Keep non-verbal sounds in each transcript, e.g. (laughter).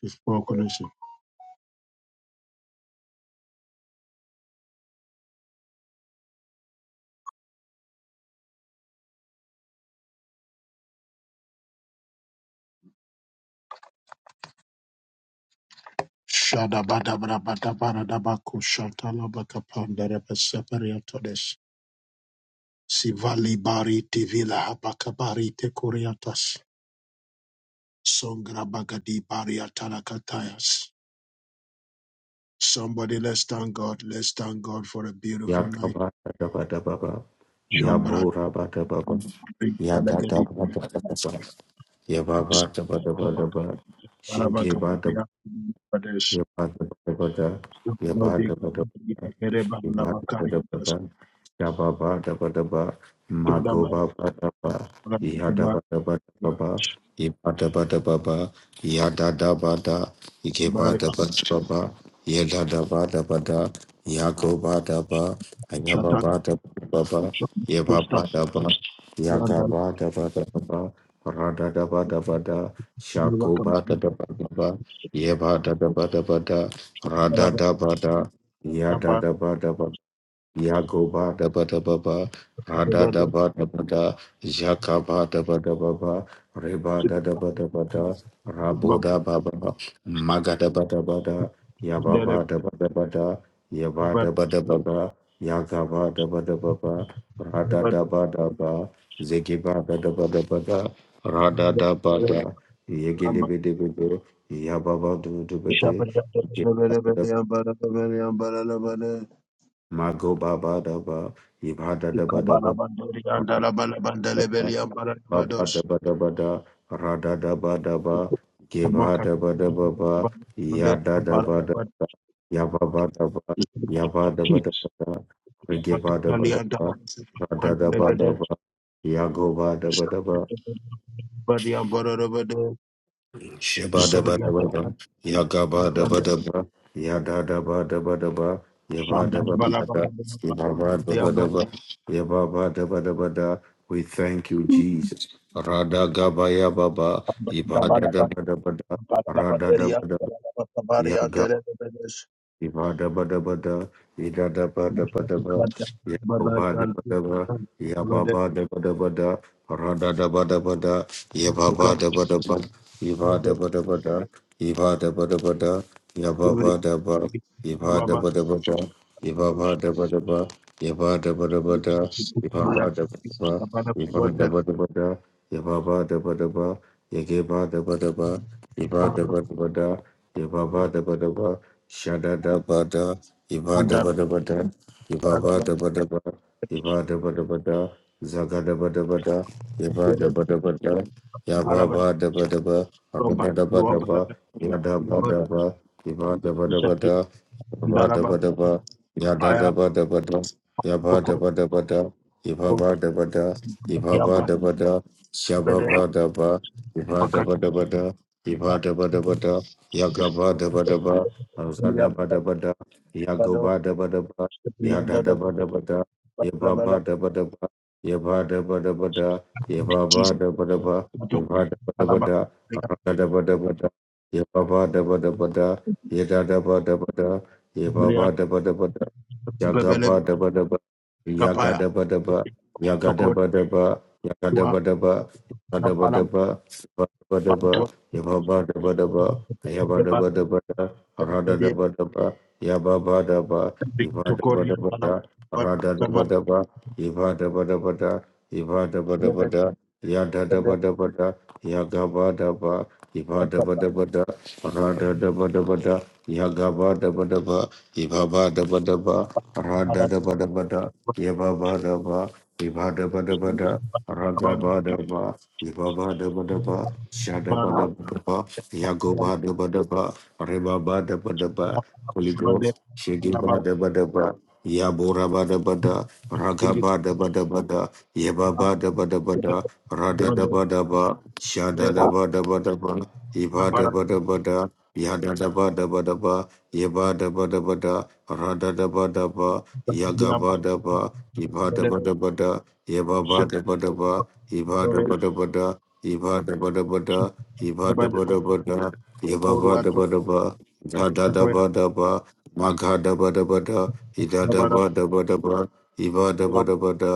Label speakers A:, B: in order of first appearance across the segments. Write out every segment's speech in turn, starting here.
A: His proclamation. Shadabadabadabadabaku shatalabakapandarabasapariotodes. Sivali bari tivila habakabari tekuriatas. Songra bagadi bariatalakatayas. Somebody, let's thank God. Let's thank God for a beautiful night.
B: Yakaba Daba Daba Ba,
A: Shombra
B: Yabura Bada Baba,
A: big
B: Yada
A: talagadi
B: Daba Daba Daba, Yababa Daba Daba Daba,
A: Barabagambia Pradesh
B: Yabba-dabba-dabba-da,
A: Brody
B: yabba-dabba-dabba-da,
A: Katereba
B: yabba-dabba-dabba-da, yabba-dabba-dabba-da,
A: Shadabari,
B: magoba-dabba,
A: Rakaba,
B: yadabba-dabba-dabba, yabba-dabba-dabba, yadadabba-da,
A: Abari,
B: yigeba-dabba-dabba, yadadabba-dabba-da, yagoba-dabba,
A: Shatat,
B: ayabba-dabba-dabba,
A: Shatat, Stop,
B: yabba-dabba,
A: Yandal,
B: yagaba-dabba-dabba, radadabba-dabba-da,
A: Yuva Company,
B: shagoba-dabba-dabba, Yeba da da ba da ba da, ra da
A: Malava,
B: da ba da, ya da
A: Namba,
B: da ba da ba Yagoba daba daba ba, Rada
A: Devanda,
B: daba daba da, Jakaba daba daba ba, Reba
A: Zibi,
B: daba daba da, Rabo
A: Bab,
B: daba ba, Maga daba daba da,
A: Derev,
B: Yababa daba daba da, Yaba
A: Nevad,
B: daba daba ba, Yagaba daba daba ba, Rada
A: Nevad,
B: daba daba, Zegiba daba daba da, Rada daba da,
A: Yamba,
B: Yegedebe debe de, Yababa debe de,
A: Shabari, Yandal, Yambara, Yambara, Lavana,
B: Mago baba daba, Ibada
A: Kabala, Bandori,
B: Baba daba,
A: Yandala,
B: daba,
A: Balabandale,
B: baba
A: Yambara, Vados,
B: Babadabadabada, radadabadaba,
A: Abaka,
B: gibadabadababa,
A: Bandel, Ambara,
B: yadadabadabada, yababadaba,
A: Avad,
B: yabadabadabada,
A: Thank
B: rigibadabadaba,
A: you.
B: radadabadaba, yagobadabadaba, Shabadabadabada, Yagabadabadaba, Yadadabadabadaba, Yabadabadabada, Yababadabadaba, Yababadabadabada. We thank you, Jesus. Radagabaya Baba, Yabadabadabada, Radadabadaba, Ibada bada bada, idada bada bada bada, yabada bada bada, yababa da bada bada, rada da bada bada, yababa da, Ibadabadabada, idadabadabadaba, da ba radadabadabada, yababadabadaba, ibadabadabada, ibadabadabada, da ibadabadabada, ba. Yaba daba daba da, yaba daba daba, yaba daba daba da, yaba daba daba, yageba daba daba, yaba daba daba da, yaba daba daba, shada daba da, yaba daba daba da, yaba daba daba, yaba daba daba da, zaga daba daba da, yaba
A: Thank you.
B: daba daba da, yaba
A: Barabara,
B: ba daba daba,
A: Lomba,
B: abuda daba
A: Lomba,
B: daba, yada ba
A: Lomba,
B: daba, yaba daba daba
A: Ishaki,
B: da, yaba
A: Daraba,
B: daba daba, yada
A: Baya,
B: daba daba da. Yaba
A: Sokoto,
B: daba daba da, ibaba daba da, ibaba
A: Yaba,
B: daba da,
A: Bede,
B: shababa daba, iba daba
A: Pakatuma,
B: daba da, iba daba daba da, yagaba daba daba, azada daba
A: Yaba,
B: daba da,
A: Bado,
B: yagoba daba daba, yada
A: Brianda,
B: daba daba da,
A: Balabala,
B: yababa daba daba, yaba daba daba da, yababa
A: Jesus,
B: daba daba,
A: Mato,
B: iba daba daba
A: Balaba,
B: da, arada daba daba da, yababa daba daba da, yada daba daba da,
A: Brianda,
B: yababa daba daba da,
A: Bebele,
B: Yagabadabadaba,
A: Kapaya,
B: yagadabadaba,
A: Sokotua,
B: yagadabadaba, yagadabadaba,
A: Nampala,
B: yagadabadaba, yagadabadaba,
A: Banto,
B: yababadabadaba,
A: Deba,
B: ayabadabadabada,
A: Bede,
B: aradadabadaba, yababadaba,
A: Victorian,
B: ibadabadabada,
A: Balaba, Kama,
B: aradadabadaba, ibadabadabada,
A: Bede, Bede,
B: ibadabadabada,
A: Bede, Bede,
B: yadadabadabada, yagabadaba,
A: Bede,
B: ibadabadabada, aradadabadabada, yagabadabadaba, Ibaba daba daba, rada daba daba da, yababa daba, iba daba daba
A: Bede,
B: da, raga
A: Bede,
B: ba daba, ibaba daba daba,
A: Bede,
B: shada ba daba
A: Bede,
B: daba, yagoba
A: Bede,
B: daba daba, reba ba daba daba, Holy
A: Bande
B: Ghost, shigi
A: alaba
B: ba daba daba, Yabura bada bada, raga
A: diri
B: bada bada bada, yeba
A: kwa
B: bada bada bada, rada da
A: bande
B: bada ba, shada
A: de
B: da bada bada ba, iba da
A: nabara
B: bada bada, yada da bada bada ba, yeba da bada bada, rada da bada ba, yaga
A: niamba
B: bada ba, iba da
A: bande de
B: bada bada, yeba bada bada ba, iba da
A: jore
B: bada bada, iba da bada bada,
A: de
B: iba da
A: bande de
B: bada bada, yeba
A: boru
B: bada
A: ato
B: bada ba, da da da
A: ato ya
B: bada ba, Maga da ba da ba da, ida da
A: nabara
B: ba da ba da ba, iba da ba
A: yam
B: da ba da,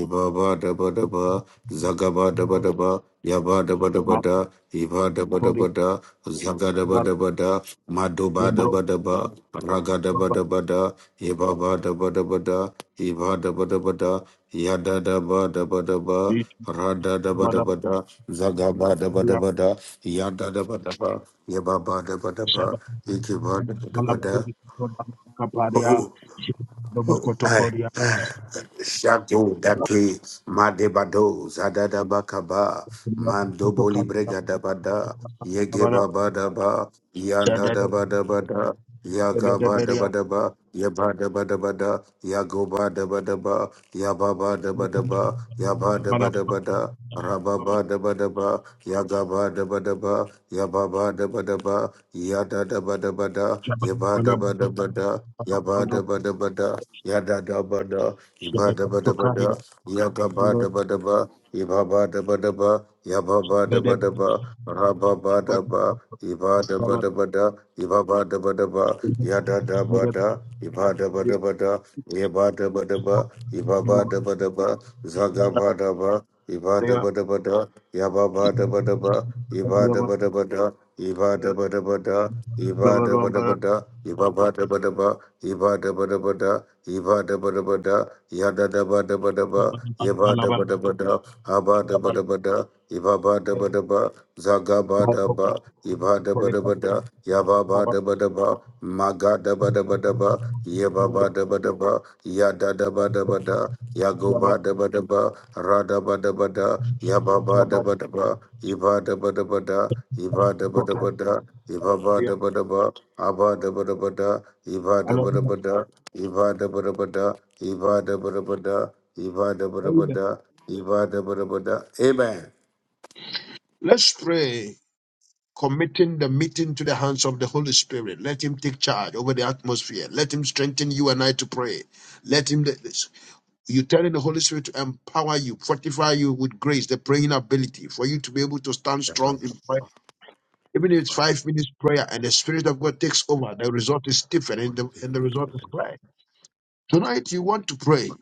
B: iba ba da ba da ba, zaga ba da ba da ba, ya ba da ba da ba
A: ma
B: da, iba da ba da
A: tori
B: ba da, zaga da ba
A: bar
B: da ba da, mado ba da
A: bro
B: ba da ba, raga da ba
A: ba
B: da ba da, iba ba da ba da ba da, iba da ba da ba da, ya da da ba da ba da ba,
A: ich
B: ra da da ba da
A: nabara
B: ba da, zaga ba da ba da
A: ya
B: ba da, ya da da ba da ba, ya ba ba da ba da ba,
A: shaba
B: iki ba da ba da ba
A: alaba
B: da.
A: diri kwa kaparia
B: Oh,
A: do
B: oh,
A: makoto
B: I
A: koria
B: I
A: na
B: Shadow dake madebado zadada bakaba mandobo
A: kutoka
B: librega dabada yege
A: nabara
B: baba daba yanda
A: shada
B: daba daba da yaga
A: de
B: ba
A: beria
B: daba daba yaba daba daba da yago ba daba daba yaba
A: mala baba
B: Rababa daba daba, yagaba daba daba, yababa daba daba, yada daba daba da, yaba
A: shaba
B: Yabada bada bada, yada da bada, ibada bada bada, yaga bada bada ba, ibaba da bada ba, yababa da bada ba, raba bada ba, ibada bada bada, ibaba da bada ba, yada da bada, ibada bada bada, yabada bada ba, ibaba da bada ba, zaga bada ba, ibada bada bada, yababa da bada ba, ibada bada bada, ibada bada bada, Iba da ba da ba da, iba ba da ba da ba, iba da ba da ba da, iba da ba da ba da, ya da da ba da ba da ba, iba da ba da ba da, aba da ba da ba da, iba ba da ba da ba, zaga ba da ba, iba da ba da ba da, ya ba ba da ba da ba, maga da ba da ba da ba, ye ba ba da ba da ba, ya da da ba da ba da, ya go ba da ba da ba, ra da ba da ba da, ya ba ba da ba da ba, iba da ba da ba da, iba da ba da ba da. Ibaba da ba da ba, Aba da ba da ba da, Iba da ba da ba da, Iba da ba da ba da, Iba da ba da ba da, Iba da ba da ba da, Iba
A: Let's pray, committing the meeting to the hands of the Holy Spirit. Let Him take charge over the atmosphere. Let Him strengthen you and I to pray. Let Him. you telling the Holy Spirit to empower you, fortify you with grace, the praying ability for you to be able to stand
B: da
A: strong in prayer. Even if it's five minutes prayer and the Spirit of God takes over, the result is different and the, and the result is clear. Tonight, you want to pray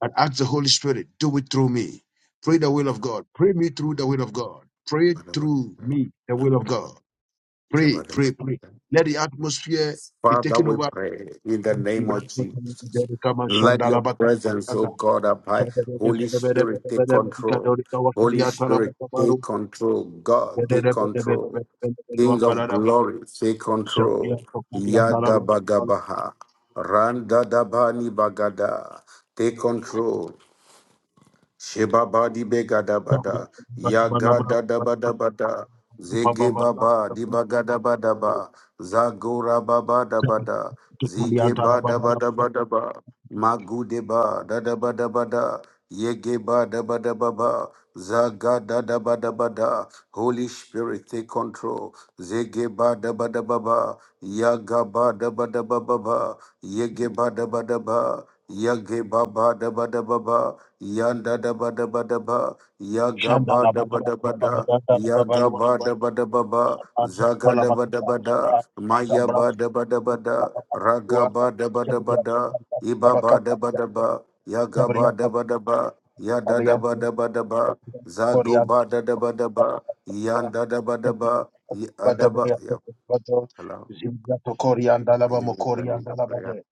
A: and ask the Holy Spirit, do it through me. Pray the will of God. Pray me through the will of God. Pray through me the will of God. Pray,
B: ba da ba
A: pray,
B: da.
A: pray.
B: Amen.
A: Let the atmosphere be
B: Father,
A: taken
B: we
A: over.
B: pray in the name of Jesus. Let your presence, oh God, abide.
A: Shabria Shabria,
B: Holy Spirit, take control. Holy
A: Shabria,
B: Spirit, take control. God, take control. King of glory, take control. Yada bagabaha. Randa dabani bagada. Take control. Sheba badi begada bada, yagada da bada bada, zege baba di bagada bada ba, zagora baba da bada, zige bada bada bada ba, magude ba da da bada bada, yege ba da bada baba, zagada da bada bada, Holy Spirit take control, zege ba da bada baba, yaga ba da bada baba ba, yege ba da bada ba, yage ba ba da bada baba. Yanda da ba da ba da ba, yaga ba da ba da ba da, yaga ba da ba da ba ba, zaga da ba da ba da, maya ba da ba da ba da, raga ba da ba da ba da, iba ba da ba da ba, yaga ba da ba da ba, yada da ba da ba da ba, zago
A: Shabria,
B: ba da da ba da ba,
A: Shabria,
B: yanda da ba da ba, yada ba.
A: Badabeya
B: Yeah,
A: Bado,
B: hello.
A: Zimbia Tokori and
B: Are
A: Alaba
B: you not
A: Mokori and
B: planning a
A: Alabade,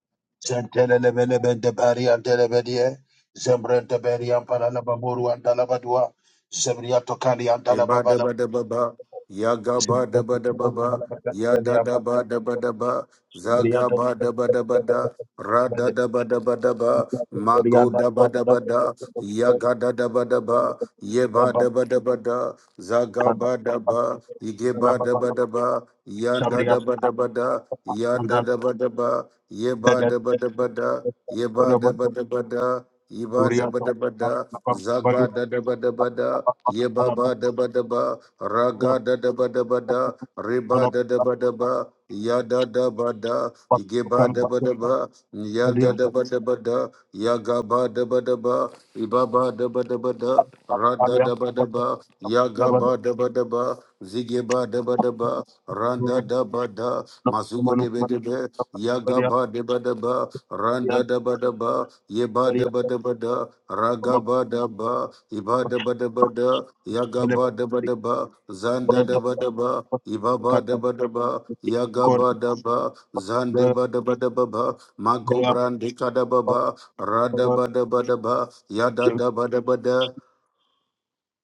A: Zentelebelebe de Bari and Telebedie, Zembren de Beri and Paralaba Moru and Alabadua, Zembria Tokali and
B: Iba da
A: Alababala,
B: ba da ba ba, ya ga ba
A: Zimbia
B: da ba da ba
A: Tokoro and
B: ba, ya da
A: Alababele and
B: da ba da ba
A: Batlabado,
B: da ba, za
A: Zimbria
B: ga ba da ba da ba da, ra da
A: Tokori
B: da ba da ba da ba, ma go
A: and
B: da ba da ba da, ya
A: Alababala,
B: ga da da ba da ba, ye ba da ba da ba da, za ga ba da ba, ige ba da ba da ba, ya da da ba da ba da, ya da
A: Zimbria
B: da ba da ba, ye ba
A: Jabria
B: da ba da ba da, ye ba da ba da ba da, ye ba da ba da ba da, za ga da da ba da ba da. Yebaba daba daba, raga da daba daba da, riba da daba daba, yada daba da, igeba daba daba, yanda daba daba da, yagaba daba daba, ibaba daba daba da, rada daba daba, yagaba daba daba, zigeba daba daba, randa daba da, mazugo debe debe, Yagaba Debadaba, Randa Dabadaba, Yeba Debadabada, Ragaba Daba, Iba Debadabada, Yagaba Debadaba, Zanda Debadaba, Ibaba Debadaba, Yagaba Daba, Zandebadabadababa, Mago brandi Brandika Dababa, Radabadabadaba, Yada dabadabada,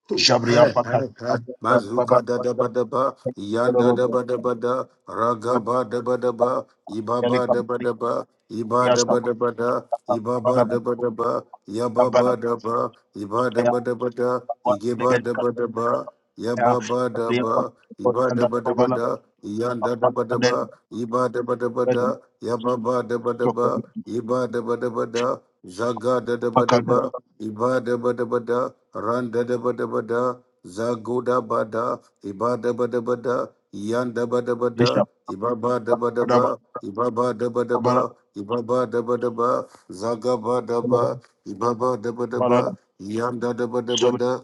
B: Hey, hey,
A: Pakat,
B: hey. Mazuka
A: Baba,
B: da da ba da ba, yanda da ba da ba da, raga ba da ba da ba, iba ba da ba da ba, iba da
A: Thank
B: ba da ba da, iba ba da ba da ba, yaba ba ba da ba, iba da ba da ba da, ige ba da ba da ba, yaba ba ba da ba, iba da ba da ba da, yanda da ba da ba, iba da ba da ba da, yaba ba ba da ba da ba, iba da ba da ba da, zaga da da ba da ba, iba da ba da ba da, Randa da ba da ba da, Zagoda ba da, Iba da ba da ba da, Yanda ba da ba da, Iba ba da ba da Iba ba da ba da ba, Iba ba da ba da ba, Zaga ba da ba, Iba ba da ba da ba, Yanda da ba da ba da,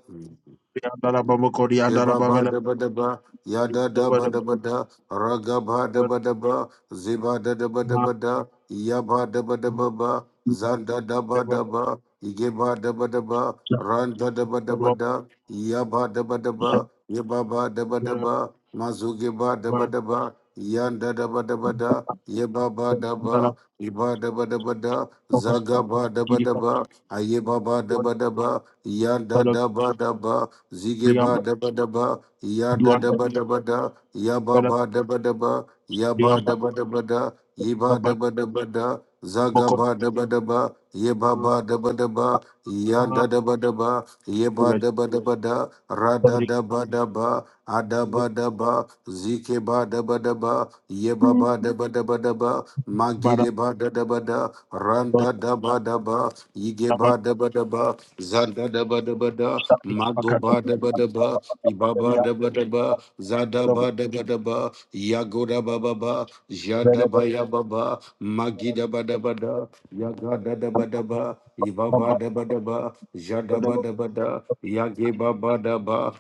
B: Ibaba daba daba, yada daba daba da, ragaba daba daba, ziba da daba daba da, yaba daba daba ba, zanda daba daba, igeba daba daba, randa daba daba da, yaba daba daba, yababa daba daba, mazugeba daba daba, yanda daba daba da, yababa daba, iba daba daba da, zagaba daba daba, ayebaba daba daba, yanda daba daba, zigeba daba daba, ya da daba daba da, ya ba ba daba daba, ya ba
A: you.
B: daba daba da, iba
A: Robert
B: daba daba da, zaga
A: Boko
B: ba daba daba, ye ba ba daba daba, ya da daba daba, ye ba daba daba da, ra da
A: Sabri
B: daba daba, ada ba daba, zike ba daba daba, ye ba ba daba daba daba, magi
A: Bara
B: de ba da daba da, ran da
A: Dot
B: daba daba, yige ba
A: Robert
B: daba daba, zanda daba daba da,
A: Sabri Pakat
B: Magoba deba deba, Ibaba deba deba, Zadaba
A: Robert Robert
B: deba deba, Yagoda baba ba, Jadaba ya baba, Magida bada bada, Yagada deba deba, Ibaba
A: Bamba
B: deba deba, Jadaba
A: Dodo
B: deba da, Yageba bada ba.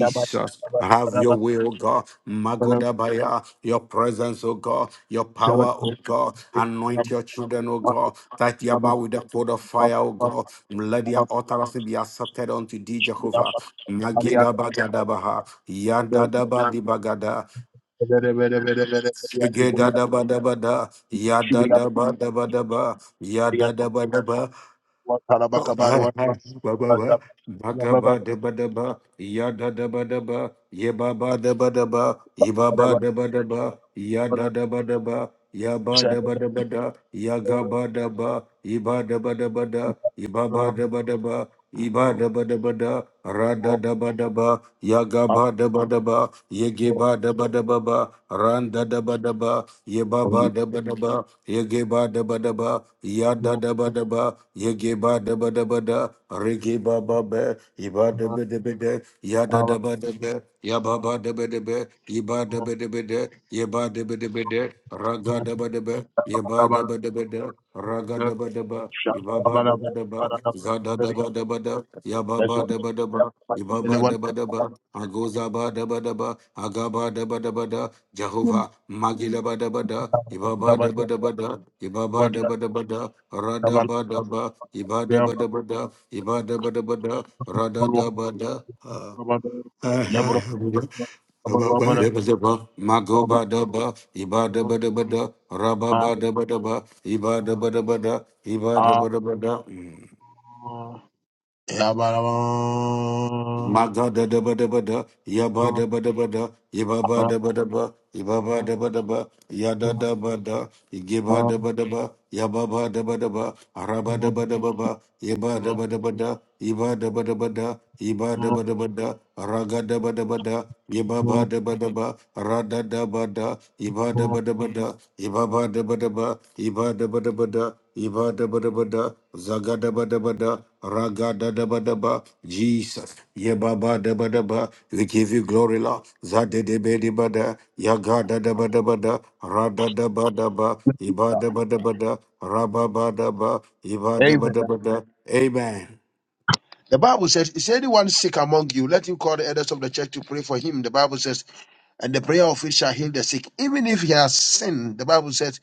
A: Jabat Robert
B: have your
A: Robert
B: way, O God. Magodabaya, your presence, O God, your
A: Jabat
B: power, O
A: Robert
B: God. Anoint your children, O God. That Yama with the pot of fire,
A: Papa
B: O
A: Papa
B: God. Let their
A: Robert
B: utterances be accepted unto thee, Jehovah.
A: Kalia
B: Nageda bagadabaha, yadadaba di bagada,
A: Vere vere vere vere ya
B: segeda
A: kubulia
B: dabadabada,
A: shibiria
B: yadadaba dabadaba,
A: ya
B: yadadaba
A: kwa
B: Bagaba deba deba, yada deba deba, yebaba deba deba, yebaba deba deba, yada deba deba, yaba deba
A: baba
B: deba da, yagaba de ba, iba deba deba da, ibaba deba deba, iba deba deba da, rada deba deba, yagaba deba deba, yegiba deba deba ba, randa deba deba, yebaba deba Yegeba Dabadaba, Yada Dabadaba, Yegeba Dabadabada, Regiba Babe, Iba Debedebede, Yada Dabadabe, Yababa Debedebe, Iba Debedebede, Yeba Debedebede, Raga Dabadabe, Yeba Debedebede, Raga Dabadaba, Ibaba Dabadaba, Zada Dabadabada, Yababa Dabadaba, Ibaba Dabadaba, Agozaba Dabadaba, Agaba Dabadabada, Jehovah Magila bada bada ibaba da bada bada ibaba da bada bada rada bada ba ibada bada bada ibada bada bada rada da bada ah. Ah, ah, ba, ba, ba, da, ba, da, ba. Mago bada da ba, iba bada, ba da bada. da, ba da ba da ba, iba da Maga da da ba da ba da, ya Magadadabadabada, yabadabadabada, yababadabadaba, yababadabadaba, yadadabada, yigibadabadaba, yababadabadaba, arabadabadababa, yabadabadabada, yabadabadabada, yabadabadabada, ragadabadabada, yababadabadaba,
A: Amen.
B: radadabada, Iba da Ibaba deba deba, iba da ba da, ba da, iba da ba da, ba da, zaga da ba da, ba da, raga da da ba da deba deba. Jesus, yeba ba yebaba deba deba, we give you glory Lord. Zade debe ba da, yaga da da ba da, ba da, ra da da ba da ba, iba da ba da, ba ba ba da, ra ba ba da ba, iba da ba da.
A: The
B: ba da, Amen.
A: Bible says, Is anyone sick among you? Let him call the elders of the church to pray for him. The Bible says, And the prayer of it shall heal the sick. Even if he has sinned, the Bible says,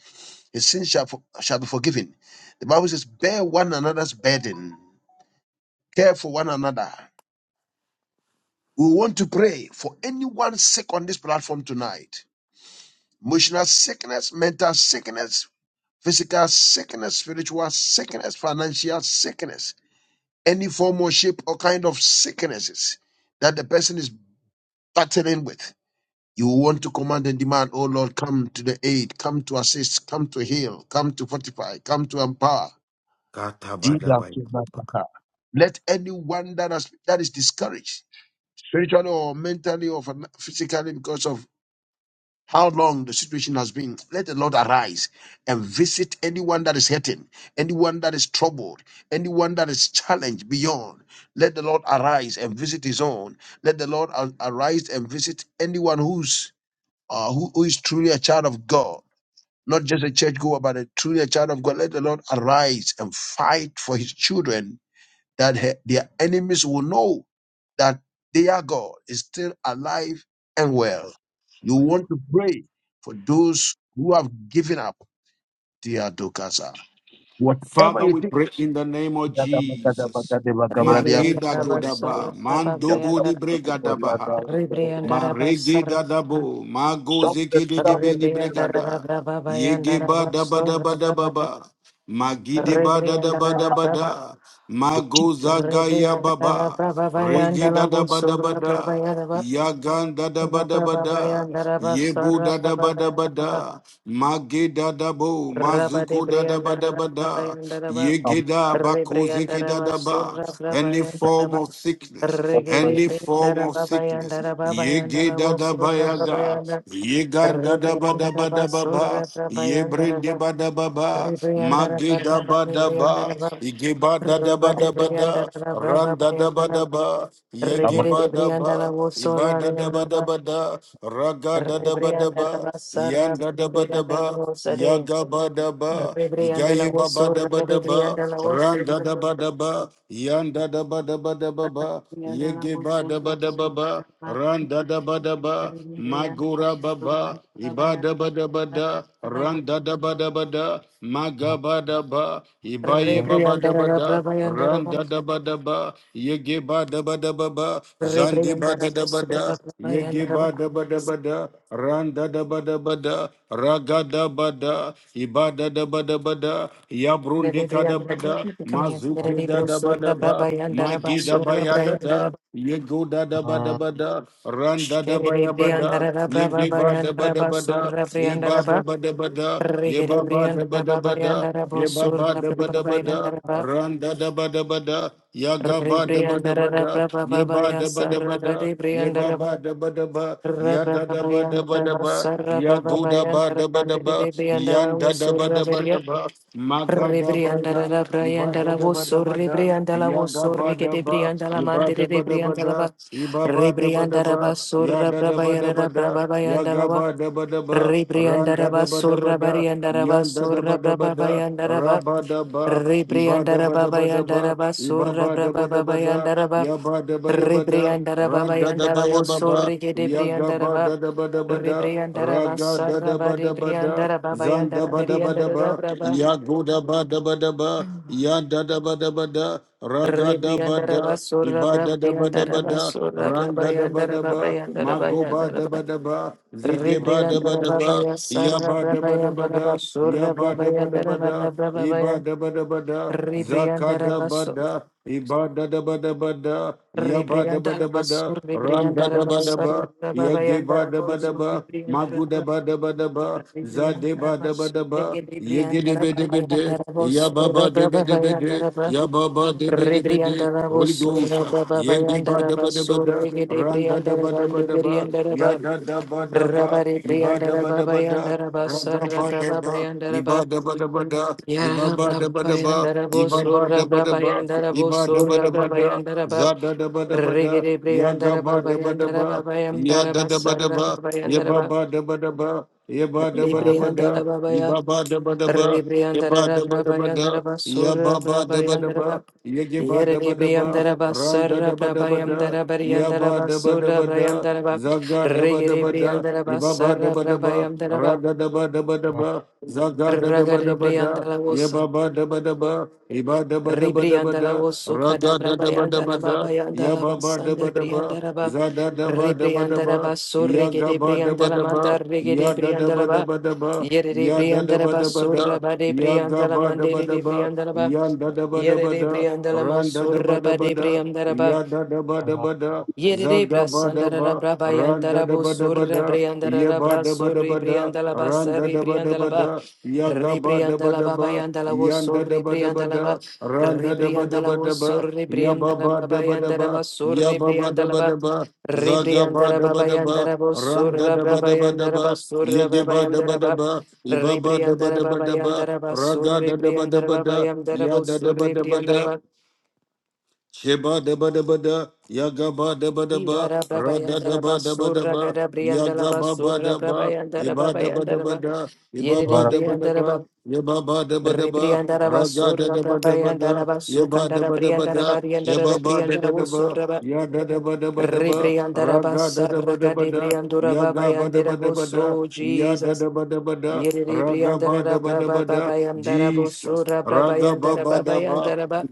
A: His sin shall, for- shall be forgiven. The Bible says, Bear one another's burden, care for one another. We want to pray for anyone sick on this platform tonight emotional sickness, mental sickness, physical sickness, spiritual sickness, financial sickness. any form or shape or kind of sicknesses that the person is battling with. You want to command and demand, oh Lord, come to the aid, come to assist, come to heal, come to fortify, come to empower.
B: Kata ba ba. da ba
A: Let anyone that, has, that is discouraged, spiritually or mentally or physically, because of how long the situation has been. Let the Lord arise and visit anyone that is hurting, anyone that is troubled, anyone that is challenged beyond. Let the Lord arise and visit his own. Let the Lord ar- arise and visit anyone who's uh, who, who is truly a child of God. Not just a churchgoer, but a truly a child of God. Let the Lord arise and fight for his children that her- their enemies will know that their God is still alive and well. You want to pray for those who have given up their dokasa. Whatever
B: Father,
A: you
B: we
A: think.
B: pray in the name of Jesus.
C: Rebriandara
B: Mageda Godaba, Mandobo Libregadabaha, Maregeda Dabo,
A: Something
B: Magozeke de Beni Bregada, Yegeba Daba Daba Daba Magideba Dada Dabada, Bada,
A: to keep
B: Magozagaya Baba, Regeda Daba Dabada, Yagan Dada Dabada, Yebu Dada Dabada. Mageda dabo, mazuko dadaba dabada, yegeda bako zeke
C: Rebriandaraba
B: dadaba.
C: Sura
B: Any form
C: Brabayandaraba
B: of sickness,
C: Regede
B: any form of
C: Brindaraba
B: sickness. Yegeda
C: Bayandaraba Sura
B: dabayaga,
C: Brabayanda
B: yega dadaba daba
C: Rebriandaraba
B: dababa,
C: Sura
B: yebrende
C: Brabayandaraba
B: badababa,
C: Rebriandaraba
B: mageda
C: Rabba
B: badaba,
C: Rebriandaraba
B: igeba dadaba
C: Rabba
B: dabada,
C: Rebriandaraba Braba
B: randa daba
C: Bayandaraba
B: daba,
A: them.
B: yegeba
C: Regede
B: daba,
C: Briandaraba Sura
B: ibada daba
C: Riandaraba
B: dabada, raga dadaba daba.
C: Rebriandaraba Sara
B: Yanda da ba da ba,
C: Rebriandaraba Sade
B: yaga ba da ba, igaye
C: Rebriandaraba
B: ba ba da
C: Sura
B: ba da ba,
C: Rebriandaraba
B: randa da
C: Sura
B: ba da ba, yanda da ba da ba da
C: Regere brianda baba
B: ba ba,
C: yanda
B: yege
C: rabo
B: ba da ba
C: surda
B: da ba ba, randa da ba da ba, magura ba ba, iba da ba da ba da, randa da ba da ba da, maga ba da ba, ibaye ba ba da ba da, randa ba da ba, yege ba da ba ba ba, zandi ba da da ba da, yege ba da ba da ba da, randa da ba da ba da, raga da ba da, ibada da ba da ba da, yabrundi ka da ba da, mazuke da da ba da ba, magi da ba ya da da, yego da da ba da da, randa da ba ya ba da, yege ba da ba da ba ye ba da ba da ba da, ye ba ba da ba da ba da, ye ba ba da ba da
C: baba
B: ba
C: yanda
B: da,
C: raba
B: Randa da ba da ba da, yaga ba da ba da ba da, ye ba da ba da ba da, ye ba ba da ba da ba, ya da da ba da ba da ba, ya do da ba da ba da ba, yan da da ba da ba da
C: Rebriandarabaya
B: ba, maga da ba
C: Rebrianda
B: da,
C: la
B: iba
C: Brianda
B: da
C: la
B: da ba da
C: Vosso,
B: ba da,
C: Rebrianda la
B: yaga
C: Vosso,
B: ba
C: Rica
B: da
C: de
B: ba,
C: Brianda la
B: iba da
C: Mandere de
B: ba da ba
C: Brianda la
B: da,
C: Ba,
B: iba ba da ba da
C: Rebrianda la
B: ba, ya
C: Basura,
B: da da ba da ba
C: Brabayara,
B: da,
C: Brabayanda la
B: yaga
C: Ba,
B: ba da ba da ba, ran
C: Rebrianda la
B: da da ba da ba
C: Basura,
B: da,
C: Barianda la
B: yan da da
C: Basura,
B: ba da ba da,
C: Brabayanda la
B: ra
C: Ba,
B: ba da ba. Iba
C: Rebrianda
B: da
C: la
B: ba da ba da
C: Babayanda la
B: ba, Iba
C: Basura,
B: ba da ba da ba da,
C: Brabayanda la Ba,
B: Ya ba da ba da ba da,
C: Rebrianda la
B: Ra da da
C: Babayanda
B: ba
C: la
B: ya ba
C: Vosso,
B: ba,
C: Rica de
B: Ya ga
C: Brianda la
B: ba
C: Ba,
B: da da ba da ba da,
C: Rebrianda la
B: Ra ga da
C: Basara,
B: da ba da
C: Bade
B: ba
C: Brianda
B: da,
C: la
B: Zan
C: Babayanda
B: da
C: la
B: ba da ba
C: Brianda
B: da
C: la
B: ba,
C: Braba.
B: Ya go da ba da ba da ba, Ya da da ba da ba da, Ra ga da ba
C: Rebriandara
B: da,
C: basura
B: Iba da da ba da
C: brabayandara
B: ba da,
C: basura
B: Ran da da ba
C: brabayandara
B: da ba,
C: brabayandara
B: Ma go ba
C: brabayandara
B: da ba
C: ba.
B: da ba, Zige ba da ba
C: Rebriandara
B: da ba,
C: babaya
B: Ya
C: sarra
B: ba da ba da ba
C: brabayandara
B: da, Ya
C: basura
B: ba da ba da
C: brabayandara
B: ba da,
C: barra brabaya.
B: Ibada bada bada,
C: Rebriandara
B: zakada
C: baso.
B: bada, ibada da bada bada, yabada
C: Rebriandara
B: bada bada,
C: basur
B: randa
C: rebriandara
B: da bada
C: basarra
B: ba, yageba
C: brabayandara
B: da bada
C: boxu
B: ba,
C: rebriandara ba.
B: maguda bada bada ba, zade
C: Rebriandara
B: Ibadabadabada, zakadabada, ibadadabadabada, yabadabadabada, randadabadaba, yagibadabadaba, magudabadabadaba, zadebadabadaba, yegedebedebede,
C: Bosura Baba
B: yababadebedebede, yababadebedebede, Holy Ghost,
C: Bayandara
B: yegibadabadabada,
C: Basura Gedebriandara Bandi
B: randadabadabadaba,
C: Biriandara Bab
B: yadadabadaba,
C: Rabari Briandara Baba
B: ibadabadabada,
C: Yandara Basara Brava Bayandara Bab
B: Radabadaba,
C: Yara
B: Ibaba
C: Brava
B: daba daba,
C: Bayandara
B: ibaba
C: Bosura
B: daba
C: Brava
B: daba,
C: Yandara
B: iba daba
C: Bosura
B: daba
C: Brava
B: da,
C: Yandara Bab
B: za da daba daba da,
C: Rigiri
B: ya
C: Briandara
B: gaba
C: Baba
B: daba
C: Yandara
B: daba,
C: Baba
B: ya
C: Yandara
B: da daba
C: Basara
B: daba,
C: Brava
B: ye
C: Yandara
B: baba daba daba, ye ba daba daba
C: Libriandara
B: da,
C: Babaya,
B: ibaba daba daba, ye ba
C: Ribriandara
B: daba daba da,
C: Brabayandara
B: ya
C: Basura
B: baba daba
C: Brabayandara
B: daba,
C: Ba,
B: ye ge ba
C: Yere
B: daba daba,
C: Libriandara
B: ran da
C: Basara
B: daba daba
C: Brabayandara
B: da,
C: Bariandara
B: Yaba daba
C: Basura
B: daba da,
C: Brayandara Ba,
B: zaga daba
C: Rigiri
B: daba da,
C: Briandara
B: ibaba
C: Basara
B: daba daba,
C: Brabayandara Ba,
B: rada daba daba daba, zaga da daba
C: Ragade
B: daba da,
C: Briandara
B: yababa daba daba, iba daba daba daba
C: Ribriandala
B: da,
C: wosu
B: raga da
C: kadabra
B: daba daba
C: bayandala baba
B: da,
C: yandala
B: yababa daba
C: basanda
B: daba,
C: briandala ba
B: zada daba daba
C: ribriandala ba
B: daba,
C: surre gede
B: yagaba daba
C: briandala
B: daba,
C: mandar regede
B: yada daba
C: briandala ba
B: daba daba,
C: yere de
B: yada
C: briandala
B: daba
C: ba
B: daba da,
C: surra ba de briandala
B: yagaba daba
C: mandere de
B: daba,
C: briandala ba
B: yanda daba
C: yere
B: daba
C: de
B: da,
C: briandala ma
B: randa daba
C: surra ba
B: daba
C: de
B: da,
C: briandala
B: Yada da ba da ba da,
C: Yerere
B: zaga ba da
C: brasandarara
B: ba, ran da
C: brabayandara
B: da ba da ba
C: bosorre
B: da, ye
C: briandarara
B: ba da ba da
C: brasorre
B: ba da,
C: briandala
B: ran da
C: basari
B: da ba da
C: briandala
B: ba
C: ba
B: da, yaga ba da ba
C: rebriandala
B: da ba,
C: babayandala
B: yan da da
C: bosorre
B: ba da ba
C: briandala ba
B: da, ran da da ba da
C: rebriandala
B: ba da ba,
C: bosorre
B: ya ba
C: briandala
B: ba da ba da
C: babayandara
B: ba, ya
C: basorre
B: ba ba da
C: briandala
B: ba
C: ba
B: da ba, zaga ba
C: rebriandara
B: da ba da ba,
C: babayandara
B: ran da
C: bosorra
B: da ba da ba da
C: brabayandara
B: ba, ye
C: basorra
B: ge ba da ba
C: brabayandara
B: da
C: ba
B: ba, iba ba da ba
C: rebriandara
B: da ba da ba,
C: babayandara
B: raga
C: basorre
B: da da ba da
C: briandala
B: ba da,
C: babayandara
B: ya da da ba
C: bosorre
B: da ba
C: briandala
B: da.
C: ba
B: Sheba deba deba da, yagaba deba deba,
C: Irara
B: rada
C: brabayandara
B: deba deba
C: basura
B: deba,
C: gada briandala
B: yagaba ba
C: basura
B: deba,
C: brabayandara
B: iba deba
C: babayandara
B: deba
C: ba
B: da,
C: yerere
B: ibaba deba
C: briandara ba
B: deba, yebaba deba deba,
C: rebriandara
B: raga da
C: basura
B: deba deba da,
C: brabayandara
B: yeba
C: basukandara
B: deba deba
C: briandara
B: da,
C: bariandara
B: yebaba
C: briandara
B: deba deba,
C: busura ba
B: yada deba deba deba,
C: rebriandara
B: raga da deba
C: basara
B: deba
C: gada
B: da,
C: briandura
B: yagaba
C: babayandara
B: deba deba da,
C: busu
B: yada
C: Jesus
B: deba deba da,
C: yerere
B: raga ba
C: briandara
B: deba
C: braba
B: deba da,
C: babayandara
B: Jesus,
C: busura
B: raga ba
C: brabayandara
B: ba deba.
C: babayandara ba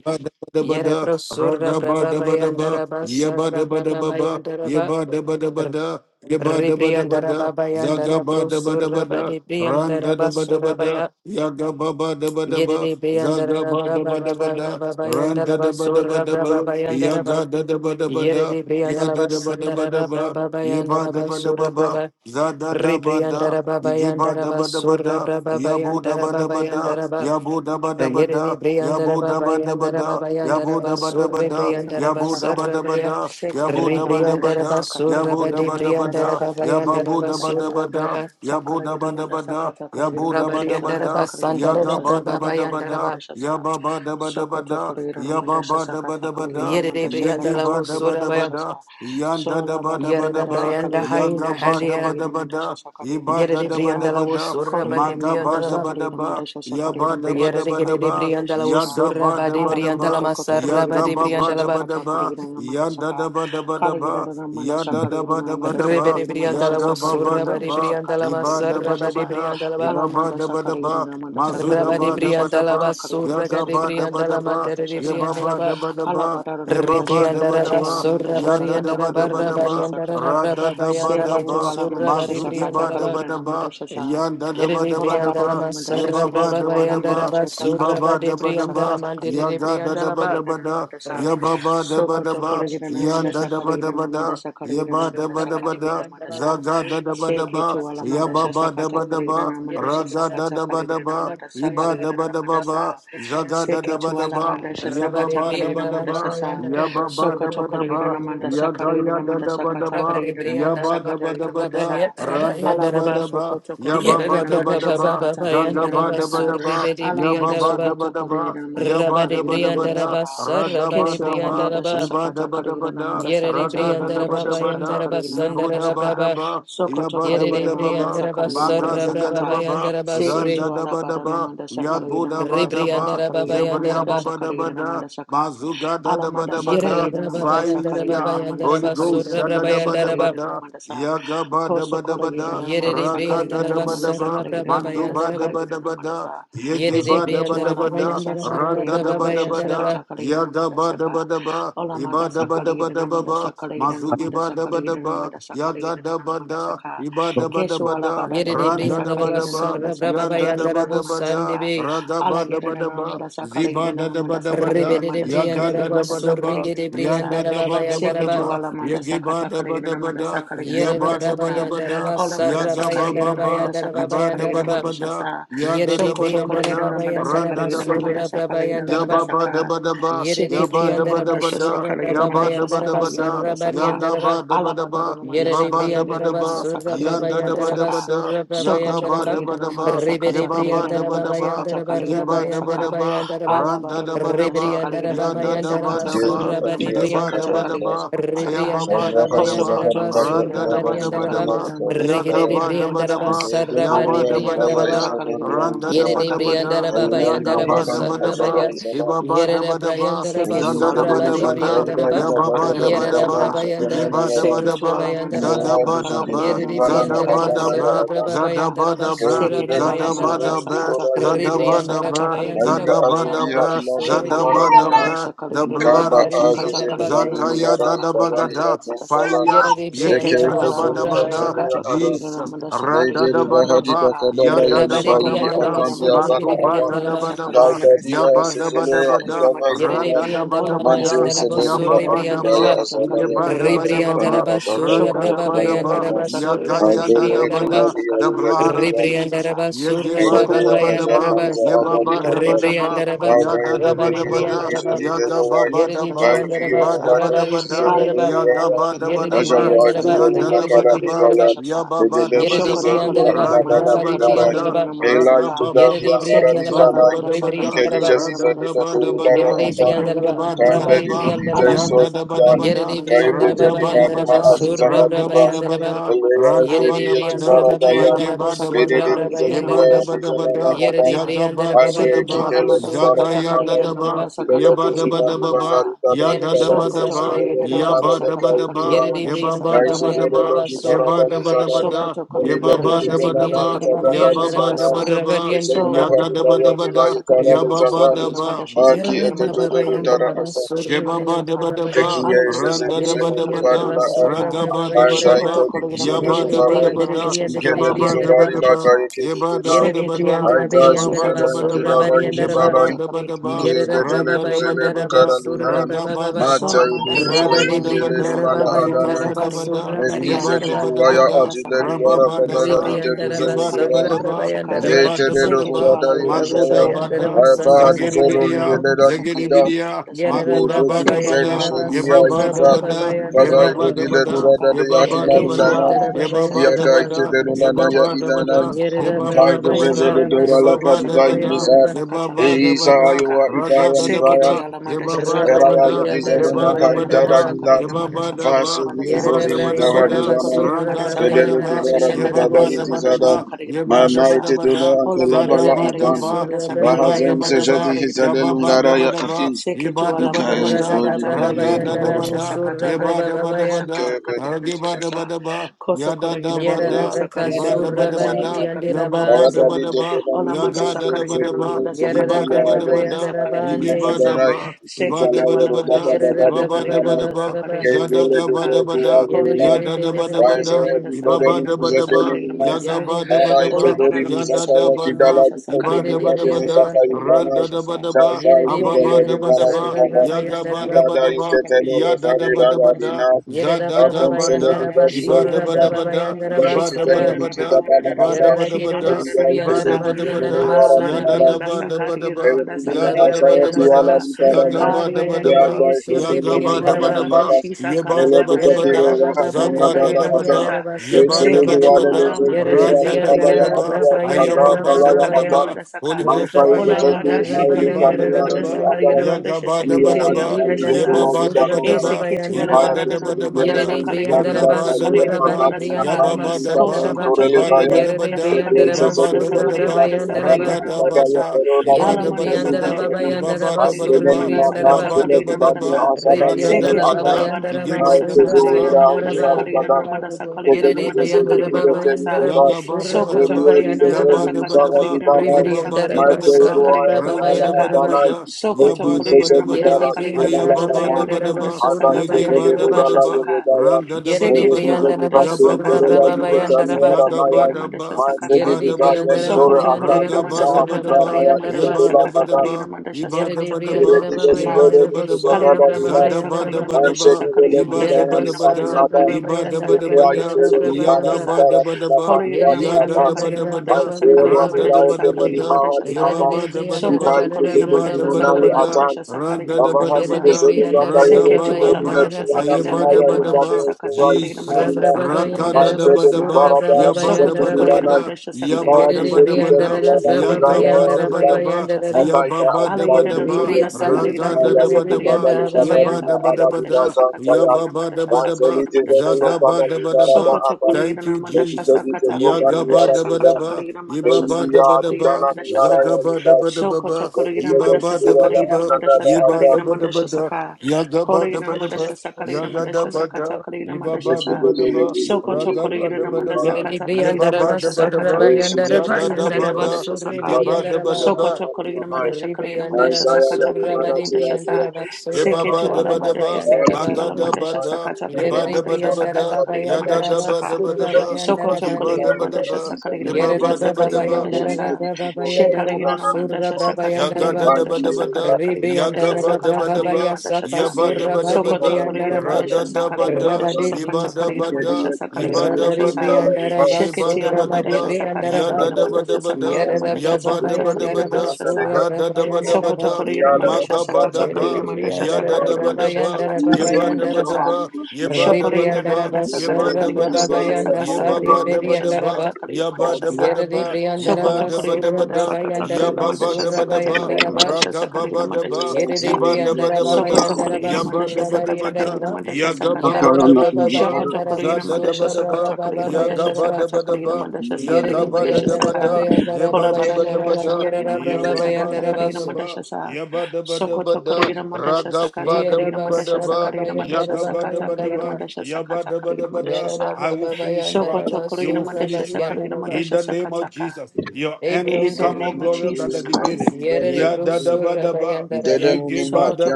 C: yere
B: Dabada,
C: brosura
B: Radaba Dabadaba,
C: brabayandara
B: Yaba
C: basara
B: Dabadababa,
C: brabayandara ba
B: Yaba Dabadabada, Yaba
C: Rebriandara
B: Dabadabada,
C: Babayandara
B: Zagaba
C: Brosura
B: Dabadabada, Randa
C: Badibriandara
B: Dabadabada,
C: Basurabaya
B: Yagababa Dabadaba,
C: Yeribriandara
B: Zagaba
C: Baba Baba
B: Dabadabada,
C: Baba
B: Randa
C: Bayandara Basura Baba
B: Dabadabadaba,
C: Bayandara Baba
B: Yaga Dabadabada,
C: Yeribriandara
B: Yada
C: Basandara
B: Dabadabadaba,
C: Baba
B: Yaba
C: Bayandara Basura
B: Dabadababa,
C: Baba
B: Zada
C: Rebriandara
B: Igeba
C: Babayandara
B: da ba da, ba
C: Basura
B: da,
C: Baba
B: yabu da,
C: Bayandara
B: ba da ba da,
C: Babayandara
B: yabu da ba da, ba
C: Yere
B: da,
C: Briandara
B: yabu da,
C: Baba
B: ba da ba
C: Yandara
B: da,
C: Baba Yandara
B: yabu da ba da, ba
C: Basura
D: Sakata
B: da,
D: Kaligina
C: Briandara
D: Manda
B: yabu da,
D: Saka
B: ba da
C: Basara
B: ba
C: Baya
B: da,
D: Sekitu
B: yabu da ba da,
D: Alamanda
B: ba
C: Rebriandara
B: da,
D: Shasakata
C: Basura
B: yabu da,
D: Kaligina
C: Badi
B: ba da ba
D: Manda
C: Briandara
B: da,
C: Baba
D: Sakata
C: Yandara
D: Kaligina
B: yababa da
D: Manda
B: ba da,
D: Shasa
B: ba
C: Basura
B: da,
C: Baba
B: yabu da,
D: Sakaligina Manda Sakata Kaligina Manda
B: ba
C: Rabadi
B: da ba
C: Yandara
D: Shasakata
B: da,
D: Kaligina Manda
B: yaga ba
C: Basandara
B: ba
C: Baba
B: ba
D: Shasakata
B: ba
D: Kaligina
C: Yandara
B: ba
D: Manda
C: Ba
D: Shasa
B: ba ba ba ba ba ba da da da, da ba da ba
D: Sokoto
B: da,
D: Kaligina Manda
B: yaba ba da ba da
D: Shasakata
B: ba
D: Kaligina
B: da,
C: Yere
D: Manda
B: yege
C: Briandala
D: Shasakata
B: ba da ba
D: Kaligina
C: Usura
B: da
D: Manda
B: ba
C: Baya
B: da,
D: Shasa
B: yanda da
D: Sola
B: da da,
D: Bada
B: ba
C: Yere
B: da
D: Manda
B: ba
C: Brianda
D: Sakaligina
C: Hinda
B: yaga
D: Manda
B: ba da ba
C: Handia
B: da
D: Shasakaligina
B: ba
D: Manda
B: da,
D: Shasakaligina
B: Iba
D: Manda
C: Yere
B: da da ba da
D: Shasaka
C: Briandala
B: ba da,
C: Usura
B: ma
C: Badi
D: Kaligina
B: da
D: Manda
B: ba
C: Briandala
B: da ba da
D: Sakaligina
B: ba,
D: Manda
B: ya ba
D: Shasakaligina
B: da
D: Manda
B: ba
C: Yere
B: da ba da
D: Shasakaligina
B: ba,
C: Briandala
B: ya ga
C: Usura
B: ba da
C: Badi
B: ba da
D: Alamondo
C: Briandala
B: ba,
D: sokoto
B: ya
C: Masara
B: ga
D: kolegirana
C: Badi
B: ba ba
D: mandasha
B: da
C: Briandala
B: ba da
D: sakata
B: ba,
D: kolegirana
B: ya da da
D: mandasaka
B: ba da ba da ba,
D: kolegirana
B: ya
D: mandasa
B: da da ba
D: kolegirana
B: da ba da
D: mandasa
B: ba,
C: Rebede
D: kolegirana
C: brianda
B: ya
C: la
D: mandasha
B: ga
D: sa
B: ba
C: vosso,
B: ba
D: kolegirana
B: da
C: rabade
D: mandasha
B: ba,
C: brianda la
D: sakata
B: iba
C: massa,
D: kolegirana
B: da ba da
D: mandasha
B: ba
C: rabade
D: sa
B: da,
C: brianda la ba,
B: iba ba
D: alamanda
B: da
D: sa
B: ba da ba,
D: kolegirana
B: ma
D: mandasa
B: zu da
D: kolegirana
C: rabade
B: ba da
D: mandasha
B: ba
C: brianda
B: da
C: la
B: ba,
D: sakata
C: basso,
D: kolegirana mandasha
C: ragade
B: Yagaba
D: sakata
B: daba
C: brianda la
D: kolegirana
B: daba,
C: mandere de
D: mandasha
C: brianda
D: saka
C: la
B: yababa
C: ba,
B: daba daba,
D: alabarana mandasha
B: yababa
C: rebrianda
B: daba
C: la
D: sekete
B: daba,
C: basso,
D: alamandasha
B: yada
C: rabarianda
D: sakata
B: daba
C: la
B: daba
D: kolegirana
C: barra,
D: mandasha
B: daba,
C: barianda la
D: sakata
B: rada
C: braba,
B: daba
C: bayanda la
D: seketu
B: daba,
C: vosso,
D: alamandasha
C: rabade brianda
D: sakata
B: mazugeba
C: la ba,
B: daba
D: kolegirana
B: daba,
D: mandasha
B: yanda daba
C: rebe
B: daba
D: Ola
C: brianda
D: bara
C: la
B: daba,
D: dina
C: massa,
D: mandasha
B: yababa
C: rabraba,
D: seketu
B: daba
D: wala
C: bayanda la
B: daba,
D: mandasha
C: basso,
D: sakala gira
B: ibaba
D: na
C: rabade
B: daba
D: mandasha
C: brianda
B: daba,
C: la
D: kata kala
C: mandere
D: gira
C: de
D: na
B: yaga
C: brianda
D: mandasha
C: la
B: daba
D: kala
C: ba,
D: gira
B: daba
D: na
B: da,
D: mandasha
C: rebrianda
B: yababa
C: la
B: daba
D: soko
C: basso,
D: to
B: daba,
D: kala gira na
C: rabade
B: yanda
C: brianda
D: mandasha
C: la
D: kala
B: daba
D: gira na
B: daba da,
D: mandasha kala gira na
B: yaba daba
D: mandasha
B: daba
C: rabade
D: kala gira
B: da,
D: na
C: brianda la
D: mandasha
C: vosso,
B: zaga daba daba,
D: seketu wala
C: rabade
D: mandasha
B: yababa
D: sakata
B: daba
D: kala gira
B: daba,
D: na
C: Yere
D: mandasha
B: raga
C: Rebriandara
D: sakata
B: daba
D: kala gira na
B: daba.
C: Baba
D: mandasha kala
B: Iba
C: Yandara
B: da
D: gira
B: ba
D: na
B: da ba, ba,
D: mandasha
C: Basuri,
B: zaga da da ba
D: seketu
B: da
D: wala
B: ba,
D: mandasha
B: ya ba
D: sakata
B: ba
D: kala
B: da
D: gira
B: ba
D: na
B: da
D: mandasha
B: ba,
D: sa
B: ya ba ba
D: soko
B: da
D: to
B: ba da
D: kala gira na
B: ba,
D: mandasha
B: ya ga
D: kala gira
B: ya
D: na
B: da da
D: mandasha
B: ba da
D: kata kala
B: ba,
D: gira na
B: ya ba
D: mandasha
B: da ba
D: kala
B: da,
D: gira na
B: ba da,
D: mandasha
B: ran da da ba
D: Alamando
B: da ba,
D: sokoto
B: ya ba
D: kotolo
B: ba da ba
D: yeramanda
B: da ba,
D: shasakata kala
B: zaga ba
D: yeramanda
B: da ba
D: sa.
B: da ba, ya ba
D: Alamando
B: ba da ba
D: sokoto
B: da
D: kala
B: ba,
D: yeramanda
B: ya
D: sa
B: ba
D: kala
B: da ba da, ba
D: yeramanda
B: da,
D: saka.
B: raga ba
D: Kesu
B: da ba,
D: alamanda
B: iba da
D: shasakata
B: ba
D: kala
B: da, ba da,
D: yeramanda sakata
B: raga da
D: yeramanda
B: daba daba da, ba
D: shasakata
B: da
D: kala
B: ye bu
D: yeramanda
B: daba
D: saka.
B: daba,
D: Sokoto
B: Yaba
D: kala
B: daba daba
D: yeramanda
B: ba, ba,
D: sakala yeramanda
B: Maka gaga daba
D: sakata.
B: ba, ba,
D: Seke tu
B: Zanda daba
D: alabada
B: daba,
D: namanda sakala
B: Yagu daba
D: yeramanda sakata
B: daba,
C: Rebriandara
D: kala
C: Baba
B: Yabria
C: Yandara
D: yeramanda
C: Ba,
B: baba
D: sakala
B: daba da, ba da,
D: yeramanda saka.
B: Mazuga da daba daba
D: Alamanda
B: da, ba da,
C: Yerera
D: Sakaligina
C: braba
D: Namanda
C: bayandara
D: Sakaligina
C: baba
B: Fire,
D: Namanda
C: yandara
B: Holy Ghost,
D: Sakaligina
C: basura
B: Shada
C: braba
D: Namanda
B: daba daba
C: yandara
B: da, ba
C: ba.
D: Sakaligina
B: da,
D: Namanda Sa
B: Yaga ba
D: Koso
B: daba daba da, ba
D: Kolegina
B: da,
D: Namanda
C: Yerere
B: Raga da
C: briyandara
D: Sakaligina
B: daba
D: Namanda
C: basara
B: daba,
D: Sakaligina
C: braba
D: Namanda
B: Mantuba
C: bayandara ba.
B: daba daba da, ba
D: Sakaligina
B: da ba
D: Namanda
B: da,
D: Sa
B: Yege
C: Yerere
B: ba
D: Seke
B: daba
D: tu
C: briyandara
B: daba
C: baba
D: Alamanda
B: da, ba da,
C: yandara barra
D: Sasake
B: Randa
C: braba
B: daba
D: Alamanda
B: daba da, ba
C: bayandara
B: da,
D: Shasakata
C: ba.
D: Kaligina
B: Ya da
D: Namanda
B: ba da ba
D: Saka
B: da ba, iba
D: Olamanda
B: da ba da ba
D: Sakaligina
B: da ba
D: Namanda
B: ba,
D: Sakaligina
B: mazuge
D: Namanda
B: ba da ba da
D: Sakaligina
B: ba,
D: Namanda
B: ya ga
D: Sakaligina
B: da ba
D: Namanda
B: da,
D: Saka
B: iba da ba da ba
D: Keshuala
B: da,
C: Yerere
B: ran
D: Badanamanda
B: da da
C: briyandara
B: ba da ba,
D: Sakaligidamanda
C: basara braba
B: ya
D: Sakata
B: da da
C: bayandara
B: ba da ba
D: Kaligidamanda
C: bosande
B: da,
D: Saka,
C: be.
B: ra da ba da ba da ba,
D: Alagidanamanda
B: ziba da da ba
D: Sakaligidamanda
B: da ba da,
C: Rebedere
D: Sakaligidamanda
B: ya ga
C: briyandara
B: da da ba
D: Sakaligidamanda
B: da
C: basura
B: ba,
C: gere
B: ya
D: Sakaligidamanda
B: da
C: briyandara
B: da
C: baba
B: ba da ba
C: yandara
B: da
C: ba.
B: ba, ya ge ba da ba da ba da, ya
C: Yerera
B: ba da ba
C: braba
B: da
D: sa Keshualabadanamadasakaligidanamadasakatakaligidanamandasaka. Alagidanamadasakaligidanamadasakaligidanamadasakaligidanamadasakaligidanamandasa.
B: ba
C: yandara
B: da,
D: Seketualamadasakatakaligidanamandasakaligidanamadasaka.
B: ya
C: basara
B: ga ba ba
C: bayandara
B: ba,
C: bayandara baba
B: iba da ba
C: yandara
B: da
C: ba.
B: ba da,
D: Olamadasakaligidanamadasakatakaligidanamandasasa.
B: ya da da
C: Yerere
B: ba da ba
C: briyandara
B: da,
C: baba
B: ran
C: yandara
B: da da ba
D: Sokotokaligidanamadasakaligidanamadasakaligidanamadasaka
B: da.
C: basura
D: mandasa
C: braba
D: kalagina
C: yandara ba.
B: Yaba
D: mandasa
B: ba da
D: ka
B: ba da ba,
C: Yerere
D: sekete
B: yaba da
D: ala
B: ba da
C: briandaraba
B: ba
D: mandasa sa
B: da,
C: surra
D: kalagina
C: brababa
B: yaba da
D: mandasa
B: ba
D: sa
B: da
C: yandaraba
B: ba
D: kalagina
B: da,
C: sarra
D: mandasa
C: bari
D: ka
B: yaga
C: yandaraba.
B: ba da ba da
D: alabada
B: ba,
D: na
B: iba
D: mandasa
C: Yerere
B: ba da ba
D: kalagina
B: da
D: na
C: briandaraba
B: ba,
D: mandasa
C: surra
D: kalagina
C: braba
D: na
B: yanda da ba
D: mandasa
B: da
C: yandaraba
B: ba
D: ka
B: da,
C: surra braba
B: yaga
D: sokoto
B: ba da
C: yandaraba.
B: ba
D: kalagina
B: da
D: na
B: ba,
D: mandasa ka ta
C: Ribere
B: yeba ba
D: kalagina
B: da
D: na
B: ba
C: briandaraba
B: da
D: mandasa ka
B: ba,
D: ta
C: bayandaraba
B: ige
D: kalagina
C: raba
B: ba da
D: mandasa
B: ba
D: ka
B: da
C: yandaraba
B: ba,
C: yandaraba.
B: ran da
D: alabada
B: da
D: na
B: ba da
C: Ribere
D: mandasa
B: ba,
D: kalagina
B: ya
C: yandaraba
D: na
B: da da
D: mandasa ka
B: ba
C: bayandaraba
D: ta
B: da
E: Dedo
B: ba,
D: kalagina
C: surra
D: na
C: bari
B: ige
E: akiaba
D: mandasa
B: ba
D: ka
B: da
D: ta
B: ba
C: briandaraba.
B: da
D: kalagina
E: kadavras.
D: na
B: ba,
D: mandasa
C: Ribere
D: ka
B: ayaba ba da
C: yandaraba
E: Shavraha
B: ba da
D: Koso
B: ba,
E: zizaha
D: koto
C: bayandaraba
E: dulagra
B: Ran
D: kolegira
B: da
C: surra
B: da
E: ilada
C: bari
B: ba
D: namanda
B: da
D: sa
B: ba da
C: yandaraba.
E: dimedona
D: kolegira
B: ba,
E: rakare
D: namanda
B: ya
D: sa
B: da
E: nivaya.
C: Rigere
D: kolegira
B: ba da ba
D: namanda
B: da
C: briandaraba
D: sa
B: ba,
E: Ngede
C: sarra
B: ya ba
C: bari
E: durya
B: da
D: alegire
B: ba da
E: ivaya
B: ba
D: namanda
C: briandaraba.
D: sa
B: da,
E: isavarya
D: kolegire
B: ran da
D: namanda
B: da
D: sa
E: ndiyan.
B: ba
C: Yerere
B: da ba
D: kolegire
B: da,
C: briyandara baba
D: namanda
E: Kayra
B: ya
D: sa
B: da
C: yandara bo
D: kolegire
B: ba da
E: imahadan
B: ba da
D: namanda
C: sarra
D: sa
E: ajada
B: ba,
C: barya.
D: kolegire
E: isalan.
B: iba
D: namanda
B: ba da
D: sa
C: Yerere
B: ba da ba,
C: brayandara ba
D: seke tu
B: zaga da
C: surra
B: ba
E: Ejizereli
D: alamanda
B: da
C: bari
D: sa
B: ba
E: an
B: da,
D: kolegire
E: kraida
C: briyandara ba.
D: namanda
B: ya
D: sa
B: ba
E: ilagada
B: ba
D: kolegire
E: da
B: da ba
D: namanda
B: da
C: Yerere
D: sa
E: ikada
B: ba,
C: braba
D: ka
B: ige
E: isosana
C: yandara ba
B: ba da ba
E: liyaran.
D: seke
B: da
C: surra
D: tu
C: braba
B: ba,
D: alamanda
C: yandara
B: za
D: sa
C: ba.
B: da
E: Ndaya
B: ba
D: sakata
E: dusa
B: da
D: kolegire
B: ba,
C: Yerere
E: digigivana
D: namanda
B: za
D: sa
E: na
B: da
C: briyandara
B: ba
D: kata
C: ba
B: da
E: adana ya
D: kolegire
C: sarra
B: ba,
D: namanda
E: adan.
C: braba
D: sa
B: za da
D: ka
B: ba
C: bayandara
B: da ba,
E: Kede
C: surra
D: seke tu
C: braba
B: za
E: veri
B: da ba
C: yandara
D: alamanda
C: ba.
D: sa
B: da
E: isoveri
B: ba,
D: sakata
E: dibola ya
B: za
D: kolegire
B: da
D: namanda
B: ba
E: kiyan.
D: sa
B: da
C: Rebriandara
D: kata
C: baba
B: ba,
D: kolegire
B: za
C: yandara
E: Aiva
B: da
D: namanda
C: baba
B: ba
D: sa
B: da
E: azuvia
C: yandara ba
B: ba,
E: ilada
B: za
C: surri
B: da ba da
C: briandara
E: luwara
C: ba.
B: ba,
D: Shekalegidanamandasa
B: the blood
E: Kaiba
B: of
C: Rabari
D: Kalegidanamandasa
B: Jesus
D: Kata
C: briandara
E: Aziziju
C: ba
E: Dani
B: Zakaya
E: Yara
D: Kalegidanamandasa Kata
E: itadani
B: Dadabagada,
E: Yatim
D: Kalegidanamandasa
E: Salam
B: Fire,
E: Eke
D: Seketi
B: Yegeda
E: Fedulu
C: surra
D: Walamandasha
E: Hatan
B: Dabadabada,
C: bayanda.
E: Ya
D: Sakata
E: Adam
B: Jesus,
D: Kalegidanamandasa
E: Nigeru hadi
D: Kalegidanamandasa
B: Radadabadaba,
D: Ka
E: Dakadala Ya
C: Rabari
E: Yivayi Bi
D: Sokoto
C: briyandala ba
B: Yadadabadabada,
E: Atan Bi
C: surri
D: Kalegidanamandasa
E: Adana
C: giri
B: Matoba
E: Adan
C: briyandala ba.
D: Kalegidanamandasa
B: Dadabadaba,
E: Gaudadi
D: Kalegidanamandasa
E: Ya Sesele
D: Kalegidanamandasa
E: Ya
B: Yabadabadabada,
E: Idana
D: Kalegidanamandasa
C: Yerere
E: Iteran
C: briyandala
E: Manzir
D: Olamandasa
B: Radadabadabada,
D: Kata
E: Severu Ta Akiva
B: Yababadaba,
E: Ya
D: Kalegidanamandasa Kata
E: Azala Ya Dulada
D: Kalegidanamandasa
E: Yutana
B: Idebadabadababa,
D: Kata
C: Ribriandaraba
E: Atada Ya
C: surra
D: Shokoto
C: braba
E: Kabuba Ya
B: Randadabadaba,
E: Adam
C: bayandaraba
D: Kalegidanamandasa
C: surra
B: Yagaya
D: Kalegidanamandasa
E: Albelo Ya
C: baribriandaraba
B: Dadabada,
E: Tunadi
D: Kalegidanamandasa
E: Ya
B: the blood
D: Kalegidanamandasa
B: of
E: Yivayi
B: Jesus,
D: Kalegidanamandasa
C: ribriandaraba surra
B: Yegeba
E: Birileri
C: braba
D: Sokotokorigina
B: Dadabadaba,
C: bayandaraba
E: kazanmamıza
D: Mandasa Karigina
E: adali
B: Yababa
E: adada.
D: Mandasa
B: Dabadaba,
D: Karigina
C: ribriandaraba
D: Mandasa
E: Tanrı'ya da
D: Karigina Mandasa
E: veriyoruz
B: Yadadabadabada,
C: rabaribriandaraba
E: bizleri
D: Kachakarigina
E: de
B: Yaga
D: Mandasa
B: ba
E: dolayı.
B: ba
D: Karigina
B: ibada
D: Mandasa
B: ba,
E: Kayfi
D: Karigina
C: yeribriandaraba
B: iba da
D: Mandasa
B: ba
E: yorumlarımız size
C: rabaribriandaraba
E: veriyoruz
D: Karigina
B: yaga
E: rayan.
B: ba
D: Mandasa
B: da ba da
D: Karigina
E: Acaba
B: ba,
D: Mandasa
C: yeribriandaraba
B: ya
E: aydınları
D: Karigina
B: da da ba
D: Mandasa
E: nakaran
B: da
D: Karigina
B: ba,
C: yeribriandaraba
E: rayan.
B: ya
D: Mandasa
B: ba ba
E: Bedebe
B: da ba
E: bize
B: da
D: Shokoto
B: ba,
E: zerra
D: kolegina
C: yeribriandaraba
E: ila
D: no
B: ran da
D: manda
E: bana
B: da
E: bir
B: ba
D: sakata
E: varay.
D: kolegina
C: rabaribriandaraba
D: no manda
E: Leyla
B: raga
D: saka.
B: ba
E: yutudan
B: ba ba,
E: yankara
D: Seketu
B: iba
C: yeribriandaraba
B: da
E: dizanay.
B: ba
D: alamanda
B: da ba da,
D: sakata
E: Ülkedice
C: ribriandaraba
D: kolegina no
E: size
D: manda
E: bir
D: sakalegina no manda
E: otururlar
B: yeke
D: sakalegina
C: yeribriandaraba
D: no
B: ba da
D: manda
B: ba
D: sa.
B: da
E: Gaymerin
B: ba,
E: Udiza
C: rabaribriandaraba
B: ya
D: Alamanda
E: Isor
B: da da ba da
E: Yar
B: ba
D: sakalegina no
B: da,
D: manda
E: Gay
B: ran
C: yeribriandaraba
B: da
D: sakalegina
E: Bejani
B: ba
D: no
B: da
D: manda
E: maas
C: bayandaraba
D: sakalegina
C: surra
D: no
E: Asana
C: braba
D: manda
E: Divas
C: bayandaraba
D: sakalegina no manda
E: Elaya Feri
C: Yerere briyandara
E: Tuvara
C: baba
D: Seketu
E: Dayat
B: yege
C: yandara
D: alamanda
C: bo
B: ba da
E: Mere
D: sakata
C: surra baba
E: Diza
D: kolegina no
E: Zua
B: Yeba
C: yandara
D: manda
C: ba.
B: daba daba
E: Dijana
D: no
B: da,
E: Nakadan
C: Yerere
B: yaga ba
C: briyandara
E: I
C: baba
B: daba
E: Feri
D: Seketu
C: yandara
B: daba,
C: bo
E: Kitele
D: alamanda
C: surra
E: Divara
B: zaga
D: sakata
C: bari
B: ya da
E: Divara
D: kaligina
C: briyandara
B: daba,
C: ba.
D: namanda
E: Lele
D: sakata
B: yeba
E: Dizu
D: kaligina
B: daba
E: Vadi
B: daba
D: namanda
B: ba,
E: Vangari
D: sa.
E: Tada
B: ya da
C: Yerere
E: Itala
B: daba
D: Soko to
C: basara
E: Dizu
C: baba
B: daba,
D: kaligina
E: Lele
C: yandara ba.
D: namanda
E: Mara
B: yaba
E: Leka
B: daba
D: sakata
B: daba,
D: kaligina
E: Udiza
C: Yerere
D: namanda sha
B: yeba ba
C: briyandara
E: Yai
D: sakata
C: baba
B: daba
D: kaligina
E: Shizere
C: yandara
B: daba,
D: namanda
E: Logi
D: sha sa.
B: yeba
E: Marada
C: surra baba
B: daba
E: Dizara
B: daba
C: yandara
D: Soko
B: da,
D: to
E: Muni
D: kaligina
B: yeba
E: Ledu
D: namanda
B: ba
D: sha
B: daba
C: Rabari
E: Bibana
D: sakata
B: daba,
C: briyandara
D: kaligina
C: baba
E: Itada
D: namanda sha
E: Gadi
B: yaba
C: yandara
B: ba daba
E: Banas
D: sakata.
C: surra bari
B: daba,
E: Beza
C: yandara
D: Soko
E: Iboha
B: yaga
D: to
B: daba
E: Divaya
D: kaligina
B: daba
D: namanda
B: da,
E: Divaya
D: sa kaligina
E: Tara
B: yaba
D: namanda sa
B: ba
E: Lezazanis
D: kaligina namanda sha
B: daba.
D: sa
E: Maki
C: Yerere
D: kaligina namanda sa
C: baba
E: ekedolu
D: kaligina
E: dara
C: yandara
D: namanda sa
E: aza.
D: kaligina
C: surra
D: namanda
B: Shebaba
D: sa
C: briyandara
B: daba
D: ka.
C: baba
E: Teki
C: yandara.
B: daba,
E: yeje
D: Aligina
E: zeni
B: randa
D: namanda
B: daba
C: Yerere
D: sa
E: zeni
B: daba
D: kaligina
C: briyandara
E: duvari
B: da,
D: namanda sa
E: an.
C: surra
D: ka.
B: ragaba
C: baba
B: daba
C: yandara
E: Anzai
D: Shokoto
B: daba,
E: tedi
D: Kolegina
E: zeni
B: yaba
D: Mandasha
C: Yerere
B: daba
E: duvarai.
D: Sakaligina
B: daba
C: briyandara
B: da,
D: Mandasha
C: briyandara
E: İkede
D: Sakata
E: di
B: yebaba
C: briyandara
D: Kaligina
B: daba
E: zuvari la
D: Mandasha
B: daba,
D: Sa
E: gaye kedi
B: yeba
E: gidan.
B: daba
C: Yere de
B: daba
D: Seketu
B: da,
C: briandara
E: Ayda
D: Alamandasha
C: beriandara
B: yebaba
C: ba
E: zuzene
D: Sakata
B: daba
E: ikila
D: Kaligina
B: daba,
E: gaye di
D: Mandasha
C: bariandara ba
B: yebaba
E: darai.
D: Sakata
B: daba
D: Kaligina
E: İke
B: daba,
D: Mandasha
C: yere da
D: Sa
C: ba
E: yegecele
C: ba
B: randa
C: ba
B: daba
E: duzele du
B: daba
C: yandara ba
B: da,
C: surra
E: karalinan.
B: ragaba
E: Matza
B: daba,
D: Solamanda
E: yedi
B: iba
D: sakala
E: zori
B: daba
C: de
E: di
D: yina
B: daba
E: yele
D: namanda
E: du
B: da,
C: briandara
D: sakala
E: mala
C: ba
D: yina manda
B: azuka
E: adanai.
C: yandara
B: da
C: ba
D: sakala
B: daba
D: yina
B: da,
D: manda saka.
E: Merize
B: yeba
C: bariandara ba
B: daba daba
E: ciduvaya
B: da,
D: Alamanda
E: acileri
D: sakala yina
E: vara
B: rababa
D: namanda
C: re
E: kadara di
D: sakala
B: daba,
D: yina
E: tedi
C: briandara
D: manda
C: ba
E: zeni
B: yeba
D: sakala
B: daba
D: yina
E: duvan.
D: namanda
B: daba,
D: saka.
C: yandara ba
B: yeba daba
E: Ndeterelo
D: Seke
B: daba,
D: tu
E: kurada
D: alamanda
C: raba ba
B: Maguda
E: yelizayan.
D: shasakata kala
C: yandara
B: Bada,
C: ba
D: yina
E: Ayva
D: namanda sakala
E: duzolo
D: yina
C: yandara
B: Zagedebidia,
C: ba
D: namanda
E: livelera
D: sakala
E: dikida.
D: yina
B: Zagedebidia,
D: namanda sa.
C: yere
E: Yüce
C: da
B: Magura
C: ba ba ba
E: Zevcinin
B: Bada
D: Seke tu
E: zevni
B: Bada,
C: yandara ba
E: şeyli
D: alamanda
E: ya
B: Yeba Bada
D: shasakata
C: ba
E: itizad.
D: kala yina
B: Bada,
D: namanda
B: Yeba
E: Kagay
D: sakala yina
B: Bada
E: vediyle
D: namanda
B: Bada,
E: durada
D: saka.
E: de
B: Yeba
C: yere
E: yatina
B: Bada
C: de
D: Kesu
E: dilana.
B: Bada,
C: briandara
D: alamanda
C: ba
B: Yeba
C: yandara
B: Bada
D: shasakata
E: Kiyaga
D: kala
C: ba
D: yina
B: Bada,
E: ikeden
D: namanda
E: ulana
B: Yeba
E: ya
D: sakata kala
B: Bada
D: yina
E: inana.
D: namanda
B: Bada,
C: yere da
D: saka.
C: ba
E: İkay
C: ba ba
B: Bada
E: vece
D: Kosokoro
E: zedo
B: Bada,
C: yandara
E: dora la
B: Yeba
D: Yiranamanda
B: Bada
E: kadika
D: Sakari
B: Bada,
C: yandara
D: Yiranamanda
E: ibizad.
C: ba
D: Saka
E: Ey
B: Yebaba
D: Chakari
E: İsa
D: Yiranamanda
B: Dabada,
E: ayo ve
D: Saka
E: idaya
B: Ragada
E: mivayan.
D: Seketi
B: Dabada,
D: Alamanda
B: Yebaba
D: Shasaka
C: raba de
E: Meraya ya
D: Chakari
B: Dabada,
D: Yiranamanda
C: briandara ba
E: cizedona
B: Yebada
D: Sakari
C: yandara
D: Yiranamanda
E: kantara
C: ba
B: Badaba,
D: Sakari
E: gilat.
D: Yiranamanda
B: Yebaba
D: Sakari
E: Fasi
B: Daba,
E: bi
D: Yiranamanda Sa
C: Yerada
B: Ibada
E: uzuzini
D: Soko
E: tahadi
C: brayandara
B: Badabada,
E: zana.
D: Chokoro
E: e.
C: basurra
D: Yiranamanda
B: Ragada
D: Sakari
E: Kedele
D: Yiranamanda
C: brabayandara
B: Badaba,
E: tuvara bi
D: Shasaka
C: briyandara
B: Yebaba
D: Chakari
E: kadali
C: bosya.
D: Yiranamanda
E: tizada.
B: Dabadaba,
D: Shasakari
E: Ma
D: Yiranamanda
B: Yebada
D: Shasa
E: maite duno
B: Badabada,
E: ankela
D: Olamanda
B: Zada
E: bala
C: Yerere
D: Sakari
E: atan.
B: Badaba,
D: Yiranamanda
C: busurra
D: Sakari
E: Vahazen
B: Ibada
D: Yiranamanda
C: brabayandara ba.
E: sejadi
B: Badaba,
D: Sakari
E: hizale
D: Yiranamanda
B: Yababa
E: lungara
D: Saka
E: ya atin.
B: Dabadaba,
D: Seketu
B: Ibada
D: Alamanda
E: Nkaya
B: Badabada,
D: Shasaka
C: Ragada
E: etwadi nene
D: Chakari
E: ya
B: Ragada
E: gero.
D: Yiranamanda
C: brabayandara
B: Dabada,
D: Shasaka
C: busurra
D: Chakari
B: Yebada
D: Yiranamanda
C: brababaya.
D: Saka
B: Badabada,
E: Kebe
D: Chakari
E: di
D: Yiranamanda
B: Aragibada
E: tizaki.
D: Sa
B: Badaba,
D: Koso
B: Yada
D: kolegida na
C: Yerere
B: Dabada,
D: mandasa kolegida na
B: Ibada
C: brakasurra
D: mandasa
C: bari
E: Kedele
B: Badabada,
D: kata kolegida
C: briyandela
D: na
B: Yababa
C: bande.
E: Parabadi
D: mandasa.
B: Dabadaba,
E: Jotani
D: Ola
E: to
B: Yaga
D: mandasa
B: da
E: Sasem
B: da ba
D: kolegida
B: da
D: na
B: ba,
E: Sotolo,
D: mandasa kata
C: yerada
B: iba
E: Kumundia,
B: da ba
D: kolegida
B: da
D: na
B: ba
D: mandasa
B: da,
C: brabayandara
E: Adamina,
D: kolegida
E: Tina
B: ige
D: mandasa
B: ba
C: bande.
B: da
D: sa.
E: Kadanai,
B: ba, iba
D: Seke
B: da
D: tu
B: ba da
E: Izalaya,
D: ala
B: ba da,
E: Robaka,
D: mandasa
C: Yerere
B: iba
E: Babadi,
D: sakata
B: ba da
D: kolegida
B: ba da
E: Timanai,
D: mandasa
B: ba,
C: brabababababa.
D: kolegida
B: jada
D: mandasa
E: Kayvela,
B: ga ba
D: saka.
B: da
E: Desert,
B: ba da,
E: Duavi,
C: Yerere
B: ya
D: Kolegida
E: Lab,
B: da
D: na
B: da ba
D: mandasa
B: da ba
E: Wiser,
D: kolegida
B: da,
C: brebebebebebebe.
E: Heavy
D: mandasa
B: iba ba
E: garden
D: kolegida
B: da ba da
D: mandasa
B: ba,
D: kolegida
B: yaga
D: mandasa.
C: Yerere
B: ba da ba da
C: briyandara
D: Ola
B: ba,
C: ba.
D: bada na
B: ya da
D: mandasa
B: da ba
D: kolegida
B: da,
D: mandasa sa
B: iba
D: kolegida
B: da
C: Yerere
B: ba da
D: mandasa
B: ba
C: briyandara
B: da,
C: ba.
D: sakata kolegida
B: ran da
D: mandasa
B: da ba
D: sa.
B: da ba,
D: All
C: Yerere
B: aba ba da ba da ba,
C: brabayandara
B: Yagabadabadaba, Yadadabadabada,
C: Yerera brava
B: Zadagabada,
C: bayandara basura brava
B: Ibadabadabada,
C: bayandara basura.
B: Ibadabadabada,
E: Thank you.
C: Yerera kedo
B: Ibadabadabada,
C: basuri
E: Everybody told
C: andara
E: us he's a
C: variandara
E: new
B: Ibadabadabada,
E: era in
C: basura brio
E: Madam.
C: Jesus.
B: Yadadabadabadaba,
E: Everybody na
C: Rabra
E: asayati
C: bayandara
B: Yadadabadabada,
E: ala
D: about
E: di para
C: basura
E: na.
C: brava
E: Ya
C: bayandara
B: Yagabadabadaba,
D: Kariyadindiya
E: jai kese
C: basura
D: shisike
E: lo
D: tu
E: ni
C: briandara
E: hana ni
C: ba.
B: Yagabadabadaba,
D: alabada
E: mata.
D: shisa
E: Mele
D: kalabada
E: kese
C: Yerera
B: Yebadabadabada,
E: kiro
C: brava
E: waha
D: shikalamando
E: di
D: sokola
E: mata
C: bayandara
E: ba
D: yadamanda
E: atan.
D: sa
B: Zagadadabada,
C: variandara
E: Le
C: basura
E: selo di
D: seke
C: brava.
D: tu
E: wale le
B: Yebadabadabada,
E: jesu
D: alamanda
C: Yerera
E: era
D: shasa
E: di kada ya
C: briandara
E: adu
B: Randadabadaba,
D: kariyadamanda
C: brava
E: ya
D: sa
E: di azar
C: bayandara
D: kariyadamanda
E: kala
D: sa
C: brava
E: ya
C: baya.
E: atan.
B: Ayababadabadaba,
D: kariyadamanda sa
C: Yere
B: Holy
D: ka
B: Ghost
E: Manta i kese
B: fire.
D: olabada
E: ki na
D: shikala
E: eli
B: Zegeba
E: kani
B: daba
E: yara
D: yadamanda sa
E: ni
B: daba,
E: atan.
D: kariyadamanda
B: yagaba
E: Ni
D: shaseke
B: daba
E: ya adi
B: daba,
E: sa
D: tiriyamanda
E: ni je
D: shasa
E: dola
B: yebaba
E: di
B: daba
E: kada ya.
B: daba,
D: eseke tu
B: iba
E: Kaya
D: alabada
E: kese
B: daba
E: di
B: daba
D: danamanda
E: bene
B: da,
D: sa
E: lo ni kari da
D: kariyadamanda
B: yagaba
D: sa
E: kari
B: daba
E: ya
B: daba,
E: azar
D: kariyadamanda
E: di
D: sa
E: na
D: ka
E: kani
B: yababa
E: ni da
D: koso
E: kani
B: daba,
D: koto
E: torele
B: iba daba
E: kaya.
B: daba
D: kariyadamanda sa
E: The
B: da,
E: was a
B: ibaba
D: kariyadamanda
E: second
D: sa
B: daba
E: very good
B: daba,
D: kariyadamanda sa
E: Adana
B: raga
D: kariyadamanda
B: daba
E: Akabaya
D: sa
B: da,
E: Ferona
B: iba
E: in
B: daba
D: Alamanda
B: daba
E: the
B: da,
D: sakaligina
E: Badi,
D: namanda
B: ibaba
E: and
B: daba
D: sakaligina
B: daba,
E: Benin
D: namanda
E: Makam
D: sakata
B: ibaba
E: Sela to
D: kaligina
B: daba
D: namanda
E: Badi
D: sa.
B: daba,
E: Asada
B: rada
E: Yali
D: Seke
B: daba
D: tu
E: Akan,
B: da,
D: alabada de
B: igeba
D: namanda
B: daba
D: sakaligina
B: daba,
E: Kezuera
D: namanda
E: Nivaru
B: yegaba
D: sakaligina
E: Dadan,
B: daba
D: namanda
B: daba,
D: sakaligina
E: Tekatu
B: Ya
D: namanda
B: da da ba da
E: Zazavati
B: ba
D: sakaligina
B: da.
D: namanda
E: Vatani
D: sa.
B: ya
E: Vadat,
B: ga ba da ba
D: Soko
B: da
D: to
B: ba.
D: kaligina
E: Eliyahu's
B: ya
D: namanda
B: ba da
E: having
B: ba
D: sakata
B: da
E: Saga
B: ba.
D: kaligina
B: ya
E: Dibana,
D: namanda
B: ba ba da
E: my
D: sakaligina
B: ba da
D: namanda
B: ba.
E: favor,
D: sakaligina
E: Ali
B: Ran
D: namanda
B: da da
E: Allah
B: ba
D: saka.
B: da ba
E: Abanai,
B: da.
D: Soko
B: ya
D: to
E: Ehi
B: ba da ba
D: kaligina
B: da ba
D: namanda
B: da.
E: Sesavitara,
C: Yerede
B: Aya
C: briandara
E: Ikonala
B: ba
C: baba
B: ba da
E: Gaban,
B: ba da
C: yandara ba
B: ba.
E: Abai
C: surra
B: ya
D: sakata
B: ge ba
E: Tezele
D: kaligina
C: bayandara
B: da ba
C: ba.
B: da
D: namanda
E: Bodala
B: ba.
D: saka.
E: Yevedaya,
B: Ran da da ba da
C: Yerede
B: ba
E: Moredi
D: Seketuala
B: da.
C: briandara ba
B: ya
D: mandasha
E: Zedivakri
B: ba
E: and
B: ba
C: surra
D: sakata
B: da ba
C: baba
B: da
D: kalina
E: Kurelali
B: ba.
D: mandasha
C: bayandara ba.
B: ya
E: Etaniara
D: sakata
B: ga ba
E: Naya,
D: kalina
B: da,
D: mandasha
B: ba.
E: my Sedi
D: sakata.
B: Iba da,
C: Yerede
B: ba
E: Bizak
B: da, ba
E: and
C: briandara
B: da,
C: baba
E: Zora
D: Sokoto
B: Ra
E: Atak
C: yandara
D: kalina
B: ga
C: ba
E: and
B: ba
D: mandasha
B: da,
E: Saha
B: ba,
C: surra
B: da
D: sakata
C: baba
B: ba
D: kalina
E: Dibanaya,
C: yandara
B: Ya
D: mandasha
C: ba.
B: ba, da ba
D: sakata
B: da
E: Itadula
D: kalina
B: ba,
D: mandasha
B: Iba da
C: Yerede
D: sakata
B: ba,
D: kalina
B: ra
C: briandara
D: mandasha
C: baba
D: sa.
C: yandara ba
B: Yadadabadabada, yagabadabadaba, yabadabadaba, yababadabadaba, ba, yabadabadabada, ayababadabadaba, ba, randadabadabada, yababadabadaba, yagabadaba, ibadabadabada, ragabadabadaba, yabadabadaba, ba,
C: surra
D: Kalina na
C: baba
D: mandasha
C: ba.
D: kalina mandasha
B: yabadabadaba,
D: sa kalina
C: Yere
D: mandasha
C: ba
D: kalina
B: zadabadabadaba, da.
C: sarra
D: mandasha
C: baba
D: kalina
B: Iba da
D: mandasha
B: ba da
D: kalina
B: ba
C: yere
B: da,
D: mandasha
C: da
D: sa
C: baba
D: kalina
B: ya ga
C: baba.
B: ba
D: mandasha.
B: da ba da ba,
D: Kolegina
C: Yerede
B: ya da
D: Mandasa
B: da ba
C: briandara
B: da
D: Kaligina
C: da
B: ba
D: Mandasha
B: da,
C: baba baba
D: Sakaligina
B: ra da da
D: Mandasha
B: ba da ba
D: Sakaligina
B: da,
D: Mandasha
B: ya
D: Sa
B: ba ba da ba da
C: briandara ba
D: Sokoto
B: ba,
C: da da
D: Kolegina
B: ya ba
C: baba
B: da
D: Mandasha
B: ba da ba
D: Sakaligina
B: da,
D: Mandasha
B: ra
D: Sakaligina
B: da da ba da
D: Mandasha
B: ba
D: Sa
B: da, ra
C: briandara da
B: ga
D: Seke
B: ba
D: tu
B: da
D: ala
B: ba,
D: Mandasha
B: aye
D: Sakata
B: ba
C: briandara
B: da
C: da
D: Kaligina
B: ba da
D: Mandasha
B: ba,
D: Sakata Kaligina
E: Thank
B: Jesus,
D: Mandasha
E: you.
B: ra
D: Sakaligina
B: ka da
D: Mandasha
B: da
C: Rabrababayandaraba,
E: Mindful
B: ba da
D: Sakata
B: ba, ya
E: paradise
B: ba
E: is a
B: da ba
D: Sokoto
B: da
C: surabrababayandaraba,
B: ba
D: Kolegina
E: Milana,
B: da,
D: Mandasha
E: the
B: ya
D: Sakaligina
B: ba
E: power
B: da
E: is
B: ba
D: Mandasha
B: da ba
D: Kaligina
E: a
B: da,
C: diridibriyandarara,
D: Mandasha
E: Milana,
B: ya
D: Sakaligina
B: ga
E: Milana,
B: ba
D: Mandasha
B: da ba
E: Abidan,
B: da
D: Sakaligina
B: ba,
D: Mandasha
C: brababayandarabarabayandarari,
D: Sa
B: ya ba
E: Akaita,
B: ba da
E: Abidan,
B: ba da
E: Mintel,
B: ba,
D: Alayiranamandasa
B: ra ga da
E: Milana,
C: ribriyasarrakatu,
B: da
D: Kaligramandasa
B: ba da
E: Yakita,
B: ba,
D: Kaligramandasha
E: Dalita,
B: ya
C: ribiriyandarababaya,
B: ba
D: Sakata
E: Dalina,
B: da ba da ba
D: Kaligramandasha
B: da,
E: Adabida,
D: Sakata
B: ya
E: Fayat,
B: ba ba da
D: Kaligramandasha
B: ba da
E: Manseli,
B: ba,
E: Jevene,
D: Sakaligramandasha Sa
E: Lotana, Vivarada,
B: Zagabadabadaba.
D: Sokoto
E: Adam,
B: Thank you,
E: Lady
D: Kaligramandasha
B: Jesus.
E: Jedi,
D: Sakata
E: Jokan,
D: Kaligramandasha
E: Yara, Bizan,
D: Sakata
B: Yagabadabadaba.
D: Kaligramandasha
E: Elia,
D: Sakata
B: Ibabadabadaba.
E: Abidana,
D: Kaligramandasha
E: Yara,
D: Sa
E: Yakita,
D: Shokoto
B: Zagabadabadababa.
E: Lady
D: Kolegina
E: Jedi,
D: Mandasha
E: Tura,
D: Sakarigina
B: Ibabadabadaba.
D: Mandasha
E: Akagada, Azam,
D: Sakarigina Mandasha
B: Yibadabadabada.
D: Saka Kolegina
B: Yagabadabadaba.
D: Mandasha Sakarigina Mandasha Sakata
B: Yagadabada.
D: Kolegina Mandasha
E: Lady
D: Sa
E: Jedi,
B: Ibabadabadaba.
E: Lady Jedi,
D: Shokoto Kolegina
E: Lady
D: Mandasha
B: Ragabadabadaba.
E: Jedi,
D: Kata Kolegina
C: diridibriyandaraba,
D: Mandasha
B: Yibabadabadaba.
D: Sakata Kolegina
E: Isaiah
D: Mandasha Sakarigina
C: surabayandarabayandaraba,
B: Yadadabada.
D: Mandasha Saka
C: suribiriyandaraba,
B: Igibadabadaba.
D: Shokoto Kolegina Mandasha Kolegina Mandasha
C: ribriyandaraba,
D: Sakata Kolegina
E: Yalibaratia,
D: Mandasha
E: dear
D: Sa
C: surabadibriyandaraba,
E: Jamia,
B: Debaba
D: Seketu
E: Ahman,
D: Ala
B: deba
D: Mandasha
B: deba,
D: Seketi
C: surabarabrababayandaraba,
B: maga
D: Ala
B: deba
D: Mandasha
B: da,
D: Sakata Kolegina
B: iba deba
D: Mandasha
B: deba
C: yeriribriyandaraba,
D: Sakata
B: da,
D: Kolegina
B: yada
D: Mandasha
C: bayandaraba,
B: deba
D: Saka
B: deba deba,
D: Shokoto
B: igeba
C: surabayandarabande,
D: Kolegina
B: deba
D: Mandasha
B: deba,
D: Sakarigina
B: yeba
C: Yerada
D: Mandasha
B: ba deba
C: brava
D: Sakarigina
B: deba,
D: Mandasha
C: bayandara
D: Sa
C: brava bayandara
D: Shekarigina no
C: basura
D: mandasha
C: brava
D: sakata
C: yandara
B: shaga
D: karigina
B: da
C: bas
B: deba
D: mandasha
B: deba da,
D: sakata karigina
C: ribri
B: yaga
D: mandasha
B: ba
C: yandara
D: sakata
B: deba
C: brava
D: karigina
B: deba,
D: mandasha
C: bayasaka
D: sa
B: yaba
C: sura
B: deba deba
C: badi
D: sokoto
B: da,
D: karigina
C: briandara ba
D: mandasha
B: rada deba
D: sakarigina
B: da,
D: mandasha
C: rabadi
B: iba
D: sakata
C: please
D: karigina
C: thank
B: deba
C: you
B: da,
D: mandasha sakarigina
B: iba
E: Thank
D: mandasha
B: deba
C: rabadi
D: sa
B: da,
C: briandara
E: you.
B: igeba
D: sheketi
E: Thank
D: ala
B: deba
C: basura badi
D: mandasha
B: deba,
D: sakata
C: briandara
B: yada
C: ba
D: karigina
B: deba
D: mandasha
B: deba da,
D: sakarigina
C: yerada
D: mandasha
C: brava
B: yaba
D: sakata
B: deba deba
D: karigina
C: bayandara
B: da,
D: mandasha sa
C: basura
B: rada
C: brava
B: deba deba
C: yandara
D: Sokoto
C: ba
B: da,
D: Kolegina Mandasha
B: maga
D: Sakata
C: yerada
D: Kolegina
B: deba,
D: Mandasha
B: yada
C: briandara
D: Sakaligina
B: deba
C: brava
D: Mandasha
B: deba.
C: yandara
D: Sakata
C: brava
D: Kolegina
B: Yeba deba
D: Mandasha
C: yandara ba
D: Sa
B: deba, yeba
C: ribri
B: deba
D: Shokolegina
C: yandara
B: deba,
D: Mandasha
B: yeba
D: Sakata
C: basura
B: deba
D: Kolegina
C: brava
D: Mandasha
B: deba,
C: bayandara
D: Sakata
B: yeba
C: sarri
D: Kolegina
B: ba deba
D: Mandasha
C: briandara ba
B: deba,
D: Sakata Kolegina
B: yaba
D: Mandasha
B: deba
D: Sa
C: Yerede
B: deba, iba
D: Sokoto
C: briandaraba
B: deba
D: Kolegina
B: deba
C: surra
D: Mandasha
B: da,
D: Sakata Kolegina
C: brabayandaraba
B: yaba ba
D: Mandasha
B: deba
C: surra
D: Sakata
B: deba,
D: Kolegina
C: bayandaraba.
D: Mandasha
B: raga ba
D: Sakaligina
B: ba
D: Mandasha
B: deba,
C: Yerede
D: Sakata
B: iba deba
C: briandaraba
B: deba da,
D: Sokoto
C: bayandaraba
D: Kolegina
B: yaba
D: Mandasha
C: surra
B: deba deba
D: Sakata
B: da,
D: Kolegina
C: bariandaraba.
D: Mandasha
B: yaga ba ba
D: Sakata
C: Yerada
B: deba deba,
D: Shokoto
C: brababayandarabu
B: za
D: Kolegina
B: da
D: Mandasha
B: deba
C: surra
B: deba,
C: Braba
D: Sakata
C: baba
D: Kolegina Mandasha
C: brababayandaraba.
D: Sakata Kolegina
B: Yagabadabadaba,
D: Mandasha Sakaligina
C: Yerede
D: Mandasha Saka
C: briandaraba
B: Yagabadabada,
C: bayandaraba
D: Kola barada
C: bayandaraba.
D: madasa
B: Yabadabadabada,
D: kaligina
C: Yerada
D: madasha sakata
C: brababayandaraba
D: kaligina
E: you.
C: su.
B: Yababadabadaba,
D: madasha sa sokoto
B: Yabadabadabada,
D: kaligina madasha sakata kaligina
C: Shiraba
D: madasha sa
C: sarra
B: Ragabadabadaba,
D: kaligina madasha
C: bayandaraba
D: sakata kaligina
B: Yagabadabadaba,
C: bayandaraba.
D: madasha sakata kaligina madasha
B: Yabadabadabada.
C: Yerada
D: sa
B: I will finish right.
D: sokoto
C: brababayandaraba
B: You
D: kaligina
B: will
C: surra
D: madasha
B: finish
D: sa
B: right.
D: kaligina
C: bariandaraba.
B: In
D: madasha
B: the name
D: sakata
B: of
D: ka
B: Jesus, your end will
D: in the
B: become
C: Ebrosoya.
B: more
D: name of
B: glorious than
D: Jesus
B: the
D: Christ
B: beginning.
C: Yerede brosurra
B: Yadadabadaba,
E: Deleni ni
D: sokoto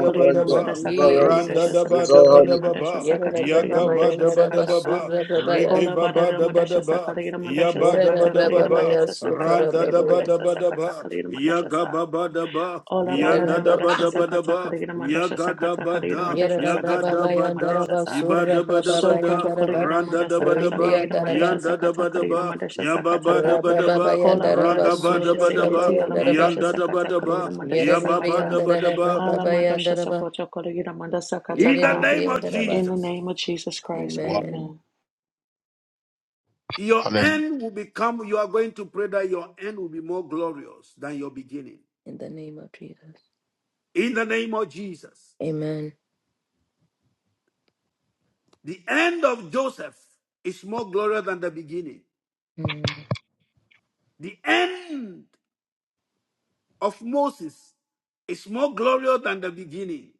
D: kaligina madasa kaligina madasha
C: Jesus.
D: sakata kaligina madasha
B: Randadabadabadaba,
C: Yerada
D: sakata kaligina
C: Brababaya,
D: madasha
C: Neraba
D: sakata ka
B: Yagabadabadaba.
C: Surra Brabaya,
B: Rege
D: kola
B: baba
D: barada
B: daba
D: madasha sa
B: daba,
D: kaligina madasha
B: yaba daba
C: Yerada
D: sakata
B: daba
D: kaligina
B: ba, da ba da ba ba,
C: Brababaya,
D: madasha sakata
C: Sukara
B: randa
D: kaligina
B: daba
C: Brabaya,
D: madasha
B: daba
D: sakata
B: daba,
D: kaligina madasha
B: yaga
D: sa
B: baba daba,
D: Ola
C: Yerada
B: yanda
D: barara
C: Brab,
B: daba
D: madasha
C: ah,
B: daba
D: sakata
B: daba,
D: kaligira madasha
B: yaga
D: sakata
B: daba
D: kaligira
B: da,
D: madasha
C: Yerada
B: yaga
D: sakata
B: daba da,
D: kaligira
B: ba
C: Brababaya,
B: da,
D: madasha
C: Neraba
D: sa
B: iba
C: Surra
B: daba daba
C: Brababaya,
B: da, ba
D: sokoto
B: da,
C: Neraba,
D: kaligira
B: randa
D: madasha
B: daba
D: sakata
B: daba,
C: Ribia
D: kaligira madasha
C: Neraba,
B: yanda
D: sakata
B: daba
D: kaligira
B: daba,
D: madasha sakata
B: yababa
D: ka
B: daba daba,
C: Rabrababaya,
D: kola
C: Neraba
D: barara
B: ragaba
D: madasha
C: Surra
B: daba daba,
D: seketi
C: Brabaya,
D: ala
C: Neraba,
D: madasha
B: yanda daba
D: sakata
B: daba,
D: kaligira madasha
B: yababa
C: Yerida
D: sakata
B: daba
C: Neraba
B: daba.
D: ala
C: Brababaya,
D: madasha
C: Neraba,
D: sokoto kaligira madasha sakata
B: In the
D: ka
B: name
C: Yerida
B: of
D: in
C: Neraba.
D: the
B: Jesus.
D: name of Jesus Christ
A: Wow.
C: Amen.
D: amen
B: Your
A: Hallelujah.
B: end will become, you are going to pray that your end will be more glorious than your beginning.
C: In the name of Jesus.
B: In the name of Jesus.
C: Amen.
B: The end of Joseph is more glorious than the beginning.
C: Mm.
B: The end of Moses is more glorious than the beginning.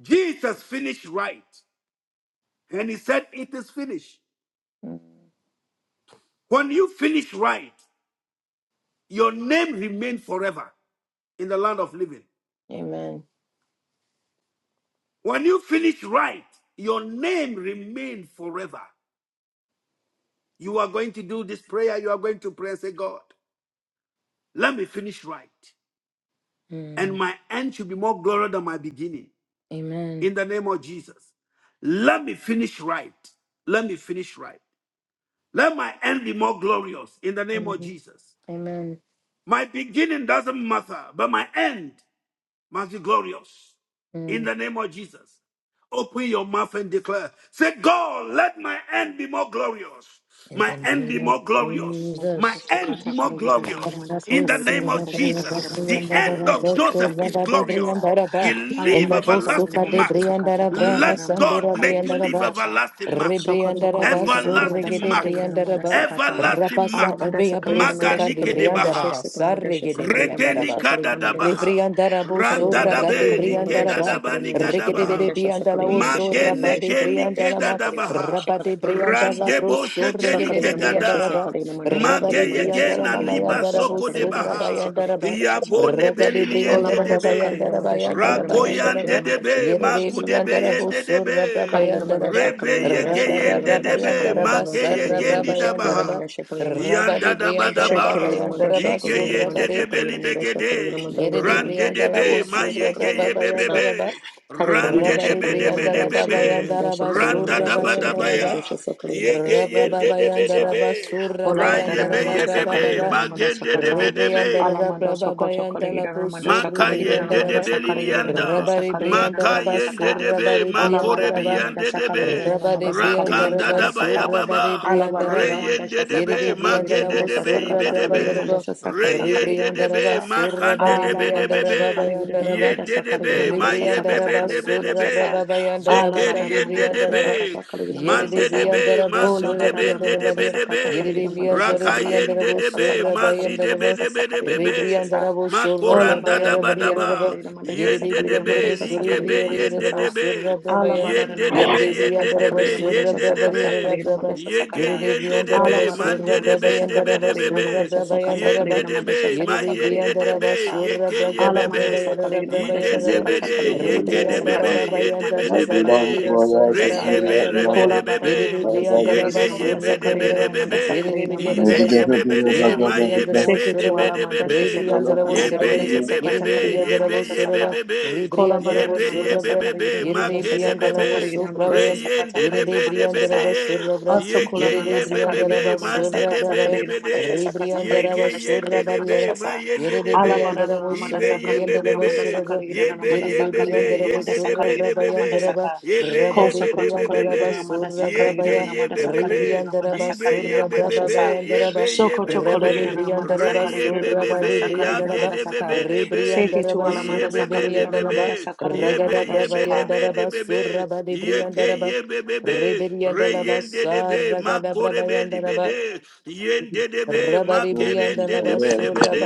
B: Jesus finished right. And he said, It is finished.
C: Mm.
B: When you finish right, your name remains forever in the land of living.
C: Amen.
B: When you finish right, your name remains forever. You are going to do this prayer. You are going to pray and say, God, let me finish right. And
C: Mm.
B: my end should be more glorious than my beginning.
C: Amen.
B: In the name of Jesus. Let me finish right. Let me finish right. Let my end be more glorious in the name of
C: Amen.
B: Jesus.
C: Amen.
B: My beginning doesn't matter, but my end. must be glorious. In
C: Mm.
B: the name of Jesus, open your mouth and declare. Say, God, let my end be more glorious.
C: In
B: My
C: the
B: end
C: name
B: be
C: of
B: more glorious. My
D: Mandasha
C: Jesus.
B: end be
D: sakata
B: more
D: kaligida dana
C: In
B: glorious.
C: the
D: mandasa
B: In the
D: kaligida
B: name
D: dana
B: of
D: mandasa
B: Jesus,
D: kaligida
B: the
D: mandasha
B: end of
D: kalimandasha kata
B: Joseph is
D: kaligida mandasha sa
B: glorious. He
D: ala
B: leave
D: mandashi kaligida
C: Bosuka
B: everlasting
C: de
D: mandasha
B: mark.
D: sakata
C: Briandarabra,
D: kaligida dana
B: Let
D: mandasa
B: God
C: Sandura
B: make
D: kaligida
B: you
D: dana
B: leave
C: Briandaraba,
D: mandasa
B: everlasting mark.
D: sokoto
C: Rebriandaraba,
D: kaligida
C: so
D: dana
B: Everlasting
D: mandasa
C: regede
B: mark.
D: kaligida dana mandasa
C: Briandaraba,
D: kata
B: Everlasting
D: ala
C: rapasa
B: mark.
D: mandasa
C: Evia
D: kaligida
C: Brusuka
D: mandashi
C: de
B: Maganike de
D: kaligida mandasha
C: Briandaraba,
B: Baha.
D: sa kalimandasha sa
C: Sarregede
D: kaligida
B: Rekeni
C: Briandaraba,
D: mandasha kaligida sa.
B: kadadabaha.
C: Rebriandarabo, Sorraga
D: Kaligramandasha,
C: ragade
B: Randadabe
D: Kaligramandasha,
C: Briandaraba,
B: nikedadaba
D: Sakalimadasha,
C: Regede
B: nigadabaha.
C: de
D: Kaligramandasha,
C: Briandalao,
D: Sakalimadasha,
C: Sorraba
B: Magene
C: de
D: Kaligramandasha,
B: keni
D: Kaligramandasha,
C: Briandalama,
B: kedadabaha.
D: Sakalimadasha,
C: Rabba de
D: Kaligramandasha,
C: Briandala
D: Sa-
C: Pro,
B: Randebo shekeni
C: Sorregede de
D: Sakalimadasha,
B: kedada.
C: Briandaraba,
D: Sakalimadasha,
C: rabade de
B: Mageye
D: Kaligramandasha,
B: gena
C: Briandalama,
B: niba
D: Sakalimadasha,
C: Yandarabo,
B: soko
C: Sorraba
D: Sakalimadasha,
B: debaha.
C: Yandaraba,
D: Sakalimadasha,
B: Yabo
D: Sa-
C: Raga
B: nebeli
C: de
B: niende
C: Briandaraba,
D: Olamadasa,
B: debe.
C: Yandaraba,
D: Kaligramandasha,
C: Yandaraba,
B: Rako
D: Kaligramandasha,
B: yande
C: Yandaraba,
D: Chunamadasha,
B: debe.
C: Yere
D: Lamadasha,
B: Magudebe
D: Salamadasha,
C: Briandarabo,
D: Sa.
B: yende debe.
C: Sorraba
D: Kaligramma
C: Yandaraba,
D: dasha
B: Rebe
D: kaligramma
B: yege
D: dasha
C: Ragada
B: yende
D: kaligramma dasha
B: debe.
D: kaligramma
C: Brabayandaraba
B: Make
D: dasha
C: Sarra
B: yege
D: kaligramma dasha kaligramma
B: nidabaha.
C: Brabayandaraba
D: dasha kaligramma
B: Yanda
C: Rabadi
B: da ba da
C: Briandara
B: ba.
D: kaligramma
C: Babayandaraba
B: Ige ye de
D: dasha
B: de
C: Surabari
B: be li
D: kaligramma
B: be ge
D: dasha kaligramma dasha
B: de.
C: Yedidi
B: Ran
D: kaligramma
B: de
D: dasha
B: de
C: Briandalabu
B: be.
D: kaligramma
B: Ma
C: Surra
D: dasha
B: ye ge
D: kaligramma
B: ye be
D: dasha
B: be
D: sa
C: Brabayandaraba
B: be. Ran
D: kaligramma
B: de de
D: dasha
C: rabari
B: be de be
D: kaligramma
B: de be
D: dasha
B: be.
D: kaligramma dasha
B: Ran
D: kaligramma
B: da da
D: dasha
B: ba
D: sa
B: da ba
D: kaligramma
C: Ragadabrabayandarabasarabrabayandaraba.
B: ya.
D: dasha
B: Ye
D: kaligramma
B: ge
D: dasha
B: ye de
D: kaligramma
B: de
D: dasha
B: be de
D: sa
C: Rabadibriandarababayandaraba
B: be.
D: Ola
C: surrabari.
B: Ra ye
D: badana
B: be
D: namada
B: ye
C: Yedidibriandalabo
B: be
D: sakala
B: be.
D: gida
C: surrabrababayandaraba.
B: Ma
D: namada
B: ge de
C: Rabadibriandalababayandaraba surrabayandaraba. Rabrababayandaraba
B: de
C: surrabayandarabrabababa.
B: be
D: sakata.
B: de be.
D: Alamanda sokoto kala gida
C: Ribriandarabrababayandalabu
D: namada sakala gida
B: Makayen de de
D: namada
C: surribriandaraba.
D: sakala gida namada
B: belilianda,
D: sakala gida
C: Rabaribriandaraba
D: namada
B: Makayen de
D: saka.
B: de be,
D: Ola badana
C: surrabaribriandaraba.
B: Makorebian
D: namada
B: de de
D: sakala gida
B: be,
D: namada
C: Rabade
D: sakala gida
B: Rakanda
C: Briandaraba,
B: da baya
C: Surabade
B: baba,
D: Ala badana
C: Briandaraba,
D: namada
B: Reyen de de
C: Yeri
B: be,
D: sakata kala gida
B: Mage de
C: Briandalavo,
B: de be, Ibe
D: sakata
B: de
D: kala
C: Surababa
D: gida
B: be,
C: Yerba,
D: sakata kala
B: Reyen
D: gida
B: de
D: namada
B: de be,
C: Ribriandaraba,
B: Makan de
C: Surabade
B: de
D: Ala
B: be de be
D: badashi
C: Briandaraba
B: be,
D: kala gida
C: Bayandaraba,
D: namada
B: Yen de de
D: sakala gida
B: be,
D: namada
B: Maye be
D: sakata
C: Ribriandaraba,
D: kala
B: de
D: gida
B: be
D: namada
B: de be,
C: Surabraba
D: Ala
C: Bayandaraba,
D: badana
C: Kadi
B: Zekerien de
D: namada
B: de
C: Briandaraba,
B: be,
D: sakata kala gida
C: Yeri
D: namada
B: Man de de be,
C: Briandarabo,
D: Ola
B: mazu de be
D: badara
B: de de
D: madasha
B: be
C: Surabriandaraba,
B: de
D: sakata
C: Yeri
B: be,
D: kaligra madasha
C: Brianzore
D: sakaligra
B: rakayen de
C: Briandarabo,
B: de
D: madasha
B: be,
D: sakata
B: mazi
D: kaligra
B: de be
C: Surabayandaraba,
D: madasha
B: de be de be
D: sakaligra madasha
B: be,
D: sa.
C: Ribriandarabo,
D: Ola
C: Surabraba
B: Makoranda
D: badara
B: da
D: gana
C: Yerba,
D: madasha
B: badaba,
D: kaligra madasha
C: Yeri
B: yende de
D: sakaligra
B: be,
C: Briandarabo,
D: madasha
B: rigebe
D: sakaligra madasha
B: yende
C: Suribriandarabo,
B: de
D: sa.
B: be,
D: Ala
C: Surabraba
D: badara
B: yende
D: gana
B: de
C: Yere
D: madasha
B: yende
D: sakata
B: de
C: devriyandara
D: kaligra
C: basurra
D: madasha
B: yende de
C: braba
D: sakata
C: yere
D: kaligra
C: braba.
D: madasha
B: yege
C: Yere
D: sakata.
B: yende de
C: devriyandara
D: Ala badara gana
B: mande
C: basurra
B: de
C: braba
B: be,
D: madasha
B: de
C: yandara
D: sakata kaligra
C: basurra
D: madasha
C: braba
D: sakata
C: yandara
B: yende
C: ba.
D: kaligra
B: de
D: madasha
B: ma
C: Yere
D: sakata
B: yende
D: kaligra
B: de
C: devriyandara
D: madasha sa.
C: basurra
B: yeke ye
D: Ala
C: bragara braba
D: mandasa
C: yere
D: kaligra
C: braba
D: madasha
C: yere ba.
D: sakata
B: Indendebede,
D: kaligra madasha
C: Ribriyandara
B: yekedebebe,
D: sakata
C: baba
D: kaligra madasha
C: yandara ga
B: yendebedebede,
D: sakata kaligra madasha
C: devriyasundara
D: sa.
C: ba
B: reyebe,
C: yandara ba.
D: Kola
B: rebedebebe,
C: Yere
D: badadana madasa
C: devriyandara
D: kaligidana
C: basurra
D: madasa
C: braba yere ba.
D: kaligidana
B: yekeyebedebedebebe,
D: madasa
C: Yere
D: kaligidana
C: devriyandara
B: ibe
D: madasa kaligidana
C: basam.
D: madasa
B: yebebede,
C: Yere
D: sa.
C: devriyandara
D: Seke
C: basurra ba.
D: tuala
B: mayebebedebedebebe,
D: madasha sekata
C: Ribriyandara
D: kaligidana
C: basurra
B: yebe
C: ba.
D: madasha
C: Yere
D: sekata
B: yebebebe,
D: kaligidana
C: devriyandara
B: yebe
D: madasha
C: basurra
D: saka.
C: ba.
B: yebebebe,
D: Kola
C: Ribriyandara
B: yebe
D: badadana madasa
C: basurra
B: yebebebe,
D: kaligidana
C: Yere
D: madasha sekata
C: Briandala was
B: makedebebe,
C: so
D: kaligidana madasha
C: bravayam.
B: Reyende
D: sekata
B: de
D: kaligidana
C: Yerede
B: be de
D: madasha
B: be
C: Briandala
B: de
D: sa.
C: was
B: ye.
C: surabra.
D: Also
B: Yenge
D: kola
C: Yerede
B: ye
D: madasa
B: be be
C: Briandala
B: be.
D: kaligidana
C: was
D: madasa
B: Mande de
D: kata
B: be de
C: surabravaya.
D: kaligidana
B: be
D: madasha
B: de.
D: sekata
C: Rebriandala
D: kaligidana
C: was
B: Yenge
D: madasha
B: yende
D: kaligidana
B: de be.
C: surabariera.
D: madasha
B: Ma
D: sa.
B: yende de
C: Yerede
D: Ala
B: be.
C: Briandala
D: badadana
C: was
B: Ibe
D: madasa
B: ye be
C: surabriandala
B: be
D: kaligidana
C: was
D: madasa
C: surabra.
B: Ye
D: kaligidana
B: be ye
D: madasa
C: Yerede
B: be be.
D: kaligidana
C: briandara was
B: Yende
D: madasa
B: de be de
D: kaligidana
B: be be.
D: madasa
C: surabrabayandaraba.
D: ka.
B: Ye be
C: Rabba
B: ye
C: de
D: Koso
B: be de
D: koto
B: be be
D: kole
C: Briandala
D: gira
B: be.
C: was
D: namada sakale gira
B: Yenge
C: surabrabaya.
B: ye
D: namada
B: be be
D: sakale gira
B: be.
C: Rebriandala
D: namada
C: was
D: sakale
B: Ibe
D: gira
B: ye be
D: namada
B: be
D: shasa.
B: Ye be
C: surabrabayandaraba.
B: ye
D: Soko
B: be
D: to
B: be
D: kole
C: Rabba de
D: gira namada
C: Briandala
B: Re
D: sakale
C: was
B: ye
D: gira
B: be be
D: namada
C: surabadi
B: be.
D: sakale gira
B: Yage
C: Briandala.
D: namada
B: de be
D: saka.
B: be de be.
D: Seke
C: Rebriandala
D: tu
C: was
D: ala mada
B: Iye be
D: sakale
B: be de
D: gira
B: be be
C: surabriandala.
D: namada
B: debe,
D: sakale gira
B: yebe
C: Ragada
D: namada
B: yebe
D: shika.
B: debe
C: Brabayandaraba
B: debe be,
C: Suraba
B: yeke
C: Libriandaraba
B: yebe bebe,
C: Ribiriandalaba
B: reyende debe,
C: Saragada
B: makore be libe
C: Brabayandaraba
B: de, yende debe,
C: Rabari
B: makerende
C: Briandalaba
B: debe debe de,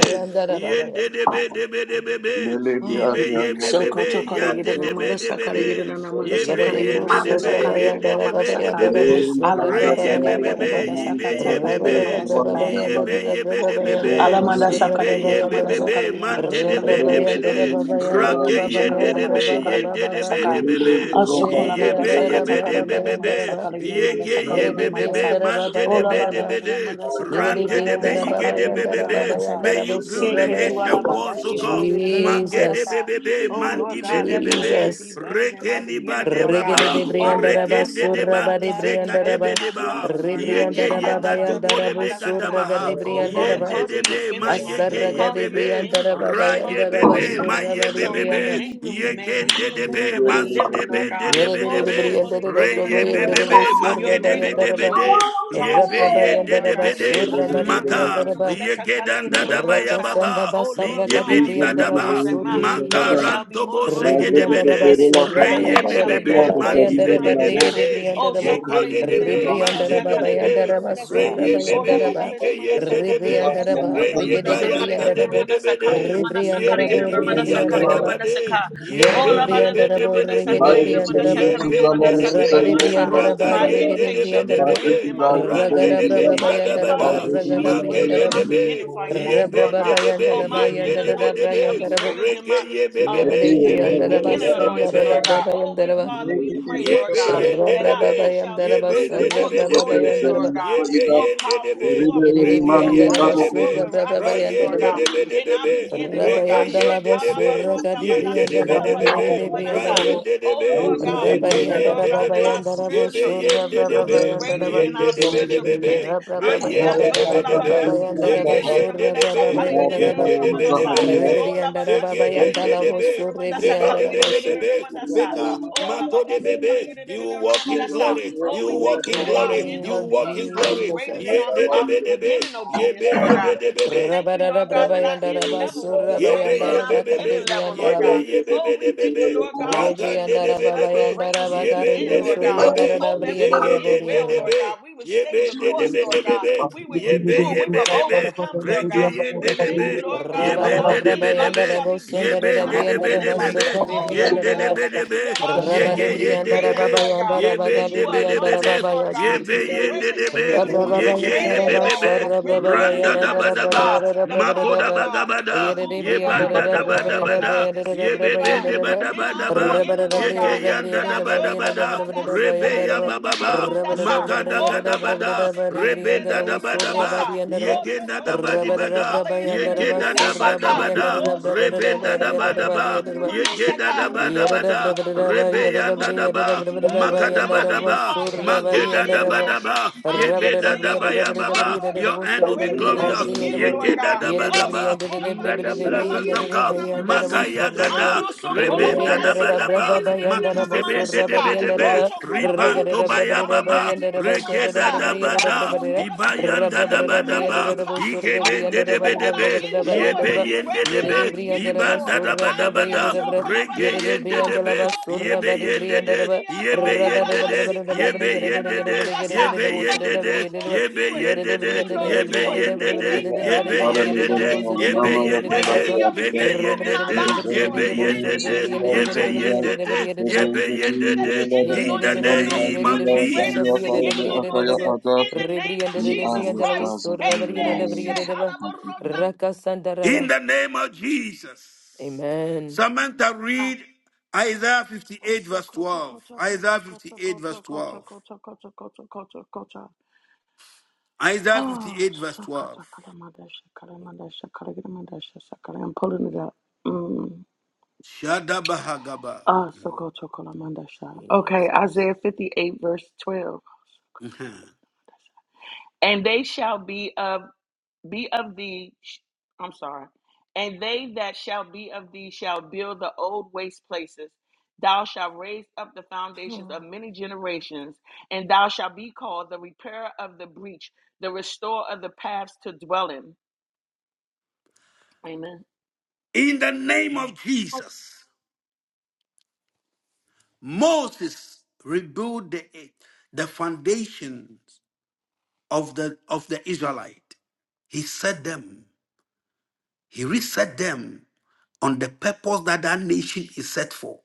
B: yende debe debe debe be,
C: Ah
B: ibe yebe
D: Soko
B: bebe,
D: to kole gira
B: yande debe
D: namada
B: debe
D: sakale
B: de,
D: gira namada
B: yebe
D: sakale gira
C: Yaradebro
B: yende
D: namada
B: debe,
D: sakale gira
B: yende
C: Surabayandaraba
B: debe
D: namada
B: debe
D: ka,
B: be,
C: Bayandarabo
D: Ala mada
B: reyebe
D: sakale gira na
B: bebe,
C: Surababayandaraba
D: madasa
B: ibe
D: ka, saka
B: yebe
D: sakale gira
B: be,
C: Rabara
D: namada ka.
B: yebe
C: Brabayandaraba
B: yebe debe
E: Thank
B: be,
C: Brabayandarabo
D: Alamanda Sakaragina
B: ibe de
D: Namanda
B: be be
C: Surabayandaraba
B: be
D: Sakaragina
B: man
D: Mada
B: de de be
D: Shakaragina
B: de
D: Mada
B: be
D: Shakaragina
B: de
C: Rabrabayandaraba
D: Mada Sakaragina
B: rake
C: Bayandaraba
D: Mada
B: yende
D: Shakaragina
B: de
D: Mada
B: be
C: Bayandaraba Baba
D: Shakaragina
B: yende
D: Mada
B: de
C: Baba
B: be de
D: Saka
B: be be
C: Yere
D: Asukola
B: ye
D: Mada
B: be ye
C: Briandaraba
D: Sakata
B: be de be
D: Karagina
B: be be
D: Namanda
C: Brabayandaraba
D: Sakaragina
B: ye
D: Mada
B: ge ye be
D: Sakaragina
C: Yeridi
B: be
D: Mada
B: be
D: Sa
C: Briandara
B: man
C: Baba
B: de de
D: Ola
B: be de
D: Bada
C: Yandaraba.
B: be de
D: Namanda
B: ran
C: Yeridi
D: Sikaragina
B: de de be
D: Namanda
C: Briandara
B: ye ge
C: Baba
B: de be
D: Sakaragina
B: be
C: Yandara Baba
B: be
D: Namanda Sa
B: may
C: Yandara
B: you build the
D: Seke to
C: Bosurabaya.
B: Asian
D: Alabada
B: walls oh God
D: Shikaragina
B: man ge
D: Namanda
B: de
D: Sa
C: Jesus,
B: be be be
D: Oh
B: man
D: Lord
B: di be
D: God,
B: de
D: let
B: be
D: my
B: be
D: end be
C: Jesus.
D: better than my
B: reke ni ba
D: beginning,
B: de
D: Lord God.
C: Regede
B: baba
C: de
D: Oh, let
B: reke
C: Briandaraba
D: my
B: de de
D: former, my
B: ban
C: Suraba
B: tu
C: de
D: latter be
B: zeka de
D: better than
B: be
C: Briandaraba.
B: de
D: my
B: ba
D: former, Lord
B: ye
D: God.
B: ge
D: Shit,
C: Rebriandara
B: ye
C: Baba
B: ga du bo
C: Yandara
B: de be debe
D: kalabadadadamadasaka.
C: Bosuraga
B: gadabaha.
C: de
D: Oh, Father,
C: Briandaraba.
B: Yende
D: cause me to
B: debe ma
D: finish right.
B: yege
E: you.
B: ye
C: Asaraga
D: Cause
C: de
D: me to
B: bebe.
D: end
C: Briandara
D: right.
C: Baba
B: Ra ye
D: Cause me to
C: Yandaraba
D: live
B: bebe ma
D: right.
C: Suraba
B: ye
C: de
D: So my
C: Brianda.
B: bebebe.
D: name will remain in
B: Yegende
D: the
E: Thank
D: land
B: debe
D: of the
B: masu
D: living, Lord
B: debe de
D: God.
B: debe
C: Yeridi
D: Oh,
C: de
D: so
B: debe.
C: Briandara
B: Re
C: Baba
B: ye
C: Yandara
D: kalagadadadamadasa.
B: bebebe ma
D: your
B: ge
C: Bosuraba
D: great
B: debe
D: works
B: debe
C: Yandaraba.
D: will be.
B: de. Ye
D: Talk to my
B: be
C: Ratraba
D: name,
B: yende
D: Lord
C: Yandaraba
D: God.
B: debe de.
D: Shekala
C: Suraba de
B: Maga
C: Briandaraba.
D: yadadadadadadama,
B: ye
D: that's a kala
B: gedan dadaba
D: yadadadadama
B: ya
D: sa.
C: Rakasanda
B: baba.
D: Oh,
B: Mi
D: Lord
C: basaraka
D: God,
B: debe
D: I
B: di
D: thank
C: debrianda
D: you,
C: la
D: Lord,
B: badaba.
D: that
C: vosso
D: my end
C: Jesus.
D: shall be
B: Makaranto
D: more
B: bo se
D: glorious
B: ge
D: than my
B: debe
C: Rebrianda la
B: de.
D: beginning.
C: basura
B: Re
D: My
B: ye
D: end
C: bayanda
D: shall
C: la
D: be
B: bebebe
D: more
C: brava
B: ma
D: glorious
B: ki
C: bayanda
D: than
B: be
C: la
D: my
B: de
C: barriga
B: debe
D: beginning. Oh,
C: debrianda la ba.
D: so
B: de
D: kala
B: de de be,
D: yadadadadadama,
C: Rebrianda
D: that's
C: la
B: manse
D: a
B: de
D: kala
B: de
C: babayanda
B: be,
C: la
D: yadadadadama, that's
B: re
D: a-
C: basura
D: Oh,
C: bayanda
D: la
C: la
D: ba da
C: ba.
D: da da
B: dike
D: ma da
B: ye
D: sa
B: de
D: kala
B: de
D: yadadama,
B: be,
C: Rebrianda
D: that's
C: la
D: a
C: ba
D: kala
C: riga
D: yadadama,
C: de
D: that's a kala
B: kayanda
C: debrianda
B: de
C: la
B: be
D: yadadadama,
C: bo.
B: de
D: that's a kala yadadama, that's a
B: ye
C: Rebrianda
D: kala
C: la
B: de
C: bo
B: di di
D: yadadadama, that's a
C: rebrianda
D: kala
C: la
D: yadadama,
E: you.
C: ba.
D: that's a ka.
B: ye
C: Yere
D: Oh,
B: be
D: la ba
B: ye
D: da
C: debrianda
D: da
B: be
D: da
C: la
B: de
D: da
C: bo
D: ma
B: be
D: da sa
B: be
E: Thank
C: riga
D: kala yadadama,
C: debrianda
D: that's
C: la
D: a
C: ba.
B: ye
D: kala
B: be
D: yadadama,
B: de
D: that's
B: de
D: a kala
C: Rabba
D: yadadama, sa.
C: debrianda la ba
B: raga
D: My
B: ye
C: riga
D: end
B: de
D: faith
B: de be
D: shall
C: debrianda
D: be
C: la
B: be
C: bo.
D: greater
E: you.
D: than my
B: ran
D: beginning
B: de
C: Ragada
D: faith.
B: de
C: brava
B: di
D: My
B: bada
D: end
C: bayanda la ba
B: bada,
D: finances shall
C: ragada
D: be
B: mage
D: greater
C: brianda
D: than
B: de
C: raba.
D: my
B: de
D: beginning
C: Rabba
B: ye
D: finances,
B: be
D: Lord
B: de
D: God.
B: de
D: Oh, my
B: ye de
D: end
B: de be de
D: anointing shall be greater than my
B: ye be be
D: um
B: ye be de de
D: beginning
B: be
D: anointing, Lord
B: be.
D: God. Oh, we Father, we pray, Lord
B: Yebe
D: God,
B: yende
D: that our
B: debe,
D: end shall be
B: yebe
E: Thank
D: greater, more
B: debe debe be,
D: glorious, Lord God,
B: yebe
D: more
B: yende debe,
D: powerful, more holy,
B: rege
D: more
B: yende
D: righteous,
B: debe,
D: more
B: ra
D: miraculous, Lord
B: yende
D: God.
B: debe
D: than
B: debe
D: our
B: be,
D: beginning, Lord
B: rege
D: God.
B: yende debe, yende debe debe be, ra
D: Shekalabarotabadasikalabadadadamanasa.
B: yende
D: Oh
B: debe,
D: Lord God, we
B: zeke
D: thank you, Lord
B: yende
D: God, that our
B: debe, Yebe
D: spiritual end
B: yende
D: will be
B: debe,
D: greater than
B: yende
D: our
B: debe
D: spiritual
B: debe be,
D: beginning.
B: re yende debe debe, zege yende
D: Andiatokolabadatsikalaidadadadamanasa,
B: debe, yende debe
D: kalaidadadadamanasa.
B: debe debe,
D: Oh, Labadasi
B: zege
D: color you
B: dende
D: did it in
B: debe,
C: Rebriandarababayandalabosu,
D: Ramadasa,
B: zebe
D: color you
B: debe
D: did it in
B: debe
C: rebriandarabosu.
B: be.
D: Ramadasa.
B: Peka,
D: Oh,
B: mago debe
D: Labadasi color
B: be,
D: you
E: you.
D: did it
B: you
D: in
B: walk
E: Thank
B: in
D: Ramadasa.
B: glory,
D: Oh,
B: you
D: we thank
B: walk
D: you
B: in
C: In
D: that
C: the
D: our
B: glory,
D: end
C: name
B: you
C: of
B: walk
D: obedience
B: in
D: will be
B: glory,
D: greater than
C: Jesus.
D: our,
B: yende
D: our
B: debe debe,
D: beginning obedience,
B: yebe
D: Lord God.
B: yebe debe
D: We
B: be.
D: thank you, Lord God, that our end level will be
B: Yebe
D: greater than our
B: yebe
D: beginning
B: bebe,
D: level, Lord
B: yebe
D: God.
C: Rabararabrabayandarabasu,
B: yebe
D: Oh,
B: bebe
D: we thank
B: bebe,
D: you, Lord
C: rabayandarabakadebriandalaba.
D: God, that you're
B: ragande de bebe
D: increasing us for
B: bebe,
D: greatness in the
B: yebe
D: end,
B: de de
D: Lord
B: bebe
D: God.
B: bebe,
D: Oh, that we would
B: zege de
D: end
B: de
D: well,
B: de
D: Lord
C: Rebriandarababayandarabakaribrosuriyandarabriyandaraboriyandaraba.
B: bebe,
D: God. We would stay the
B: yebe de de
D: course, Lord
B: bebe
D: God.
B: bebe,
D: We would
B: yebe
D: endure. We
B: yebe
D: will
B: bebe,
D: overcome, Lord
B: rege
D: God. We
B: yende de
D: thank you,
B: bebe,
D: Lord God,
B: yebe
D: that our
B: de de
D: end
B: bebe
D: light
B: bebe,
D: shall be greater
B: yebe
D: than
B: de
D: our
B: de bebe
D: beginning light.
B: bebe,
D: Oh, Lord
B: yende de
D: God,
C: Rabararabrabayandarabosundararabriyandarabasokaribriyandaraba.
D: we
B: bebe
D: thank you
B: bebe,
D: that our
B: yege
D: shine will be
B: yende de
D: greater.
B: bebe.
D: Lord God,
B: Ye be
D: that you
B: de
D: will
B: be de be
D: anoint us.
B: de.
D: Lord
C: Rabadebriandarababayandarabakaribri-
B: Ye
D: God,
B: be
C: Jesus.
D: the
B: ye de
D: greater
B: de
D: is
C: Rabba
D: the
B: be.
C: Yada
B: Ye
D: anointing.
B: ke
D: Greater
B: ye
D: is
B: be be
D: our
B: be.
D: faith. Greatest is the
B: Randa da ba
D: presence
B: da
D: of God.
B: ba.
D: The
B: Mako
D: power
B: da
D: of
B: ba da
D: God.
B: ba
D: The
B: da.
E: you.
D: move of
B: Ye
D: God.
B: banda da
D: The
B: ba
D: word
B: da
D: of
B: ba da.
D: God. The
B: Ye
D: spirit
B: be
D: of
B: be
D: God.
B: de ba da
D: Then
B: ba da
D: our
B: ba.
D: beginning, Lord God.
B: Yege yanda
D: India
B: da ba
D: to
B: da ba da,
D: kolabadasi
B: rebe ya
D: kalayida
B: ba ba ba,
D: namandasa.
B: maga da
D: Oh,
B: ga da ba da,
D: labadasi kalayida
B: rebe da da ba da ba,
D: namandasa. Oh,
B: yege da da
D: Tokola
B: ba di ba
D: Mandasi,
B: da,
D: Kala
B: yege da da ba da
D: Yedidididamandasaka.
B: ba da,
D: Oh, so
B: rebe da da
D: mandasi
B: ba
D: kala
B: da
D: yada da
B: daba, yegeda
D: manasaka.
B: daba
D: Oh,
B: daba
C: da ba
B: da,
C: da ba
D: chokola
C: da ba,
D: badasa.
C: yada da ba
B: rebeyanda
C: da
D: Oh, we
C: yada da
B: daba,
C: ba
D: thank you,
C: da ba
D: Lord
C: da ba,
D: God, that
C: yanda
B: magadaba
D: our
B: daba,
C: da
D: in
C: ba
B: daba
D: fire,
C: surra ba da
D: our
B: mageda
C: yanda
D: in
C: da
B: daba
C: ba.
D: passion,
B: daba,
C: Yere
D: our in
B: yebeda daba
D: zeal.
B: ya
D: Oh,
B: baba.
D: Lord God,
B: Your
D: we
B: end
D: be
B: will be
D: greater than our
B: glorious.
D: beginning, Lord
B: Yegeda
D: God.
B: daba
C: de
D: Oh, so
B: daba.
C: brianda
B: Let the
D: kolabadishi, kala
B: blessings
D: yada
B: of
D: da
B: God, magaya gada,
D: Ando so
B: rebenda
C: la
D: kolabadasi,
B: daba
D: kala
B: daba,
C: basura,
D: yada da
B: makise bende
D: manasika.
B: debe
D: Oh,
B: debe,
D: chokola
B: ribanto
D: badadishi
B: baya
D: kala yada da
B: baba,
D: manasa.
B: regeda daba
D: Oh,
B: da,
D: chokola badadishi kala yada da
B: ibayanda daba
D: manasika.
B: daba,
D: Oh, we
B: Yegebende de
D: thank you that
B: bedebe,
D: I enjoy
B: yebe
D: will be greater
B: de
D: than our
B: be,
D: beginning joy.
B: ibanda da bada
D: Andia
B: bada, rege
E: Thank
D: tokolabadasika.
E: you.
B: de be, yebe
C: bari brianda la
B: de, yebe
C: Amen.
B: de, yebe de, yebe
D: Oh, do
B: de,
D: it, Lord, do
B: yebe
D: it, do
B: de,
E: Thank
D: it, Lord, do
B: yebe
D: it. We
B: de,
D: thank you, Lord
B: yebe
D: God, that your
B: de,
D: end move will be
B: yebe
D: be greater
B: de,
D: than your
B: mebe
D: beginning move in our
B: de,
D: lives, Lord.
B: yebe de, yebe de,
D: Oh, we
B: yebe
D: thank you that
B: de,
D: the end
B: in the
D: anointing on us
B: name
D: will
B: of
D: be greater
B: Jesus.
D: than the beginning anointing. In the name of Jesus Christ, amen.
B: In the name of Jesus. Samantha, read Isaiah 58,
D: Kocha,
B: verse
D: kocha,
B: 12.
D: kocha, kocha,
B: Isaiah
D: kocha,
B: 58, verse
D: kocha, kocha,
B: 12.
D: kocha, kocha, kocha, kocha, kocha.
B: Isaiah
D: Oh,
B: 58, verse 12.
D: shakata, kalamadasha, kalamadasha, kalamadasha, sakala. I'm pulling it up. Mm.
B: Shadabahagaba. (laughs)
D: Ah, sokoto, kalamandasha. Okay,
C: Jesus.
D: Isaiah 58, verse 12.
B: Mhm.
D: And they shall be of be of thee, sh- I'm sorry, and they that shall be of thee shall build the old waste places. Thou shalt raise up the foundations
C: Oh,
D: of many generations, and thou shalt be called the repairer of the breach, the restorer of the paths to dwell in. Amen.
B: In the name of Jesus, Moses rebuilt the, the foundations of the, of the Israelite. He set them, he reset them on the purpose that that nation is set for.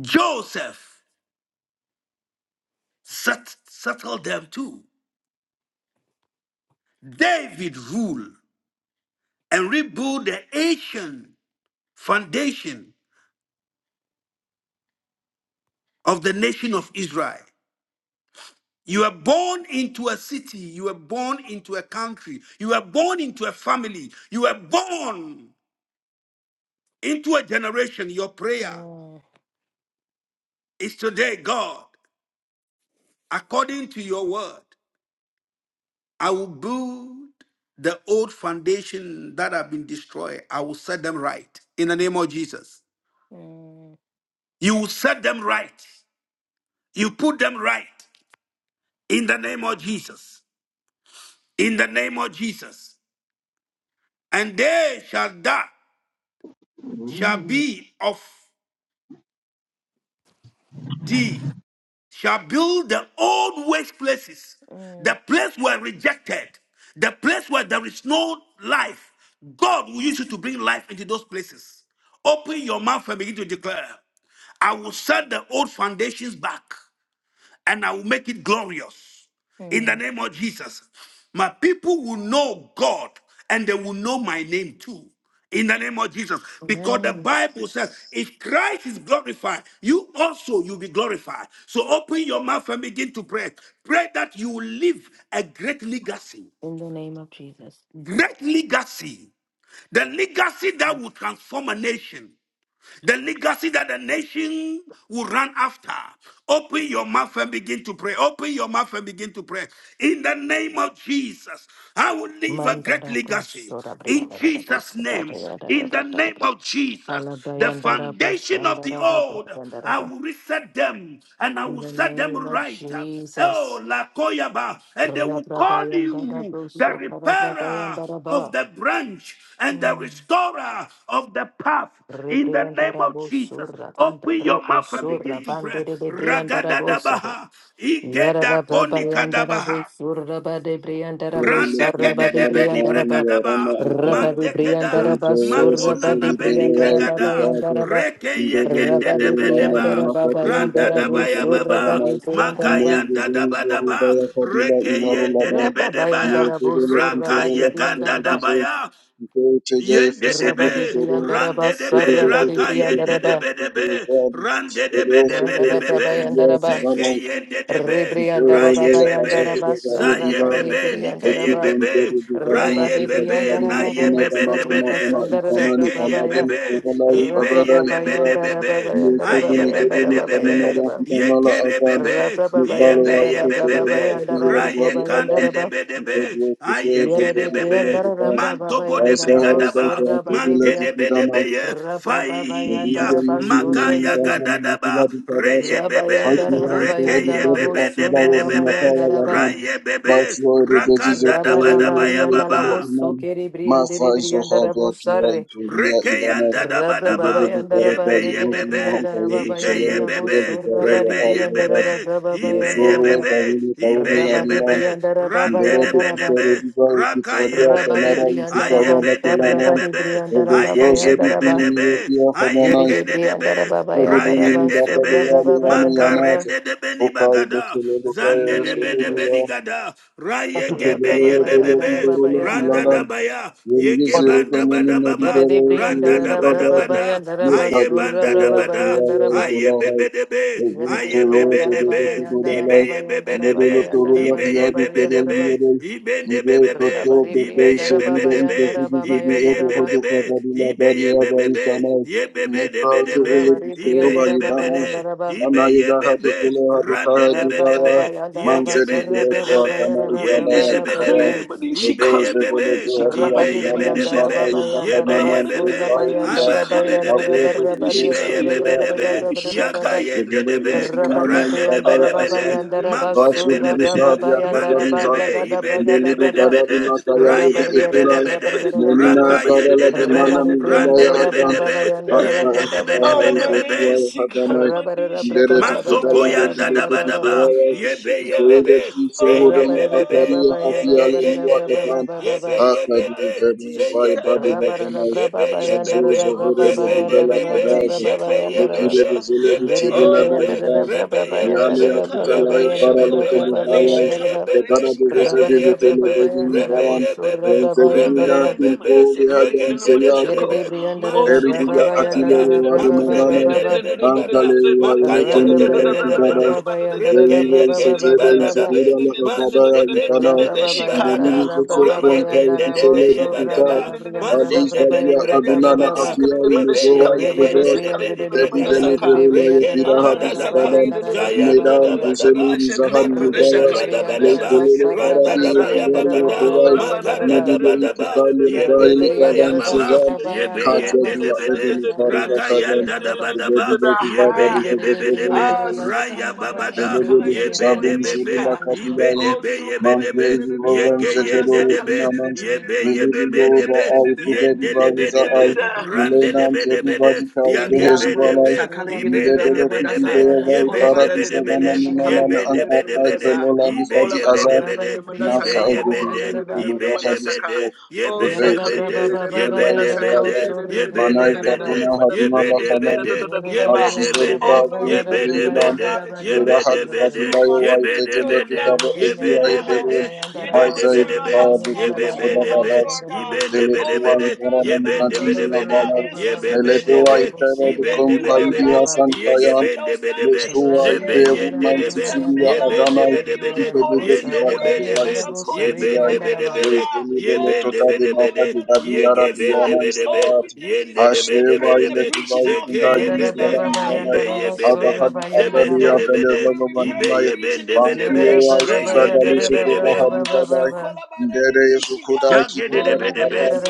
B: Joseph set, settle them too. David ruled and rebuilt the ancient foundation of the nation of Israel. You were born into a city, you were born into a country, you were born into a family, you were born into a generation. Your prayer
C: Mm,
B: is today, God, according to your word, I will build the old foundation that have been destroyed. I will set them right in the name of Jesus.
C: mm,
B: You will set them right You put them right in the name of Jesus. In the name of Jesus. And they shall that shall be of thee, shall build the old waste places,
C: mm,
B: the place where rejected, the place where there is no life. God will use you to bring life into those places. Open your mouth and begin to declare. I will set the old foundations back. and I will make it glorious in the
C: mm.
B: name of Jesus. My people will know God and they will know my name too. In the name of Jesus, because the
C: Amen.
B: Bible says, if Christ is glorified, you also you'll be glorified. So open your mouth and begin to pray. Pray that you will leave a great legacy.
C: In the name of Jesus.
B: Great legacy. The legacy that will transform a nation the legacy that the nation will run after. Open your mouth and begin to pray. Open your mouth and begin to pray. In the name of Jesus, I will leave a great
C: Mandara
B: legacy.
C: brosora
B: In
C: brigada da
B: Jesus'
C: brosora
B: name,
C: brigada da
B: in the
C: brigada
B: name
C: da
B: of Jesus, the
C: Alabayandara
B: foundation of the
C: brosandara da
B: old,
C: brigada da
B: I
C: ba.
B: will reset them and I
C: In
B: will
C: the
B: set
C: name
B: them
C: of
B: right. Oh,
C: Jesus.
B: Lakoyaba, and they will call
C: Rabrabayandara
B: you the
C: brosora
B: repairer
C: brabayandara
B: of
C: ba.
B: the branch and the restorer of the path. In the name
C: Rebriandara
B: of Jesus,
C: brosora banda
B: open
C: pre
B: your mouth and
C: osora
B: begin to pray.
C: bandere de briandara
B: Ragadadabaha,
C: Yarada
B: Igeda
C: braba yandara bo
B: Konikadabaha.
C: suraba de briandara bo
B: Randeke
C: saraba
B: de
C: de
B: de beni
C: briandara ba
B: bregadaba,
E: you.
C: raba de
B: mandekeda,
C: briandara ba
E: Dangerous,
B: makona
C: suraba
E: send
C: de
B: na beni
E: the
C: briandara
E: right
C: ba
E: to
B: gregada,
C: bayandara
E: Father.
C: ba
B: reke
E: Ndebele
B: yegende
C: raba
B: de
C: de
E: Kerala
B: bedeba,
C: briandara ba
E: Mimaka
B: randa
E: Kabila
C: bayandara bo
B: daba ya
E: Emezele
C: suraba
B: baba,
C: de
E: Adamai.
C: briandara ba
B: magayanda
E: Mezele
B: daba
E: Jehovah
B: daba,
E: ya Kabila
B: reke
E: Ilaro
B: yende de
E: Ladan.
C: raba
B: bedeba ya,
C: bayandara bo
E: Mezele
B: raka
C: suraba de
E: Kukorola Kukade
B: yeganda
C: briandara ba
B: daba
E: Bizo.
B: ya.
E: Kukoro Cheja Efesegi
C: raba de
B: Yendedebe,
E: Kukoro.
C: briandara ba
E: Bebe
B: randedebe,
C: saraba
E: Bebe
C: de
E: Bebe
B: raka
E: Bebe Bebe
C: briandara
E: Bebe Bebe
C: ba
B: yendedebedebe,
E: Bebe
C: ragada
E: Bebe
B: be
E: Bebe Bebe
C: bayandara ba
B: zeke
E: Bebe
B: yendedebe,
E: Thank
C: Rebriandara Babayandara
B: rayebebe,
C: Basarabade
B: zayebebe,
C: Briandara Ba
B: nikeyebebe,
C: Rabade
B: rayebebe,
C: Briandara Babaya
B: nayebebedebede,
C: Saruka Sandara
B: zeke
C: Babaya
B: yebebe,
C: Rababayandara
B: ibeyebebedebebe,
C: Babayandara Babayandara
B: ayebebedebebe,
C: Babayandara Ba
B: Yekerebebe,
C: Rababayandara
B: yebeyebebebe,
C: Rababayandara Babayandara Ba
B: rayekandedebedebe,
C: Viera de
B: ayekedebebe,
C: Briandara Rababayandara
B: mantobodebrigadaba,
C: Basura Barebria
E: you.
B: mantedebedebeye,
E: Thank
B: fire,
C: Rababayandara
B: magaya
C: Basurregede
B: gadadaba, reyebebe,
C: Rabayandara Babayandara Bosundara
B: rekeyebebedebedebebe,
C: Bayandaraba
B: rayebebe,
C: Rabadabadi andala
B: baba.
C: Alavoso Keribri and Debri and Rabosare.
B: Reke yanda da ba da ba.
C: Rababaya and
B: Yebe
C: Rabarege Debri and
B: yebebe.
C: Rababaya
B: Ike
C: and
B: yebebe.
C: Raboso
B: Rebe
C: Rabadibri and
B: yebebe.
C: Rababaya
B: Ibe
C: and Rabba
B: yebebe. Ibe
E: you.
C: Rabadibri
B: yebebe.
C: and
B: Rande
C: Rababaya
B: de
C: and
E: Ndorebe
B: be de
C: Rabba
B: be.
E: tusarebivayo
B: Raka
E: pikadia kanara
B: yebebe.
C: Rabadibri and
B: Aye
C: Rabba
E: yusufalona
B: be de be de
E: kinanam
B: be be.
C: Sarabadibri and
B: Aye
C: Rababaya
E: ebezoze
C: and
B: gebebe
C: Rabba
B: de
E: divinini
B: be.
E: vedia
B: Aye
E: hananai
B: kede de
C: Yeridibri and
B: be.
C: Rababaya and
E: erubeni
B: Rayen
C: Rabba
B: de de
E: midaka
B: be.
E: deyale ame
C: Surababaya and
B: Makaren
C: Rabba
E: yanata
B: de be ni
E: okai
B: bagada.
E: befele dokaya
B: Zande de be de be
E: esebedia
B: ni
C: Jesus.
B: gada. Raye gebe
E: keleleyo
C: Rababaya
B: yebebe
E: tele
C: and
B: bebe
E: divorula
B: randa
C: Rababaya
E: ilanam
B: da baya yege
E: yengize
B: banda
E: etomeni
B: bada
C: Rabba
B: baba
E: nedibere ekive
B: randa da bada
E: adadi
B: bada aye
E: yekadu
B: banda da
E: sayad
B: bada
E: kuvaya
B: aye
E: ikolaha
B: bebe debe
E: Every
B: aye
E: pharaoh
B: bebe
E: that they
B: debe
E: get to do their
B: ibe
E: life,
B: ye bebe
E: Medelo
B: debe
E: to roll up
B: ibe
E: the
B: ye
E: other to
B: bebe
E: roll
B: debe
E: the other,
B: ibe de
E: Mide
B: bebe
E: to
B: be
E: talk the
B: ibe
E: place
B: ye
E: of the
B: bebe debe
E: Ipe to the Gedi
B: ibe ye
E: Edo
B: bebe
E: Hodo
B: be
E: Kabadila
B: ibe
E: Bari
B: ye
E: Aba
B: bebe be
E: Itanai,
B: ye bebe
E: Nefa
B: debe
E: to roll
B: debe
E: it to stay
B: ibe
E: over
B: ye bebe
E: Yudama,
B: de Ibe
E: Ana
B: ye
E: Yeda Hado
B: bebe,
E: Pele Hado
B: rande
E: Kaya
B: de be de
E: Divaya,
B: be, ye
E: Man Zedi
B: geben de be de
E: Zileto
B: be,
E: Akana
B: ye de
E: Itadaya
B: de be de
E: Izaya,
B: be, ibe
E: Ego
B: ye bebe,
E: Zeveleto Hadi
B: ibe
E: Lalu
B: ye be de
E: Naman Baka
B: bebe, ye
E: Yudaka
B: be ye
E: Naman
B: bebe,
E: Sefai Bila,
B: aba de be de be
E: Abu
B: de,
E: Edo
B: ibe
E: Bido
B: ye bebe de
E: Somila
B: be, yaga ye de de
C: Rabba
E: Legelele
B: be,
E: mama mama
B: rande de be
E: ipadaya
B: de be
E: asa
B: de, mago de
E: Vasu
B: be de be de,
E: Vishad
B: mande
E: Yakakari
B: de
E: Zata,
B: be, ibe de de
E: Delidu
B: be de be
E: Karadi
B: de,
E: Masaya Yedi
B: raye bebe de
E: Ekuran,
B: be de,
E: Monina
B: raka ye de
E: Karala
B: de be,
E: Bimana
B: rande
E: Mizalaya
B: de be
E: Akan,
B: de be,
D: Shikali,
B: ye
E: Haksa
B: de de
E: Hakika
B: be de be de be
D: Alamandea
B: be.
E: Harizotua
D: Shikala
E: Haganai,
D: Mandisha
E: Ndere
B: Mazoko
E: Tukudala
D: Kalamandia
B: yanda
E: Bekibetu
B: daba daba
E: Tukuaya,
D: Shikamandia
B: yebe yebe
D: Shika
E: Mkwewe
B: be
E: Piso
B: re
E: Hodoma
B: yebe be be
E: Akari
B: yege
D: Oh
E: Atiale
B: yede
E: Lua
B: de
E: Akan,
D: Shilamia
B: yebe
D: Tisi
B: yebe
E: Akadu
B: de
D: Aliati
E: Tebu
B: ze
E: Bai
D: Shika
B: yebe
E: Badi
B: be be
E: Batanai,
B: yebe yebe
E: Zozo
B: be
D: Oh
E: Zovere
B: yebe de
E: Bedudala
B: be
D: Samandia
E: Hadaka,
D: Tishi
B: yebe yebe be
E: Vekire
D: Kalamandosha
E: Zelebu
B: yebe
C: Ribidi
E: Chirula
B: yebe
D: Oh
B: be
C: brianda de
E: Iban,
D: Lamandashi
B: rebe
C: brianda de brian
B: yebe
C: da
E: Yani
B: be
D: Kilamandasha
E: tutalai
B: rebe
E: tutalay
C: brian by
D: Kalamandosha
B: yebe be
E: karalete
D: Kola
C: brian
B: yebe
E: babaya
D: Badadishi
C: da
B: yebe
E: ve
B: be
E: bana de
D: Kalabadadishika
B: rebe
E: vezedi ve
B: yebe be
E: temedini
B: rebe
E: varan
B: yebe be
E: ve
D: Oh, la
E: zedini
B: rebe
D: ma na ni ni
B: yebe
D: ma
B: be
D: da se ka la ni ni ma
B: yegende
D: da she
B: de be
D: ko. Oh, so
B: Masude
D: ko la
E: Eridia
B: ke
D: ma
B: de
D: da ni ni ni
B: bada,
D: ni ni
E: Atilewa
D: ni
E: di
D: ma da
B: makure
D: ni ni
E: Mandana,
D: ni
B: bende
D: ni
B: de
D: ni ni ni ni
B: beni
D: ni ni ni ni
B: bada,
D: ni
E: Ankalewa
D: ni
E: Electro
B: makayande de de
E: Mangara
B: bede bede,
E: Kizaba,
B: reke
C: da
B: ye
E: Veive
B: geni
E: Setede
B: bada da be,
E: Zuhuda
D: ni ni
E: Lakabadaya
B: masude
D: ni
B: bende
D: ni
E: Itana,
B: de
D: ni
B: beni
D: shika.
E: Delini
B: bagada,
D: Oh,
E: Fetso
D: la ma
B: reye
D: da ni
E: Kwanka
D: ni ni
B: gende de
D: ni ni
B: be
E: Yukusele
B: ye
D: ni ni ni ni ni ni
B: bada
E: Dukuta,
B: ba,
D: ni ni ni
E: Ali
B: masonde beni
E: Valia
D: ni
B: breka da
D: ni ni ni
E: Adunana
C: braba
B: bada,
D: sika ni
E: Atia
D: ni ma
B: rebe
D: da she ka
E: Imezoa
B: rebeye
D: la ni ma da
B: geyende
D: se
E: Ikuzas,
B: de
D: ka la ni
B: beni
D: ni ma
E: Teti
B: breka
D: da se
E: Zeli
B: da.
D: ka.
E: Perula
B: Rekei
E: Yapira Hadi
D: Alamanda
B: Gadadaba,
D: Sakali,
E: Itadan,
B: Jayan
E: Meda
C: by
E: Kuseli
D: Manada
B: Dadabadaba,
D: Shakali,
E: Rizahani
D: Manda
B: Makudeba
C: Regede
E: Hidayas,
D: Shakali, Manda
B: Dadabadaba,
C: Briandaraba,
E: Leifelelo
D: Shakali,
E: Aradi
D: Manda
C: Sarabade
B: Randadaba
D: Sa.
E: Ekuvari
C: Briandaraba,
B: Yabagada,
D: Oh,
E: Ekuvai,
D: la
C: Rabadi
D: ba
C: and
D: da da da da
C: Daraba,
D: da
E: Nebide
D: da da da da da
B: Magadadabadaba,
E: Itukali
D: da
E: Zaili
B: Yebede
C: Rebedi and
E: Avan
B: Bayababa,
E: Sezan,
C: Daraba, by
B: Yebe
E: Katya Dula
C: Andaraba,
B: Yendebede,
C: Santa
E: Edini Farida
C: Cabro, Sudi
B: Ragayan
E: Kadan,
C: and Daraba,
E: the
D: da da
E: baby
D: da
B: Dadabadaba,
D: da
E: baby Baba
B: Yebe
D: Ha.
E: because it
C: Rebedi
E: was
B: Yebebedebe,
D: Ah,
E: in
C: Briandaraba,
D: se
B: Raya
D: kalamanda
C: Sarabay and
D: shi
B: Babada,
C: Daraba,
D: kalagi
C: by
D: de de
B: Yebe de
D: de
C: Andarabo,
D: shika.
B: Bebe,
C: Sudi and
B: ibe
D: Oh,
B: debe,
D: so
B: yebe
D: kalagi de
B: debe,
D: de de de de
B: yeke
D: manda sa
B: yende
D: kalagi
B: debe,
D: de de de de
B: yebe
D: de de de de
B: yebe
D: de
B: be
D: de de de de
B: debe,
D: de
B: yende
D: de
B: debe
D: de de de
B: debe,
D: de.
B: rande debe
C: Daraba.
B: debe de,
D: Indi
B: yake be
D: alamundo sa
B: debe,
D: kala
C: Rabari
B: ibe
D: na
B: debe
D: manda
C: Briandaraba, by
B: debe,
D: ola
B: yebe
C: Andaraba,
D: ba
B: debe
D: de de
C: Sukadi
D: de
B: debe
D: de
B: de,
D: shi
C: Briandaraba,
B: yebe debe
D: na
B: debe
D: manda
B: de, ibe
D: ola ba
B: yebe
D: de de
B: debe
D: de
B: de,
C: Rabari
D: na manda
B: ibe
D: kala
C: Briandaraba,
D: yede
C: by
B: yebe de,
C: Andaraba,
D: na
B: ibe de,
D: manda ka o sa
C: Yarada
D: kala
C: braba
B: ye ye
C: baba
D: na manda
C: bayandara
D: kala
C: bo
B: ye
D: yede
B: ye
C: sorri de
E: Manai
C: briandara ba.
E: tapuna
D: na manda
E: hatima la kanai.
C: Yore de
D: ba
E: Alfizere
C: briandara ba
E: ba
D: Oh
B: ye
D: Lord, we
C: ragada
D: thank
C: braba
D: you, Lord
E: kwenye
D: God,
C: yandara
D: that
C: ba
B: ye
D: you're going to
C: riandara
E: Leraha
D: use us,
C: braba.
E: dikabila
D: Lord
B: ye
D: God,
B: ye
D: to
E: ya itetele
D: rebuild the
E: pikada
B: ye
C: Rebe
D: foundations in
E: ezia
C: yandara
D: our
C: ba
D: house,
E: iperun
C: braba
B: de, ibe
D: in
C: yandara
D: our
C: bo
E: haiza
D: maternal
C: sorri de
E: itikaya
D: house, in our
C: riandara
E: bekudu
C: ba
E: kuda
D: paternal
C: rege de
D: house,
E: badasi
D: Lord
C: briandara
D: God.
C: bo
B: be be
C: sorri.
D: Oh
B: debe
E: deletua
B: de,
D: Lord God, the
E: ibarana
B: yebe debe
C: Raba
E: mugajini
D: foundations
E: ya
B: debe
D: that
C: raba
D: our
E: bala
B: de,
C: braba baba
D: ancestors
C: baba
E: meletua
C: yandara
D: destroyed.
C: bo
E: itere
D: We
C: sorri
B: Zebende
D: thank
B: de
E: dukum
C: de
D: you, Lord
E: kavidi
B: bede,
C: briandara
D: God,
C: ba.
D: that
E: hasan
D: we
B: ibe
D: will
B: ye
E: kayan
D: set
B: bende
D: those
B: bede be,
D: foundations
B: re
C: Raba
E: leştua
D: straight.
C: riandara
E: ipevu
C: ba
D: We'll set them
E: nantisili ya
D: in line.
E: adanay
D: They'll be on according
E: itedebe
D: to your
E: dibakari
D: word,
E: ya iseseti
D: according to your
E: dilay
D: will, Lord God.
E: leiteni bele
D: Oh,
E: tota
D: so
E: de baka de dadi yara
D: kolabadadadadadadadasa.
E: diyana
D: Oh, we
E: isayati
D: thank you that we
E: haşreva
D: repairing the
E: ile
D: breach in
E: kubayi
D: our
E: kundali
C: Yarada
D: families, Lord
C: braba
D: God.
E: izlala
C: bayandara
D: Oh,
C: ba
D: so
C: sorra
E: Abahari Atari
D: kolabadiase, that we
E: Apelego
D: are repairing the
E: Bananai,
D: breach in this
C: Rabari Briandaraba,
D: generation,
E: Pankio
D: Lord.
B: yende
E: Susadali
B: de
D: India
B: bede
E: Subuva
B: be,
E: Haribadai,
D: labodoso
E: Dere
D: kolabadadadadishika.
E: Sukuda
D: Oh,
B: Yagedebedebe,
D: labadasi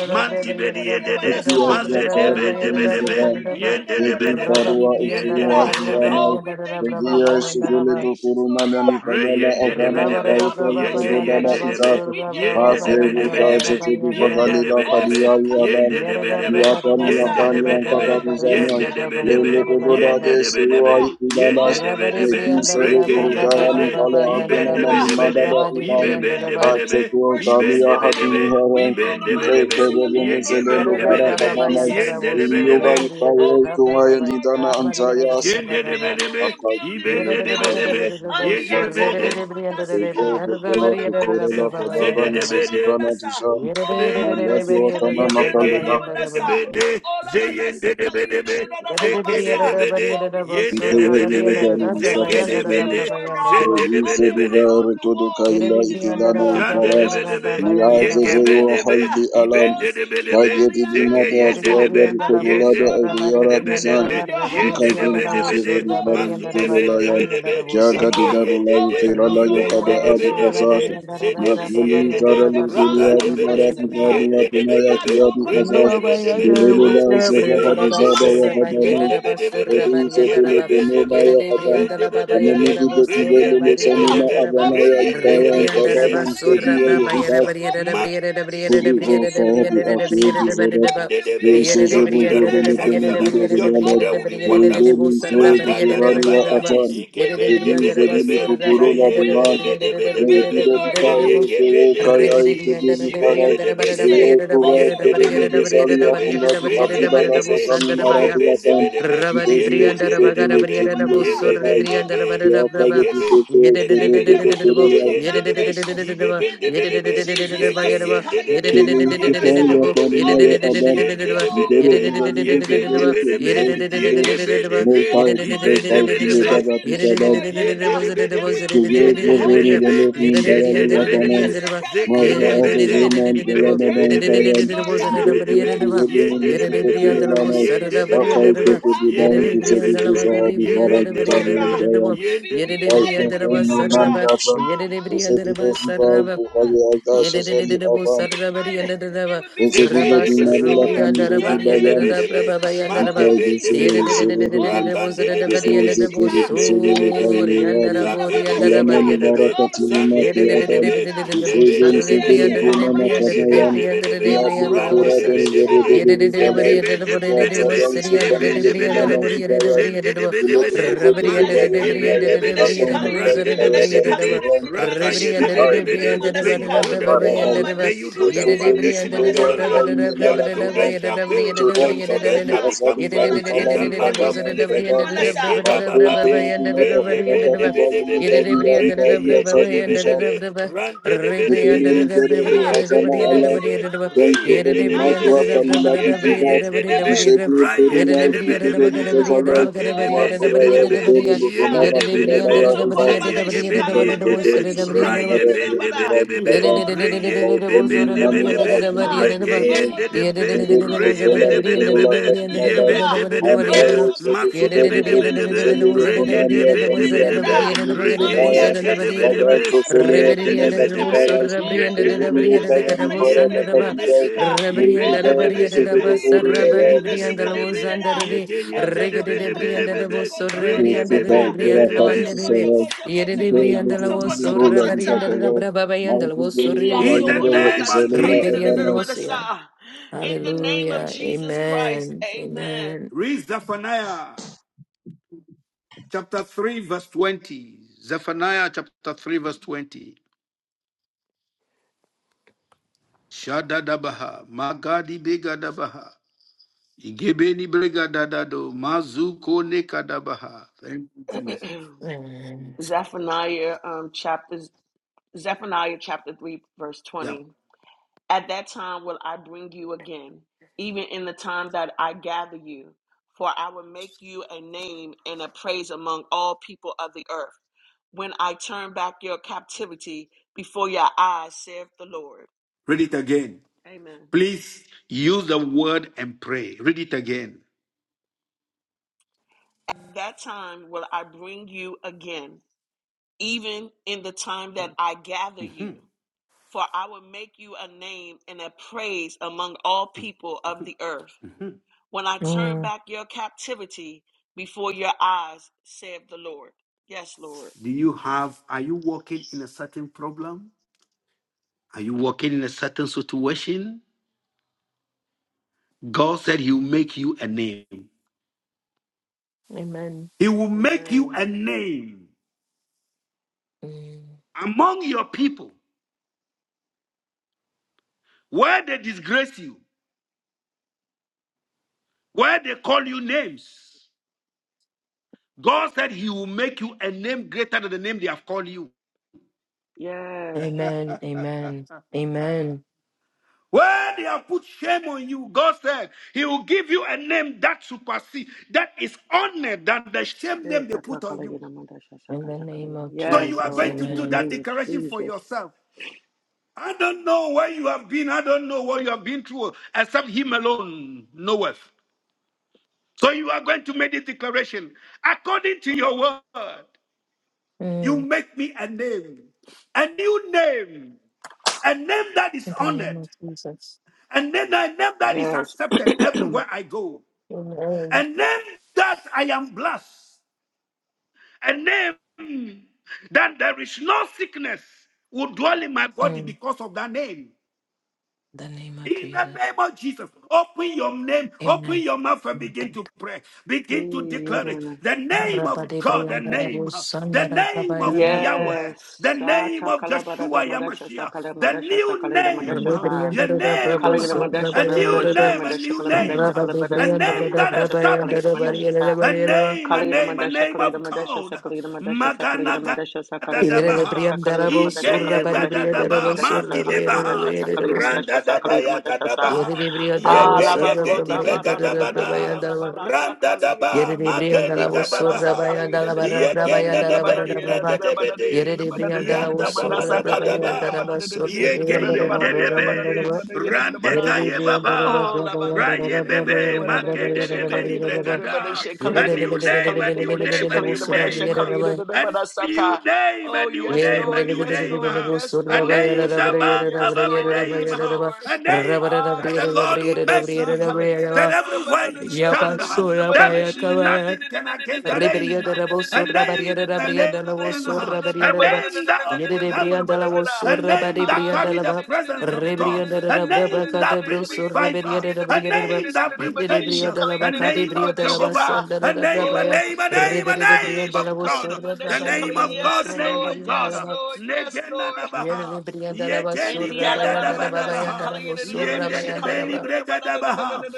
E: na
B: mantibediyedede,
D: kalayinadadadabadasa.
E: kiasi cha
D: All about that
E: sehemu
B: mazedebedebedebe,
D: Sakali-
E: kadhaa
B: yendedebedebe,
E: kutoka wa usio wa
B: yendedebedebe.
E: kiama
D: Oh, we thank
C: Baba,
D: you
C: Baba,
D: for
E: kuingia
D: holy
E: shufili
D: foundations,
E: tukuruna
D: Lord
E: ndani
D: God.
E: fadala
D: We
B: Reyende
D: thank
B: de
D: you,
E: afala
D: Lord
B: bedebe,
D: God,
E: kaita
D: for
B: yege
E: itododala
B: yende
D: restorations.
B: de be,
E: izate
D: We thank you
B: yende de
D: for
E: fasegu
C: Baba,
B: bedebe
D: repair
B: de
E: sace
D: and
B: be,
E: sedu
D: rebuilding.
B: yende de
E: fadalila
D: Oh,
E: fadia
B: bedebe,
D: Sakali-
E: ya dal
B: yende de, bedebe,
E: miaka
B: yende de
E: miakani
D: all
B: bedebe,
E: ankadari
D: about that sea
E: zana
B: yende
D: color.
B: de bedebe,
E: lele tododa
B: yende
E: de
B: de
E: siwa
B: bedebe,
D: All
B: yende
E: itidalash
B: de
D: about that sea
B: bedebe,
E: Negi
D: color.
B: reke
E: sebedo
B: yende
E: hudayani
B: de
E: kala
B: iben
E: hatuna
B: de,
E: na
C: Yandarabo,
E: ni
B: bedebe de
E: madada
D: Oh, we
C: Surabadi
D: thank
E: ilani.
D: you
B: ibeben
D: that
B: de
C: Briandaraba.
D: we're
B: bedebe,
E: Hatse
D: building
E: kuwa
D: worshipers
B: iben
E: kamiya
D: in
B: de
D: the land.
B: bedebe,
E: hatuni
D: We're
B: iben
D: building
B: de
D: believers
B: Reyendedebedebe,
D: in the land, Lord
E: Nzekelelemuzelelo
D: God. We're
C: Yarada
D: building
B: yegeyendedebe,
C: braba
E: harapabanai.
C: bayandara
D: intercessors in the
C: wosu
D: land,
B: yendedebedebedebe,
E: Yehova
D: Lord.
B: de, yendedebedebe,
C: regeri yandara
D: Oh, we
E: yutayeku
C: braba
D: thank you, Lord
E: wayendidana
D: God.
C: bayandara
D: We are
C: bariyara
E: anjayasa.
D: building,
C: braba
D: we're
C: baba.
D: building,
B: yendedebedebe, de yendedebedebe,
D: we're
B: yendedebedebe, de, ibendebedebede,
D: building,
E: Apakindele
D: we're
B: ibebendebedebe, de ibendebedebe, yegebendebedebe,
C: Yarada da da da
E: bukhari
C: da
D: building.
C: da da
B: yendedebedebe,
C: da
E: yadivali
C: wosu
E: vanilada.
C: regeri
B: shendedebedebe,
C: de briyandara de
E: Bego
C: briyara
E: begeya
C: bariyara da
E: tekorela
C: braba
B: de
E: hadavan
C: bayandara ba.
B: yegebedebe,
E: sezivana dijani.
C: Yarada da
B: be
C: da da da da
E: Maliyati
C: bariyara
E: watana
C: da braba
E: nakali
B: yege
E: bahali
C: bayandara ba.
B: yebe
E: bahali.
B: de zeyende de be de be
C: Yarada da
B: zeke de
C: briyara da
B: be de
D: Oh,
C: bariyara
D: we
C: da
D: thank you
C: wosu
B: yende
D: that
B: de
E: Niteye
D: we're
B: be de
E: yuwe
D: picking
C: rabariyara
B: be
D: up
E: gari
D: the
C: da braba
D: baton
B: zeke
D: to
C: yandara da
B: be
E: misata
D: build,
B: de
C: braba
D: Lord
C: yandara
D: God.
C: ba.
B: zende de be
D: Oh,
E: Produce
B: de
D: that
B: be de
D: we're
E: duvare
D: on the
E: todo
D: wall
E: kaila
C: Yarada
D: building, Lord
E: itilana
C: briyandara da
D: God.
B: shande
C: braba
B: de
E: imparas.
B: be
C: yandara
D: Oh,
B: de
D: so
B: be
E: Miaze
B: yege be
E: zeyo
B: de be
E: haldi aland.
D: Oh,
B: ibende de be de be
E: Kageti
B: zege
E: dinata
B: yende
D: sikiriariaradiasa.
C: Rebriandara
B: de
E: askuaga di
D: I thank you,
E: tebulada
B: be
D: Lord God, that
E: eliora
D: we're
E: dizan.
B: Yendedebedebe,
D: rebuilding your house,
E: Nkagen
D: Lord God.
E: ziseve
B: yendedebedebede,
D: Oh,
E: duvare itelo
D: badiasa
E: layan.
B: masudebedebedebe,
E: Kiaga di
B: rege
D: kanamandishika.
E: darula
D: oh, it's
B: yendede,
E: itelo
D: built
E: layo
D: on the
E: kada
D: word of
E: adu
D: God.
E: asasha.
B: ibendedebedebede,
D: It's built with the
B: zedebidi
D: spirit
E: Mateli
D: of
E: tara
B: yendede,
D: God, the power,
E: lubilia di
D: the
E: mara
B: rakadebede,
D: presence
E: di
D: of
E: mara
D: God.
E: di atumaya
D: India
B: yendedebedebe,
D: to
E: kiabi asasha.
C: Yalla baya
D: kolabadadishi.
C: da
E: Delelo
B: rendedebedebedebe,
E: la
D: Ande
C: basura
D: si
B: rebe
E: zefaka
C: brianda da
E: dizada
B: yebebe,
E: ya
C: basura
D: kolamandase.
E: hadana
C: barianda
D: Oh,
C: da
D: la la ba ba ba
B: ibendebedebebe,
C: basura
D: ba da
E: Ladies
D: da
E: of
D: ba
C: barianda da
D: da da
C: ba
D: da ba
B: yegebedebe,
D: da
C: Yere
E: Levenomaya
C: de
E: Hadam,
C: brianda da ba
B: ibendebedebebe,
C: bayanda da
E: Amanidi
D: da
B: re
D: da
C: basura
E: Betivelo
D: da
C: bari
D: ba Oh,
E: Sanina
B: yendedebedebe,
C: brianda da ba
B: re
D: Oh,
E: Avanaya
D: la li
C: re
E: Ikaya
D: ra
E: and
D: ta
C: brianda da
B: yendedebedebede.
D: si ka
E: Kavalam
D: li da
C: basura
E: Sediwa
D: da
C: bra
D: da.
C: bayera
E: Yehidas,
B: Jesus
D: Oh,
C: bariera
D: la
C: da
B: my
D: ba di
C: briera da
D: ti
C: briera da
D: si ka
E: Huruvyo
C: briera
D: li
C: da
D: da da
E: sahibi
D: da
C: briera
D: ba
C: da briera
E: akiyeji
D: sa.
C: da bari
E: zodat
C: da ba
D: Oh, we're
C: yere
D: builders.
C: de
E: veiseze
B: your
D: We're
B: children
C: brianda
B: will
C: da da
E: bugodonu
B: be
D: master
E: donu
C: briera da
B: excellent.
E: gido
D: builders.
B: Your
E: hulalet
C: briera
D: Oh,
B: children
C: da
B: will
D: we're
B: be
C: briera da briera da da de
D: builders.
B: wonderful.
E: leizeli
D: We're
C: basura
E: sehe
D: building.
C: bariera
B: Magada
C: da
B: da
E: kuturani
D: We're
E: ya
C: bariera da
B: bada.
C: ba
D: building.
E: atani
C: yere
D: We're
C: de
B: Igebe
E: dedi
B: debe
C: brianda
D: building.
C: da
D: We're
B: debe
E: zedili
B: be.
C: basura
D: building.
E: tuturula
C: barianda da
D: We're
B: Reyende
C: da
E: dinani
B: debe
C: briera
D: building.
C: da
B: debe
C: da
D: We're
B: debe
C: briera da
B: be.
D: building,
E: leibide
D: Lord
C: briera
E: bitaye
D: God.
C: da
D: In
E: seye
B: Reyegebe
D: the name
B: debe
D: of
E: kayayi
C: Rabari
D: Jesus.
E: kudiri karay
B: ibende de be de be
D: Shikunamandice.
E: leye kuve
D: Also,
B: yende de
E: kereli
B: be de be de
E: bizali
B: be be
D: kolabadadidididabada, so
E: yakundadi
B: re
E: atila
B: yende
D: kolabada di di da ba da so kolabada
E: la
B: de
D: di
B: be
D: di
E: sazani
B: ige
E: marabi
D: shika.
B: bende
D: Oh,
B: be
E: yatan
B: de
D: la
B: be
D: ba di ya
B: ye
E: dedi
C: Brianda
B: bende be
D: da
E: yetizedi
B: de
D: da
C: Rabagada
D: da
B: be be
D: da
C: Brianda
E: yekiri
D: ba da
C: Rabo
E: yeri
B: ye
D: da.
B: be
C: Sorre
B: be
E: vadayi
B: de
D: Oh,
C: Brianda
D: ba
B: be
D: da da
C: Rabada
D: da
E: Yaka
D: da
C: Brava
D: da
B: ige
E: yedi
D: da.
B: be
E: dede
D: We
E: sene
D: thank you that
B: Yendebedebe,
D: we're
C: Yedidididididididabo
D: laying the
B: zeyendedebe,
D: foundations
C: Yedididididididididaba
D: in the name of
B: ibebendebedebe,
D: Jesus.
C: Yedididididididididiba
D: Let's see.
C: Yedaba
D: ka la ya
E: To
D: da
B: yegeyendedebe,
D: da da da
E: be
D: ba da
E: social,
D: sa.
E: you're
C: Yedidididididididididabo
E: going to
D: Oh,
B: yebendebedebedebe,
D: we're destroying the
C: Yedidididididididididaba
E: be able to get
D: old,
B: yendedebedebe,
E: results.
D: Lord God.
E: You're
D: The
E: going to be
D: old
B: yebendebedebe,
E: able
D: satanic
E: to build
D: foundations,
C: Yedidididididididididaba Yedidididididididididaba
E: more
B: yegebedebe,
D: the old
E: sales, more sales,
D: demonic
E: more
D: foundations
B: ibendebedebe,
C: Yedididididididididididaba
D: are
C: Yere
D: being
E: sales.
D: destroyed, Lord
B: Yende
D: God.
B: de be de
D: And
B: be,
D: we're
E: You're going
B: yende
D: building
B: de be
D: holy
B: de
E: to be able to
B: be,
E: get more people
D: foundations.
E: interested
B: yende
E: in
B: de,
E: your
B: be de
D: Andia
B: be,
E: product.
D: se ka la ya
E: More
B: zeke
D: da
B: de
D: ba
E: sales,
B: be
D: do
B: de
D: so.
E: more sales.
B: ibe
D: We're
E: You're
B: de be
D: repairing
B: de,
E: going
D: the
B: be,
E: to be able to
D: breach,
B: ibe
D: Lord
B: de
E: get more
D: God.
B: be de be,
D: Oh,
E: people
D: shikala,
B: yende de
D: yada,
B: be
D: da,
B: de
D: da,
E: interested
B: be,
D: da,
E: in
B: yende de, be
E: your
B: de
D: da, ba, da, da, ya, shika.
B: Yendedebedebe, de
D: Well,
B: yendedebedebe, de
D: however we got
B: ibendebedebe,
D: separated
B: ibendebedebe, yendedebedebe,
D: f- from you, Lord
B: yendedebedebe,
D: God,
B: de
D: we'll be
B: yebendebedebe,
C: Yedidibidi
D: reunited
C: and
D: with
C: Deba
D: you, Lord God.
C: Saraba,
D: Our
C: Yedidibidi and
D: house,
C: Deba
D: our
E: product.
C: Saraba,
D: bloodline,
E: More sales,
D: our name will
C: Yedididididibu
E: more
D: be
E: sales.
C: sarrabari
D: reunited. It
C: yandaraba,
D: will be
E: Esetiba
D: repaired
C: raba
D: and
E: Marula
C: sarrubri
B: Zikididibidibidi,
D: restored in
E: Kandidi
C: yandarabari
D: the name of
E: Bayan,
C: yandaraba,
B: santidibidibidi,
D: Jesus.
C: raba
D: Shikola,
C: yandaraba.
D: ba,
E: Mikhail
D: da, ya,
E: Selim
D: shika.
B: mandibidibidibidi,
D: Oh,
E: Selim,
C: Yedidididididididibu
D: shikola, ba, da,
C: sarrabari
E: Yusuf
D: ya,
B: rakandidibidibidi,
C: yandaraba,
E: Zetiri
D: shika.
E: Selim
D: Oh,
B: yibidibidibidi,
C: suri
D: sekala
E: Kayuniyadan,
D: yedena
C: yandaraburi yandarabari
D: badashika.
E: Alaman
B: zakidibidibidibidi,
C: yandaraba.
D: Oh,
E: Barakati
C: Yet
E: Numati
D: sekindini
E: Adam,
B: zantidibidibidi,
D: arota.
E: Usubun
D: Mandia
E: Selim
B: zibidibidibidi,
D: sekala
E: Fumana
D: badashika.
E: Kadayan,
B: yikibidibidibidi,
D: Oh,
E: Diabli
D: sokola
E: Kuradan
B: rantidibidibidi,
D: badishika.
E: Verebu
D: Oh,
E: Bilgalai,
D: sekini
B: zikibidibidibidi,
E: Yatadan
D: ateketi
E: Sukamin
D: alabadashika.
E: Vedimana
B: yibidibidibidi,
E: Hidayat,
D: Oh,
E: Yilebe
B: zindidibidibidi,
D: so call
E: Tede
D: him on
E: Vedu
D: that. She color
E: Vayan
D: you the
E: Inayad
D: man
B: mandikibidibidi,
D: that she
E: Aton
D: color you the
E: Musai
D: man that she
E: Kayadan
D: color
B: randidibidibidi,
D: you the
E: Tuhan,
D: man that she color you the
E: Haideți să
B: rakayibidibidi.
D: man
E: le
D: that
B: May
D: she
E: vedem
B: you
D: car.
E: la
B: build a
E: divara la
D: All
B: wall.
D: about that
B: May you
D: she
E: Dumnezeu
B: build
D: color
B: build
D: you
B: the
E: Iisus,
D: the
B: foundation
D: man
B: of
D: that
B: your
D: she car.
B: generation.
E: Iisus,
D: All
B: Your
E: la
D: about that
E: divan,
B: children
D: she
B: shall
D: color you the
B: build. Your
E: Cerai va
D: man that
B: children
D: she
E: tăbi
B: shall
D: car.
C: Yet
E: asari
B: become
E: la
D: All
B: great
D: about that
B: in
E: insala
B: the
D: she
E: mi
D: color
B: land
D: you
E: kavana
B: of
E: in
B: living.
D: the man
E: kadafa.
D: that she.
E: Ma
B: Nekeda
E: jen teni
B: bababe,
D: Oh.
E: di mada i
B: reyebe
E: vakadi wa yuli
B: nebedebebe,
E: tabi
B: rekeye
E: asari bishan.
B: dedebedebe,
D: Ah, see,
E: Gidelim
D: ah,
B: randedebedebede,
D: see, ka.
E: gerere azama
B: yekebe
D: Oh,
E: alan.
D: see,
B: debedebe,
D: come
E: Ben
D: and do.
B: reye
E: kederi
D: Ah,
E: madwa
D: see,
B: dedebedebe,
E: tamila
D: kolabada.
B: yebeye
E: vicizati.
D: Oh,
B: dedebe,
E: İşebi
D: saka,
B: raye
E: feruna eski
D: sike,
E: kederi
B: dedebedebede,
D: sika.
E: gazalay.
D: Oh,
B: rakedebe
D: see,
E: Muhatala ya
B: debedebe,
D: kalabada,
E: yukarı lübunana
D: shika.
E: filala
B: yedebedebe,
E: ya
D: Moto
E: hidatı.
D: kolabada shikala
E: İkel
D: badu de
E: koca
B: zeyegebediendede,
D: badi
E: size
D: shikala
B: raye
D: yede
E: lübunana
D: de bada.
C: Rebrianda,
E: yerlillahi
B: Yebendebedebebe,
E: kadan.
D: Oh la bada di di
E: Mağdurun
D: di de de de
E: imanına
D: bada
B: reyebebendebedebe,
E: adına
D: sika. Oh
E: hadizayan.
D: la bada
B: regeyendedebe,
D: di di di
E: İçereli
D: de de de
E: kesola
D: de de de de de
E: ekvelula
B: reyebedebedebebe,
D: de de de de de de
E: kadimadan.
D: da.
B: yebendebedebebe,
D: Oh
E: Mantayo
D: sakala
E: şebi
D: yede de
E: şibari
D: de de
E: dedi
B: maksudebedebedebe,
D: de de
E: güzeli
D: de de de de de de de
E: yukunaniya
D: de de de
E: kaniyam
D: de da.
B: regedebedebedebe,
E: yadını
D: Andia
E: bidigaya.
D: tese
E: Bagan
B: regeyendedebedebe,
D: kendiria rota
E: Tosele,
D: bada
E: Penanga
D: sika.
B: yendedebedebe,
E: Ivaras,
D: Oh do
E: the
D: ya la
E: Yudi
D: manda
B: yendedebedebe,
D: se
E: Wokayan
D: kala yede
E: Para
D: de de de manda
E: Bakadiza,
B: yegedebede,
D: sika. Oh la
E: Muruva,
D: bada
E: the
B: ibendedebedebe,
D: shikala
E: Sheduru
D: yede de
E: Hori
D: de de de
E: Laya,
D: manda sikala yede
B: reyendedebedebe,
D: de da. Oto koto koto
B: yegeyendedebedebedebe,
D: koto koto koto
E: Kirsika,
D: kota.
E: Kira
B: reyebebendebedebe.
D: Also, kota
E: Kadisisara,
D: kota kota
E: Ipe,
D: kota kota
C: Yerebriandala
D: kota
C: so
E: Yudizero, La
D: kota ta.
C: rabariandala
E: Bibakaya,
C: brababayandala
E: Marku
C: was so
E: Gele,
D: India
B: In the
D: sokola
E: Wajinga,
C: riambriakarabo.
B: name of
D: badasi kala
E: Isela,
D: yada
B: Jesus.
D: da da da
C: Reberiandala
E: Abana,
C: was ya.
D: badasa.
E: Thank
D: In
E: you,
D: the
E: Father.
D: name of
C: Hallelujah.
D: Jesus Christ,
C: Amen.
D: Amen.
C: Amen.
B: Read Zephaniah chapter 3, verse 20. Zephaniah chapter 3, verse 20. Shadadabaha, Magadi Begadabaha, Igebeni Bregadadado, Mazuko Nekadabaha. Thank you, Jesus.
D: (clears throat)
C: Amen.
D: Zephaniah um, chapters. Zephaniah chapter three verse
B: Yeah,
D: twenty. At that time will I bring you again, even in the time that I gather you, for I will make you a name and a praise among all people of the earth. When I turn back your captivity before your eyes, saith the Lord.
B: read it again.
D: Amen.
B: Please use the word and pray. Read it again.
D: At that time will I bring you again, even in the time that I gather
B: Mhm,
D: you. For I will make you a name and a praise among all people of the earth.
B: mhm.
D: When I turn
C: Mm.
D: back your captivity before your eyes, saith the Lord. Yes, Lord.
B: Do you have, are you walking in a certain problem? Are you walking in a certain situation? God said He'll make you a name.
C: Amen.
B: He will make you
D: Amen.
B: a name
C: Mm.
B: among your people where they disgrace you, where they call you names. God said He will make you a name greater than the name they have called you.
D: Yes.
C: Amen. Amen. Amen.
B: Where they have put shame on you, God said He will give you a name that supersedes, that is honored than the shame
D: Yes,
B: name they put on you.
C: In the name of
B: So you are
C: Jesus.
B: going
D: Lord.
B: to
D: In the
B: do
C: Amen.
B: that
D: name of
B: declaration for
D: Jesus.
B: yourself. I don't know where you have been. I don't know what you have been through, except Him alone knoweth. So you are going to make this declaration. According to your word, you
C: Mm.
B: make me a name, a new name, a name that is
C: In the name
B: honored,
C: of Jesus.
B: a name, a name that is
D: Yes.
B: accepted everywhere I go,
C: Amen.
B: a
C: Mm.
B: name that I am blessed, a name that there is no sickness will dwell in my body
C: In
B: because of that name.
C: the name of
B: In the
C: Jesus.
B: name of Jesus, open your name, open
C: Amen.
B: your mouth and begin to pray.
D: (clears throat)
B: Begin to declare it.
D: Amen.
B: The name
C: Rabba
B: of
C: de
B: God, the
C: Briandala
B: name,
C: was
B: the
C: Sandara
B: name of
C: Rabba
B: Yahweh,
D: Yes.
B: the name
D: Sata
B: of
D: kalabada
B: Joshua
D: mandasha
B: Yamashiach,
D: sakala
B: the
D: mandasha
B: new
D: sakala
C: Yere
B: name,
D: madasha
C: de
D: sa.
C: brianda
B: your
C: la
B: name,
D: Kalagina madasha
B: a
D: na
B: new
D: madasha na
B: name, a
D: mandasha
B: new
D: kala
B: name,
D: madasha kala
B: a
D: mandasha
B: name
D: kalagina
B: that
D: mandasha sa kalagina
B: established
D: mandasha
B: you,
D: sa.
B: a name, a name, a
D: madasha
B: name of
D: mandasha kalagina mandasha sa kalagina
B: God.
D: madasha sa kalagina mandasha
B: Dadadabaha,
D: sa kalagina madasha sa
B: Igeye
D: kalagina mandasha kalagina
B: Dadadaba,
D: mandasha
B: Maki
D: madasha
B: Debaha,
D: mandasha sa kalagina mandasha
B: Randa
D: sa kalagina
B: Dabaya
D: mandasha sa kalagina mandasha sa.
B: Gadabaha, Yege Yege
D: Alabaroda,
B: Dibe
D: badada, badada,
B: Gadabada,
D: badada, badasa,
B: Randa
D: kali,
B: Daba,
D: badada, badada,
B: Mageni
D: badada,
C: osorra
D: badasa,
B: Gadabaha,
C: bayanda la
D: kali, Oh, la ba da da da da da da
C: barra
B: Yege
C: brabayanda la
B: Nenebeni
C: barra
D: da
C: brava.
B: Brege
D: da
C: Yere
B: Debede,
C: de brianda la
B: Yanda
C: osorra brabayanda la
B: Dabadabadaba,
C: basorra brianda
B: Yegeyendedebe,
C: la Yeridi
B: Randekaye
C: Brianda
B: Baba,
C: Brava and
B: Raye
C: Brava Brava
B: Bebe,
D: ba
C: Yada
D: da da
C: Brava
D: da
C: Yada
D: she
B: Magedebe
C: Brava
D: calling it
C: Yada
D: da da da
C: Brava.
D: da ba da
B: Libregada.
D: she calling
B: A
D: it
C: Yerida
B: new
D: big she
B: name,
D: calling
B: a
D: it ba
B: new
D: da she
B: name, a
D: calling
B: new
D: it ba da she
B: name.
D: calling it da da
B: A
D: ba da
B: new
D: saka.
B: name, a
D: Oh
B: new
D: yes,
B: name, a
D: Lord,
B: new
D: yes,
B: name.
D: Lord, yes,
B: A
D: Lord,
B: name
D: yes, Lord,
B: above
D: yes,
B: every
D: Lord,
B: name.
D: yes, Lord.
B: A name
D: Oh, la
B: that the
D: ba da da
B: Lord
D: da da
B: will
D: ba da
B: make
D: sha
C: Brianda
D: kala
B: you.
D: ya da
B: That
C: Brava.
B: everywhere you
C: Ya
B: stand,
C: pasó la
B: there
C: vaya
B: is
C: cabaya.
B: nothing can against the name.
C: Rebrianda la voz,
B: A
C: sorra, barianda
B: name,
C: la
B: a name
C: brianda la voz,
B: name, uh,
C: sorra,
B: a
C: barianda la ba.
B: name that
C: Yere
B: opened
C: de brianda
B: heavens,
C: la
B: uh,
C: voz,
B: a
C: sorra,
B: name
C: bari
B: that
C: brianda
B: carried
C: la
B: the
C: ba.
B: presence of God,
C: Rebrianda
B: a
C: la braba,
B: name
C: cade
B: that brings
C: bruso,
B: revival,
C: reberianda la
B: a
C: brianda la ba.
B: name that brings
C: Yere de
B: change, uh,
C: brianda la
B: a
C: ba, cade
B: name of
C: brianda la ba,
B: Jehovah,
C: sanda
B: a
C: la
B: name,
C: braba
B: a
C: ya.
B: name, a name, a
C: Rebere de
B: name
C: brianda
B: of
C: la voz,
B: God,
D: ma
C: sorra,
D: da
B: the
C: braba
D: sha kala.
B: name
C: yanda la
B: of
C: voz,
B: God, the
D: yes,
C: sorra,
B: name
D: Lord,
B: of
C: barianda la
D: yes,
B: God.
C: ba.
D: Lord, yes,
B: Legena
D: Lord.
C: Yere
B: nabaha.
C: de brianda la ba,
B: Yekeni
C: sorra,
B: geda
C: bayanda la
B: daba
C: ba, bayanda la voz, sorra,
B: Yende de
C: bayanda la
B: beni
C: ba.
B: brega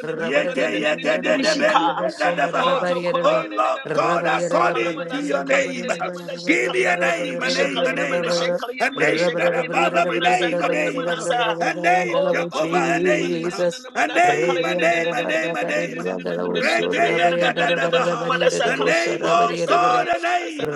C: Oh,
B: Yege yege de beni brega Oh Lord God, according to your name, give me a name, a name, a name, a name that above every name, a name, a name, Jehovah, a name,
C: Jesus.
B: a
C: Rabba
B: name, a name, a name, a name. Reggae yega dabaha. A name, oh God. God, a name.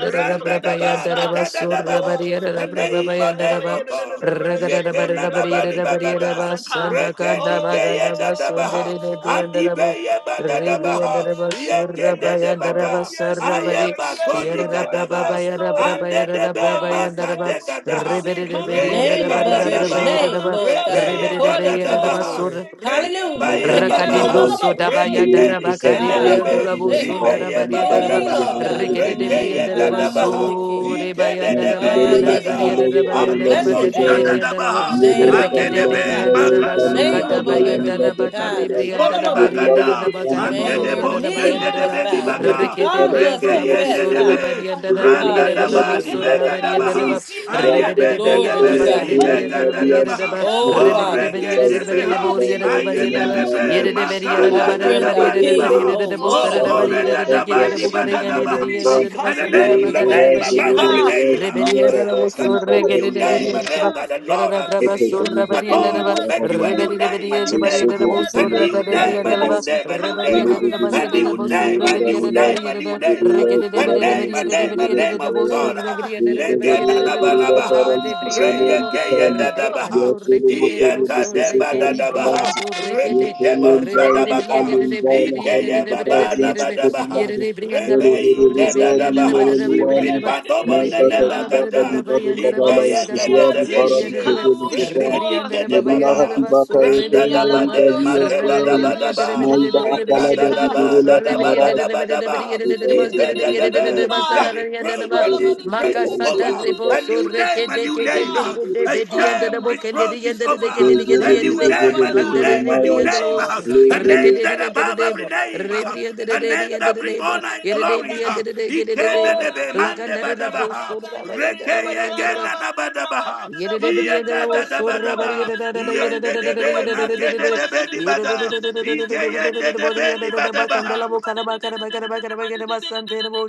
B: Randa daba, makada daba.
D: Oh, la ba da
B: A
D: da da ma
B: name,
D: da
B: a
D: sa ka
B: name,
D: la
B: oh
D: ya da da da da
B: God.
C: Rabba
D: da ma da she ka la
B: Yekena
D: ya da ba da da
B: nabali
D: da da ma da
B: bagada.
D: sa ka.
B: Rekeni keye dadabaha. Andi beye badadabaha.
D: Oh,
B: Yeke dede
D: yes, Lord,
B: baga.
D: yes,
B: Aye
D: Lord, yes,
B: bagoni
D: Lord,
B: kadaba.
D: yes, Lord.
B: Ande debe
D: Ah, si
B: makadeka
D: amando
B: daha
D: se
F: A
D: kana
B: reye
F: name
D: mandia
F: above
D: ti
F: every
D: she
B: kadadaba
D: kana
F: name, Lord God,
B: rebeye
D: mandasa.
F: according to your
D: Oh,
B: kadadaba
F: word.
B: reye
D: Sekilia
F: Hallelujah.
B: baya
E: Mangani
C: Rakade
D: Ramandia,
B: babaha
E: Kilada,
C: broso
F: Ekedadadadadabo.
C: dabaya
E: Mele,
D: Sikalayeti,
B: regeni
C: darabaka de
B: kede
E: Kisadiba,
F: Ah, your
B: debe
C: briandolabo
F: second,
E: Bakadam,
C: son
D: Shikalabaritia.
B: ribeye
E: Parakali,
C: darabaria
D: Oh,
F: Give
C: daraba
E: Arya,
F: me, Lord
B: babadabaha
F: God, a
E: Yehuda,
F: new
C: regede de
E: Ibani,
F: name.
B: rekeye
C: briandaraba
E: Israel, Yola,
B: kadabaha
F: Haramosiki.
E: Hassan,
C: so rebaya
B: ikede
E: Thank
B: debe
F: Ah,
C: darabaya
D: Sekalayeti,
F: yes,
C: darabaria
B: nibada
F: Lord.
C: darabaya
D: Shikalayeti,
B: arobo
C: darabaka
F: Blessed
C: de
D: Shika.
F: be the
C: briandalabo
D: Ah,
B: shadadabaha
F: name of the
B: ande
C: regede
F: Lord.
B: debe
F: Ah,
C: bediandaraba
F: the
C: suka
B: makadadaba
F: name above
C: dabaya
B: nibada
F: every name.
C: darabaka
F: Ah,
C: de
B: Ande kori
F: The
C: briandarabaria
B: bagada,
D: Shikalayeti,
F: the
C: darabaka de
D: Shika.
B: ande
F: name where
B: de
C: boruria
F: every
B: bo
C: darabaya
F: knee
B: shende de
F: must
C: daraba
B: beni
F: bow and every
B: baga,
C: regede
F: tongue must
B: rege
D: Ah.
C: briandalabo
B: yende
F: confess.
C: so
B: de
F: Ah,
B: be,
C: rabaria darabaria
B: randa da
C: darabo
B: ba
F: hallelujah.
B: ni
C: so
B: bega da
C: rabaria
B: baha,
C: daraba
D: Ishikalamiyati-sika.
B: aye
C: Rebede de
B: bende de
F: Glory
C: Beria
D: Oh,
B: be
C: da
F: to
C: Baca
B: ni
C: de
F: God.
C: Beria da
B: bega
C: la
B: da da
C: Baria da
B: baha,
C: Ba,
D: Sikalayanadishika.
F: Oh,
B: o
C: Rebede de
F: Father.
C: Beria
D: Oh,
B: rege
C: de
B: de
C: Bede de
B: beha,
C: Boria
D: Simiate
C: da
B: aye
C: Baria
D: Kiti
B: be
C: da
B: be be
C: Yere de
B: maga
C: Beria da
F: our
B: da
D: Alamanadishika.
C: Bada
B: da
C: da
F: strength,
B: da
F: our
C: Baria
B: ba ni
C: da Baria
F: peace.
B: baha,
F: Oh
C: da
D: Oh,
C: Bosa
F: Lord,
B: o
F: I
D: so
C: da Baria
B: kore
F: thank you.
C: da
B: da da
C: Gede
B: ba
D: kolabarandia
C: de
B: ni
D: she
B: ba da
C: Bugarega
B: da
C: de
D: kalamanadi
C: Dia da
B: baha,
D: she
E: you.
B: and the
C: Wasanda
E: Ele
C: da
F: Lord,
B: name,
F: we
B: the
C: Baga
E: te va
F: thank
C: da
E: a
B: name
D: kalayanadi
F: you.
E: hacer
D: she
C: Baria
E: el
B: above
E: resto
C: da
B: every
D: ka.
B: name,
E: de
D: Oh,
C: Rebedia da la
D: so
B: oh God
C: Vosso
E: la
C: Regede
B: new
C: de
E: vida,
D: kolabarandi
B: name,
D: she
E: la
B: a name
C: Beria
D: ka.
B: that the Lord
C: Yarada
B: has
C: braba
B: given
D: Asi
E: Epeke
B: you.
C: surra
E: the
B: A
C: bari
D: kalayanadi
C: and
B: God
C: deba
B: who make you
D: aridi
B: a
D: ali
E: yahamina
B: new
C: rebedi
B: name,
D: ari
B: a
C: debedi and
B: new
C: debari
B: name,
C: and
E: zezobe
C: debu
B: a
D: adi
E: zele
C: surra
B: new
D: ari
E: zele
C: gadebri
B: name,
D: adi
C: and
B: a new
C: deleba
E: kabazi
D: asi
B: name, a new
C: rebedi
B: name,
E: ele
C: and
E: de
D: kalabaria
E: de de
C: debari
B: a
C: and
D: sa.
B: new
E: de
C: debu
B: name,
E: yuri
C: surra
B: a
E: da
D: Oh,
C: beri and
B: new
D: si
E: bila
B: name,
C: debari
B: a
C: and
B: new
C: deb
E: de
D: kalayanadi.
B: name,
E: de ya
C: regedi
B: a
C: debedi
E: kurada
B: name,
C: debedi
B: a
E: mese
C: and
B: name,
E: zele
B: a
C: debedi
E: de
C: and
B: name of
C: debu
E: kutraya
B: God.
C: surra beri and
E: de de of
C: debedi
D: Oh.
C: and
E: de
C: debu
E: kuri da
C: surra
E: kara
B: Negenanabanaba,
E: yiki
C: badebri and
E: zele
C: delebo
E: dikani
C: rebri and
E: ya
B: reyegeyedadabaha,
C: do
E: chele
C: rekede
E: mote
C: bro
E: de de se se
C: surre
E: kari
C: kedi bri
B: iyekadebadadabaha,
C: and
E: alati
C: do
E: ye
C: rekede
E: kele
C: rebedi
E: nzairi
C: debedi
E: ale
C: and
E: nzaina
B: rekideboshadabaga,
C: debedi
D: Oh.
C: and
E: khali
B: Keye
C: debedi and debedi and
E: ndakati ya
B: babana
C: debedi and
E: msukuri
B: badabaha.
E: nade
C: debedi and debedi and debedi and
E: ere
D: Oh
E: de de
B: Rebei
E: de
C: debedi
E: zani
D: Lord,
C: and
E: yere
B: kedadabaha.
D: (laughs)
C: debedi and
D: Shikala
E: luwane
C: debedi
D: Yedidi
B: Ripandobo
E: Mankata di
C: Ribriandala
D: Shika.
E: baka
C: la
E: di
B: nenebagada.
C: braba
E: bado
C: yandala
D: Oh
E: kadala
C: baba
B: Ikeye
C: yandala
E: istizya
C: bosu
E: di
D: Simiati
E: fara di
D: Shika
C: ribriandala
B: kededebeduze.
C: ba
E: kefe di sefan.
B: Rebeni
D: Woshukor.
C: ribriandala baba
E: Medina
C: yandala
E: hati
B: kedebaba.
E: baka
C: basu
E: eke
D: India
E: uwe
C: ribriandala
E: di
C: la
B: Randadabade
D: Lamondo
E: bagi
D: so
C: reberi de
E: esteyawi.
D: Kolabada
C: briandala
B: makedadabadaba.
C: beri
D: Shika
C: de
E: Maida
C: beri de
D: Abadi
C: beri
E: akala
C: yere
E: da
C: de
E: di
C: de
D: Shika.
B: Rikadadaba
C: bosu
E: durula di
D: Ola
E: maras.
C: ribriandala de
D: bada
C: la
D: di-
C: de
D: di- di- di-
C: beri
B: dadabadadabadaba.
C: la
D: di-
C: de de
E: Eka
D: di-
C: bosu
D: di-
E: di
C: de de
D: di- di- di-
E: duru
D: di-
E: di
D: di-
C: yere
D: di-
C: de
D: di-
E: bari
C: de
D: di-
B: Ibededebe.
E: di bari.
B: The
C: basala
D: da.
C: ribriandala
B: reproach
C: ba
E: Eka
B: and
D: Ola
E: di
D: bada di- di-
B: disgrace
D: di-
E: kukera
D: di-
B: is
E: di
C: makasa
D: di- di-
C: da
E: seri
D: di- di- di-
B: over.
D: di- di- di-
E: sobat.
B: A
C: rebosu
B: new
D: di-
B: name,
C: reke
B: a
D: di-
C: de
D: di-
B: new
D: di-
C: ke
E: Eka
C: de
B: name
E: di
B: name,
C: de
E: ni
D: da.
B: uh,
C: de
E: bari
C: de
E: di
B: a
C: bedi
E: tenama.
C: yandala
B: shame,
D: Ola
C: bo
D: bada
C: kende
D: di-
C: de
B: reproach
D: di- di-
B: is
D: di-
C: yandala de ke
D: di-
B: over.
C: de
D: di- di- di- di- di-
C: de
E: Eka
C: yere
E: di
B: A
D: di-
E: di
B: new
C: de
E: kefe
B: name,
E: di
B: a
D: di- di da.
B: new
E: kefe di
C: langdara
B: name,
C: de
B: a new
E: mayas.
C: briandala
B: name,
D: Oh,
C: bosu
B: uh, a
D: Sakala,
E: Levele
C: reke
B: name
D: yedini
C: de de
B: that
D: labada
C: yandala
D: di
B: above
C: de
B: every
C: bo
D: labada di
B: name, uh,
D: labada di labada
C: ribriandala
B: a
C: de de
D: di
B: name that
C: yandala
D: labada di labada di
B: brings
C: de bo
D: labada
B: honor
D: di
B: and
C: yere
D: labada di
C: de
B: glory.
D: labada.
C: briandala de
B: He
C: ke de de
B: can
C: de
D: Oh, la
B: the
D: ba da
B: man
D: dee
B: the
D: da
C: Lakandara
D: da
C: bro
D: ra
B: badabaha,
D: da
C: sorra
D: ye da
C: baya
D: dee da
C: dara
D: ba
B: reke
C: bariya
D: ra
C: dara
B: again
D: da
C: ba.
B: and
D: ba ri da da ba ri
B: abadabaha,
D: da da
C: Yere
D: ba
C: de
D: da
B: he
D: da
C: beriya
D: da da
C: dara wo
D: ba
B: agada
D: da da
B: the
D: da
C: sorra
D: da ba da
C: bariya
D: da
B: badaba,
C: da
D: da da
C: da da
D: da
C: da
B: he
D: ba da
C: yere
D: da
C: da
D: da
B: ended
C: da da
D: da
B: the
C: da
D: da
C: da yere
D: ba
B: be,
C: da da da da
B: magede
C: da.
B: the
D: da da da da da
C: Yere da
D: ba da
C: da
B: bedibada,
D: da
C: da
D: da da da ba da da da
C: da
D: da
C: da
B: he
C: da
D: da da ba
C: da da da
D: da da
C: da
D: da
B: ended
C: da da da
B: the
C: bo de
D: da
C: yere
D: da da
C: da
D: da
C: da
D: ba
C: da
D: da
C: ba
D: da da da
B: bedibadabaha.
C: kandala
D: da
C: bo
D: ba da
C: kara
D: da
C: ba kara
D: da da da da da
C: ba kara ba kara ba
D: ba da da
C: kara ba sante de bo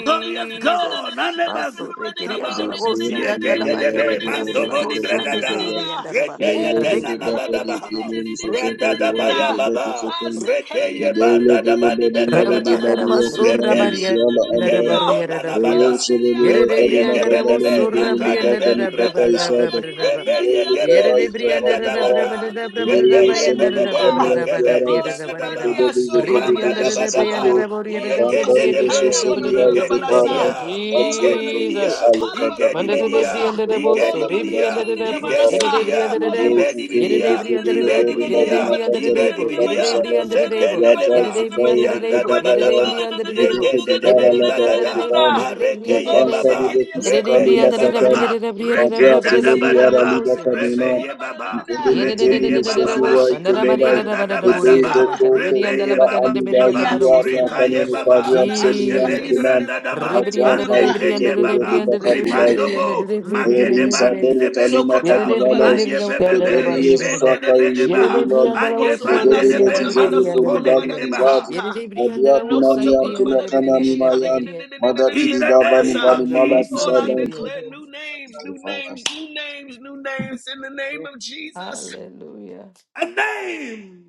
B: Glorious God,
C: Ma sorre keriya dala
B: Nanebasitaba,
E: Since
C: bo
E: the
C: saya dala
E: documents
C: ba
E: were ready,
B: Yegedebe,
E: the
C: keriya
D: da
C: sala
E: workers
C: bo
D: da
B: Mantoboni
E: were
D: da da
E: able to
C: sande
B: Bregada,
E: obtain
C: keriya dara ba.
E: the
B: Reke
E: necessary
B: Yegena Nabadaba,
E: documents for
B: Randa Dabaya
E: the
B: Baba,
E: issuance of the visa.
B: Reke
E: The
B: Yebanda Dabani
C: Jesus.
E: government
B: Bekadaba, Reke Keye boda Yebonanabada,
E: should not be afraid to
B: Rebeye Gebebebe,
E: take
B: Makade
E: part in the
B: Beni
E: process
B: Bregada,
E: of developing
B: Rebeye
E: the
B: Gebeni
E: country. The government
B: brekada Bada, Rebeye
E: should
B: Bebebe,
E: not be afraid to take part in
B: Makebeni
E: the
B: Kadaba,
D: Mandia so
B: Yanda
D: kolabada
E: process
D: shika.
E: of developing the country.
B: Dabadaba,
D: Olabada
B: Yegende
E: Bankari Vesu
D: sikanda
B: Debe,
E: Seria
D: badododada
B: Igedi
E: Itepara,
D: badasa.
B: Media, Igedi
D: Olabada
E: Katieto,
D: didi
E: the
B: Media,
D: shikala
E: Aleka
B: Igedi
C: Manda
E: Gadila,
D: badododada
C: de
E: Gadi,
C: debri
B: Media,
C: and
D: basa.
C: the
E: Itokada,
C: boso,
B: Igedi
E: Gadi,
D: Olabada
C: debri and
D: didi
C: the
E: Yaki,
B: Media,
D: didi
C: debro, set
B: Igedi
C: a
E: Itepara,
D: badasa.
C: debri
B: Media,
C: under
E: the
C: the debo,
D: Olabada
E: Vesu
B: Ibedi
D: didi
C: yet
D: didi
C: a
E: Tede, the
D: didi
B: Media,
D: didi
C: debri
E: Tede,
C: under the
D: didi
E: the
B: Ibedi
C: debo,
E: Tede,
C: yet a
E: Madi
B: Media,
C: debri under the
E: Matata, the
B: Ibedi
C: debo, yet a
E: Tevatu
B: Media,
C: debri under
E: Salam,
C: the debo, yet
E: Yajai,
C: a
B: Zekeneneba,
C: debri under the
E: Sikai, the
C: debo,
B: Yanda
C: yet a
E: Edivayan,
B: Dabadaba, bagada,
C: debri under the
E: the
C: debo,
E: Depe
B: yegende de
C: yet a
E: Divana,
B: beli
E: Lada,
C: debri under the
B: bagada,
C: debo,
E: Edivan,
C: yet a debri
E: the
B: mareke
C: under the
B: ye
C: debo,
E: Bankari
B: baba,
E: Vesu
C: yet a
B: rebe
E: Sukali,
C: debri
B: ye
C: under the
B: baba
C: debri,
E: Lakatan,
C: yet
B: ba,
C: a
B: reke
E: Madia,
B: da da
E: Teleli,
B: ba
C: debri
D: didi didi
B: da
C: under
E: Ara,
C: the
B: ba,
E: Liba,
C: debri,
E: Kadima,
B: rebe ye baba,
E: Mkelele
B: reke
E: tele
B: ye baba
E: mesosi
B: ba,
E: wa
C: Yedededededededebos, and the Rabari
E: ikelela
D: didi
C: and the
B: ribanda da ba da
D: didi
C: Rabadaburi and
E: ebeyde
C: the
B: ba,
D: didi.
E: kolde
C: Bacaribidi and
B: rebe
C: the
B: ye
E: vira
C: Labacari
B: baba.
C: de
E: alila
C: Beria
D: India
B: Baba,
C: Candarabos
E: yidiyari
C: to
D: teke na mando
C: Rabaria.
B: Rikaye
E: antaneni
D: sokola
B: Baba,
E: kadiyam
D: badade
B: Ande
E: sebiyan
D: shikala
B: Beli
D: yada
C: Jesus.
D: da
E: kinan
D: da da
B: Branda
D: da
B: Daba,
D: badade da
C: Rebidi
D: da da
E: atyan
C: and
D: da.
C: the
E: kayi
B: Ande
D: da.
C: debris
E: pete
C: and the
B: Keye
E: bebe
C: debris
B: Baba,
C: and
E: diba
C: the debris
E: kabilay
C: and the
B: Ribandobo,
C: debris and
B: Magede
E: eyri
C: the
B: Bandi
C: debris.
B: Zebeli
D: Soko
B: Dada,
D: tokola
C: Yededebri and the
D: badade
B: Anye
C: debris and
D: shikala
C: the
B: Bebebe,
D: manada
C: Rabari and the
D: shokola
C: Rabba.
B: Ibende de
D: badade shika.
B: Bedebaha,
C: Yededebri and the
B: Anye
C: Lavos, your
D: Kosomanda
B: Bande de
C: debris and the
B: Be,
D: sekola manda
C: debris and the
B: Mazuko
D: sokola
C: debris.
B: Negede
D: badade
B: Baha.
D: shika.
C: Yededebri and the
D: Noko
C: Lavos, I
D: tokola
C: and the
D: badade
C: debris and the
D: shikala yada
C: debris and
D: da da da da da
B: In
D: da
B: the
D: da manasa.
B: name of
C: the Rabas, so
B: Jesus,
D: Oh, I
C: Rebri and
D: declare
C: the
D: new names, new names, new names, new names in the name of Jesus.
C: Hallelujah.
B: a name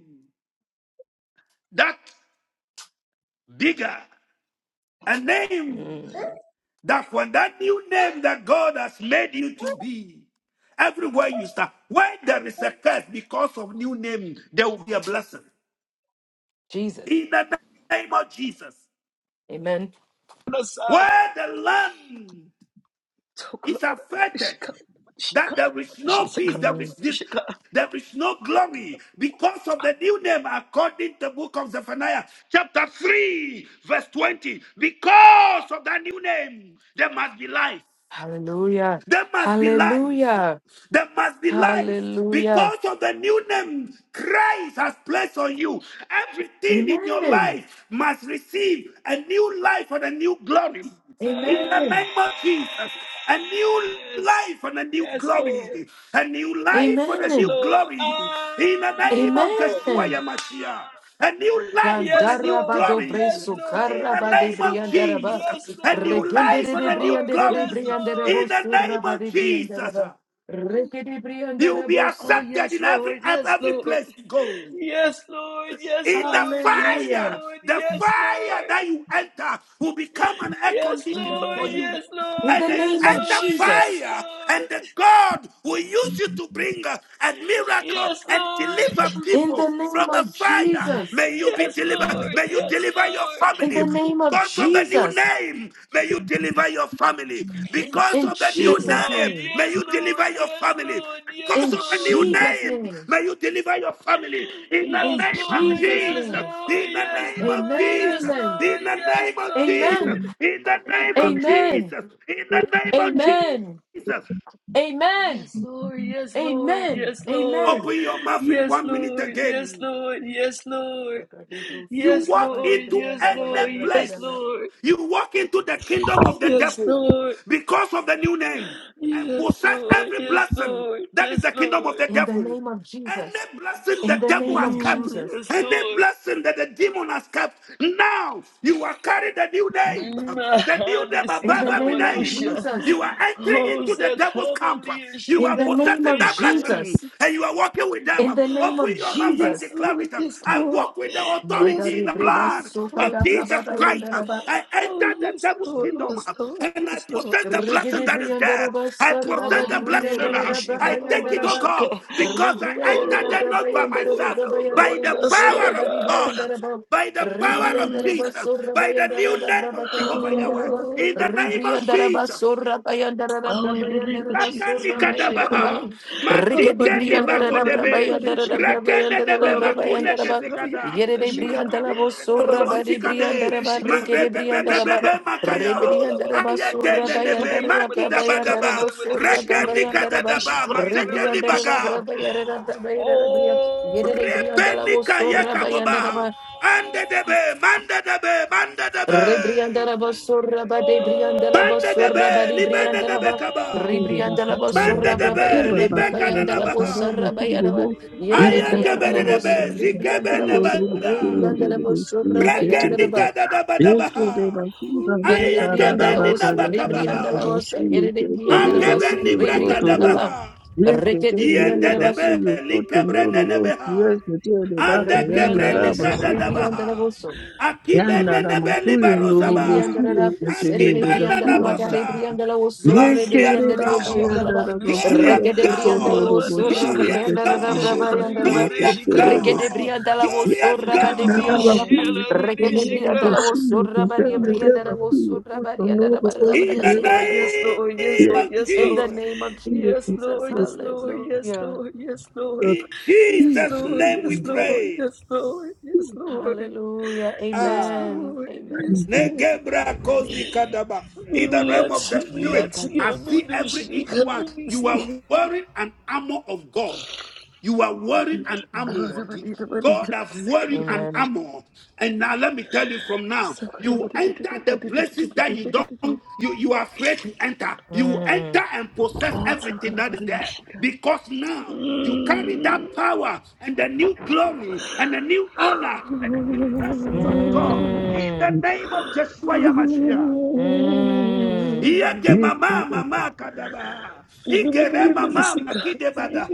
B: that bigger, a name
C: Mm.
B: that one, that new name that God has made you to be. Everywhere you start, where there is a curse because of new name, there will be a blessing.
C: Jesus.
B: In the name of Jesus,
C: Amen.
D: Manasa.
B: where the land
D: Tokola
B: is
D: badade
B: affected.
D: shikala yada da
B: That
D: shikala
B: there
D: yada
B: is
D: da
B: no
D: shikala
B: peace, there is
D: yada
B: this,
D: shikala.
B: there is no glory because of the new name, according to the book of Zephaniah, chapter 3, verse 20. Because of that new name, there must be life.
C: Hallelujah.
B: There must be life.
C: Hallelujah.
B: There must be life
C: Hallelujah.
B: because of the new name Christ has placed on you. Everything in your
C: Amen.
B: life must receive a new life and a new glory. In the
D: Yes.
C: Amen.
B: name of Jesus, a new life and a new
D: Yes, Lord.
B: glory, a new life and a
D: Yes,
B: new
C: Amen.
D: Lord.
B: glory.
D: Ah!
B: In the name of Joshua
C: Amen.
B: Yamashia, a new life and a
D: Yes,
B: new
D: Lord.
C: Gandarabado
B: glory.
D: Yes,
C: breso
B: In
D: Lord.
B: the
C: carabade
D: Yes,
B: name of
D: Lord.
C: briandaraba.
B: Jesus,
D: Yes,
B: a
D: Lord.
B: new
C: regende
D: Yes,
B: life and
C: de
B: a new
D: Lord.
C: briandere de
B: glory.
D: Yes,
C: briandarabo
B: In
D: Lord.
B: the name of
C: surabade
B: Jesus,
C: briandaraba. Regede
B: you will be
D: Oh,
C: briandarabosa.
B: accepted
D: yes,
B: in every
D: Lord. Yes,
B: every
D: Lord.
B: place you go.
D: Yes, Lord. Yes,
B: In the
D: Lord. Yes,
B: fire,
C: Hallelujah.
D: Lord.
B: the
D: Yes,
B: fire
D: Lord.
B: that you enter will become an air
D: Yes,
B: condition
D: Lord.
B: for you.
D: Yes,
C: In
D: Lord.
B: And
C: the
B: then you
D: Yes,
C: name of
B: enter
D: Lord. Yes,
C: Jesus.
B: fire,
D: Lord.
B: and the God will use you to bring a, a miracle
D: Yes,
B: and
D: Lord.
B: deliver
C: In
B: people
C: the name
B: from a
C: of
B: fire.
C: Jesus.
B: May you be
D: Yes,
B: delivered.
D: Lord.
B: May you
D: Yes,
B: deliver your
D: Lord.
C: In
B: family.
C: the name of
B: Because of the new
C: Jesus.
B: name, may you deliver your family. Because
C: In
B: of the new
D: Yes,
C: Jesus'
D: Lord.
B: name,
C: name.
B: may
D: Yes,
B: you
D: Lord.
B: deliver your
D: Yes,
B: family.
D: Lord.
B: Because
C: In
B: of the new
C: Jesus'
B: name,
C: name.
B: may you deliver your family. In the
D: Yes,
C: In
B: name of
D: Lord.
C: Jesus'
D: Yes,
B: Jesus.
C: name.
D: Lord.
B: In the
D: Yes,
B: name of
D: Lord.
C: Amen.
D: Yes,
B: Jesus.
C: Amen.
B: In
D: Lord.
B: the name of Jesus.
C: Amen.
B: In the name of
C: Amen.
B: Jesus. In the name of
C: Amen.
B: Jesus.
C: Amen.
D: Yes, Lord. Yes, Lord.
C: Amen.
D: Yes, Lord.
C: Amen.
B: Open your mouth in
D: Yes,
B: one minute
D: Lord. Yes,
B: again.
D: Lord. Yes, Lord.
B: You
D: Yes,
B: walk
D: Lord. Yes,
B: into
D: Lord.
B: any
D: Yes,
B: place.
D: Lord.
B: You walk into the kingdom of the
D: Yes,
B: devil
D: Lord.
B: because of the new name and
D: Yes, Lord. Yes,
B: possess
D: Lord.
B: every
D: Yes, Lord. Yes,
B: blessing
D: Lord.
B: that is
D: Yes,
B: the kingdom of
D: Lord.
B: the
C: In the
B: devil.
C: name of Jesus.
B: Any blessing
C: In
B: the
C: the
B: devil
C: name
B: has
C: of
D: Oh,
B: kept,
C: Jesus.
D: Yes,
B: any
D: Lord.
B: blessing that the demon has kept, now you are carrying the new name, the new name
D: Mahade
C: In
B: above
C: the
B: every
C: name of
B: name.
D: Sikalamandusha.
C: Jesus.
B: You are entering
D: Oh,
B: into the devil's camp.
D: Sakamandia
B: You
C: In
B: are
C: the name
B: possessing
C: of
B: the
D: Shikamandisha.
B: blessing
C: Jesus.
B: and you are walking with them.
C: In the name
B: Open
C: of
B: your
D: Oh,
B: mouth and
D: yes,
C: Jesus.
B: declare
D: Lord,
B: it.
D: yes,
B: I
D: Lord.
B: walk with the
D: Yes,
B: authority in
C: Mandare
B: the
D: Lord,
C: breba
B: blood
D: yes,
C: sota
D: Lord,
B: of
C: da
D: yes,
B: Jesus
D: Lord.
B: Christ.
C: braba
B: I
D: Oh,
B: enter the
D: yes,
B: devil's
D: Lord,
B: kingdom
D: yes, Lord,
B: and I
D: yes, Lord.
B: possess the blessing
C: Rigidi
B: that is there.
C: Briandaraba
B: I possess the
D: Oh,
C: Sarabadi
D: Mahade
B: blessing.
C: Briandaraba
D: Mandishi
B: I take it, oh
C: Babayandaraba
B: God,
D: Kalamandushaka.
B: because I
D: Oh,
B: entered
C: Ribriandaraba
B: there
D: Lord,
B: not by
D: oh,
C: Babayandaraba
D: Lord,
B: myself,
D: oh,
B: by
D: Lord.
B: the
C: Babayandaraba
D: Yes,
B: power
D: Lord
B: of
C: Surabadi
D: God.
B: God
C: Briandaraba
B: by the power of
D: Mm.
C: Ribriandaraba
B: Jesus, by the new
C: Surabayandaraba
B: name of Jehovah Yahweh,
C: Brabakalabriandaraba
B: in
D: Oh.
B: the name of
C: Ribriandaraba
B: Jesus.
C: Surabayandaraba
D: Oh, in the name of
C: Brabayandaraba
D: Jesus Christ, she called
C: Surabayandaraba
D: about
B: Rakanikadabaha,
C: Rigidi
D: Alabadi,
B: Madikeni
C: Briandaraba
D: Alabadi,
B: bakodebe,
D: Alabadi,
C: Brabayandaraba
D: Shika,
C: Brabayandaraba
B: Rekenedebe
D: Alabadi,
B: makude
C: Brabayandaraba
D: Shika,
B: kezegada,
C: Yere
D: Shika,
C: Briandalabo
B: Makarike
D: Alabadi,
C: Surabadi
B: nanawosikade,
C: Briandaraba
D: Shika,
C: Rigidi Briandalaba
B: Marebebebebebe
D: Shika,
B: makaya,
D: Oh, Alabadi,
C: Rebriandaraba
D: Shika,
B: Ayegenenebe
C: Surabayandaraba
D: Shika,
C: Yandaraba
B: makidabadaba,
C: Suraba Yandaraba
B: Rekenikadadaba,
D: Shika,
B: Mazeke ni
D: Shika,
B: baga,
D: Shika,
C: Rebriandaraba Yarabaya Yerebriandalavo
B: Repenika
C: Suraba
B: yekaboba,
C: Yandaraba
B: Ande debe, mande debe, Mandedebe, debe,
C: Rebriandaraba Suraba de
D: Oh,
C: Briandalaba Suraba
B: Bandedebe,
C: de
B: Libenedebe
C: Briandalaba
B: kaba,
G: Kure
C: Rebriandalaba
D: oh. oh.
G: bakatanga
B: Bande debe,
C: Suraba
B: Bandedebe,
G: bakura
C: Yarabra
G: bakaya
C: Yandalavo
G: katara
D: Oh,
B: Libekanabaha.
C: Saraba
G: bakundubo
C: Yaraba
G: yakatanga
C: Yerebriandalavo
B: Ayakabedebe,
C: Surribriandalavo
B: zikebenebada,
C: Rebriandaraba
G: yorobokuyorobokuyorebeshile
C: Suraba Yandaraba
G: keterere ekere
B: brakendikadadabadabaha,
G: bakura
C: Yere de
G: bakarara
C: briandala
B: ayakabeni
C: was,
G: bakaya kanara
C: rebriandala
B: nabakabaha,
C: was,
G: bashiye
C: yere de
G: ketere
C: briandala was,
B: akabeni
G: bakuyo
C: rebriandala
G: kotoro
C: ba,
B: brakadabaha.
C: reke de
G: yeketendere
C: briandala was,
B: Yendedebe
G: bakuyo kotondoro bashi.
B: likebrenenebeha. Ande
C: rebriandala was,
B: kebrenika
C: rebriandala
B: dadabaha.
C: was,
B: Akibe
G: Yanda da
B: nenebe
G: makuyo norobosi
B: libarosaba.
C: rebriandala rap, sere de
G: yeketenere
B: Akiba
C: briandala
G: bakura
C: maga de
G: bakata.
B: nanabosa.
C: briandala was, so
D: she
B: Glorious
D: color
G: Yekere
C: rebriandala
D: Monday,
C: de
G: baka
D: she color
C: briandala
B: God,
G: yanda
C: ba,
G: da
D: Monday, she color.
B: glorious
G: makuyo
C: reke de
G: koto
D: Oh,
C: briandala
D: the
B: God,
C: was, so
D: Monday,
G: norobosi
D: she color,
B: glorious
D: you know,
C: rabayandala
D: Monday, she
G: yeketenere
B: God,
D: color, you know,
C: rabayandala
G: bakuyo
C: ba,
D: Monday,
B: glorious
D: she
G: koto
D: color.
C: reke de
G: roboshi.
B: God,
C: briandala was, so
B: glorious
D: You
C: raba
D: know,
C: de
G: Yakatanda da
D: Monday,
B: God.
D: she
C: briandala ba,
G: bakuyo
D: color,
G: koto
C: reke
D: Monday,
C: de
D: she color.
C: briandala
G: noroboshi
C: was, so raba de
G: yeketenere
C: briandala was,
G: bakuyo
C: so raba
G: koto
C: de
D: Oh,
G: norobosi
B: In
D: yes,
B: the
D: Lord,
C: briandala ba,
D: yes, Lord, yes,
B: name
D: Lord,
B: of
D: yes,
C: In
G: yeketenere
C: the
B: Jesus,
C: name of
G: koto
C: Jesus.
D: Lord, yes,
G: norobosi.
D: Lord, yes,
C: Hallelujah.
D: Lord, yes, Lord,
B: in
D: yes,
B: Jesus'
D: Lord,
B: name we
D: yes, Lord,
B: pray.
D: yes, Lord, yes, Lord,
C: Hallelujah.
D: yes,
B: Ah.
C: Amen.
D: Lord, yes, Lord,
C: Amen.
D: yes,
C: Amen.
D: Lord.
C: Amen.
B: Negebra
C: Amen.
B: kozi
C: Amen.
B: kadaba. In the realm of
D: Miatsu,
B: the
C: My
B: spirit,
D: miatsu,
C: God.
B: I see
D: yamundu,
B: every each
D: shika,
B: one. You
D: mandisi.
B: are wearing an armor of God. You are wearing an
C: Mm.
D: Oh, the
B: armor. The-
D: money, the money, the
B: God has
D: money, the
B: wearing an
D: money,
C: Amen.
B: armor. And now let me tell you from now,
D: so good.
B: you enter the places that you don't, you, you are afraid to enter. You
C: Mm.
B: enter and possess
D: Oh, it's so
B: everything that is there.
D: good.
B: Because now you carry that power and the new glory and the new honor and the new blessings of God
D: Mmm. (sighs)
B: in the
C: Mm.
B: name of Joshua
D: Mm.
B: Yamashiach.
C: Mm.
B: Yege mama mama kadaba. Igere
G: Yekere
B: mama makide bada.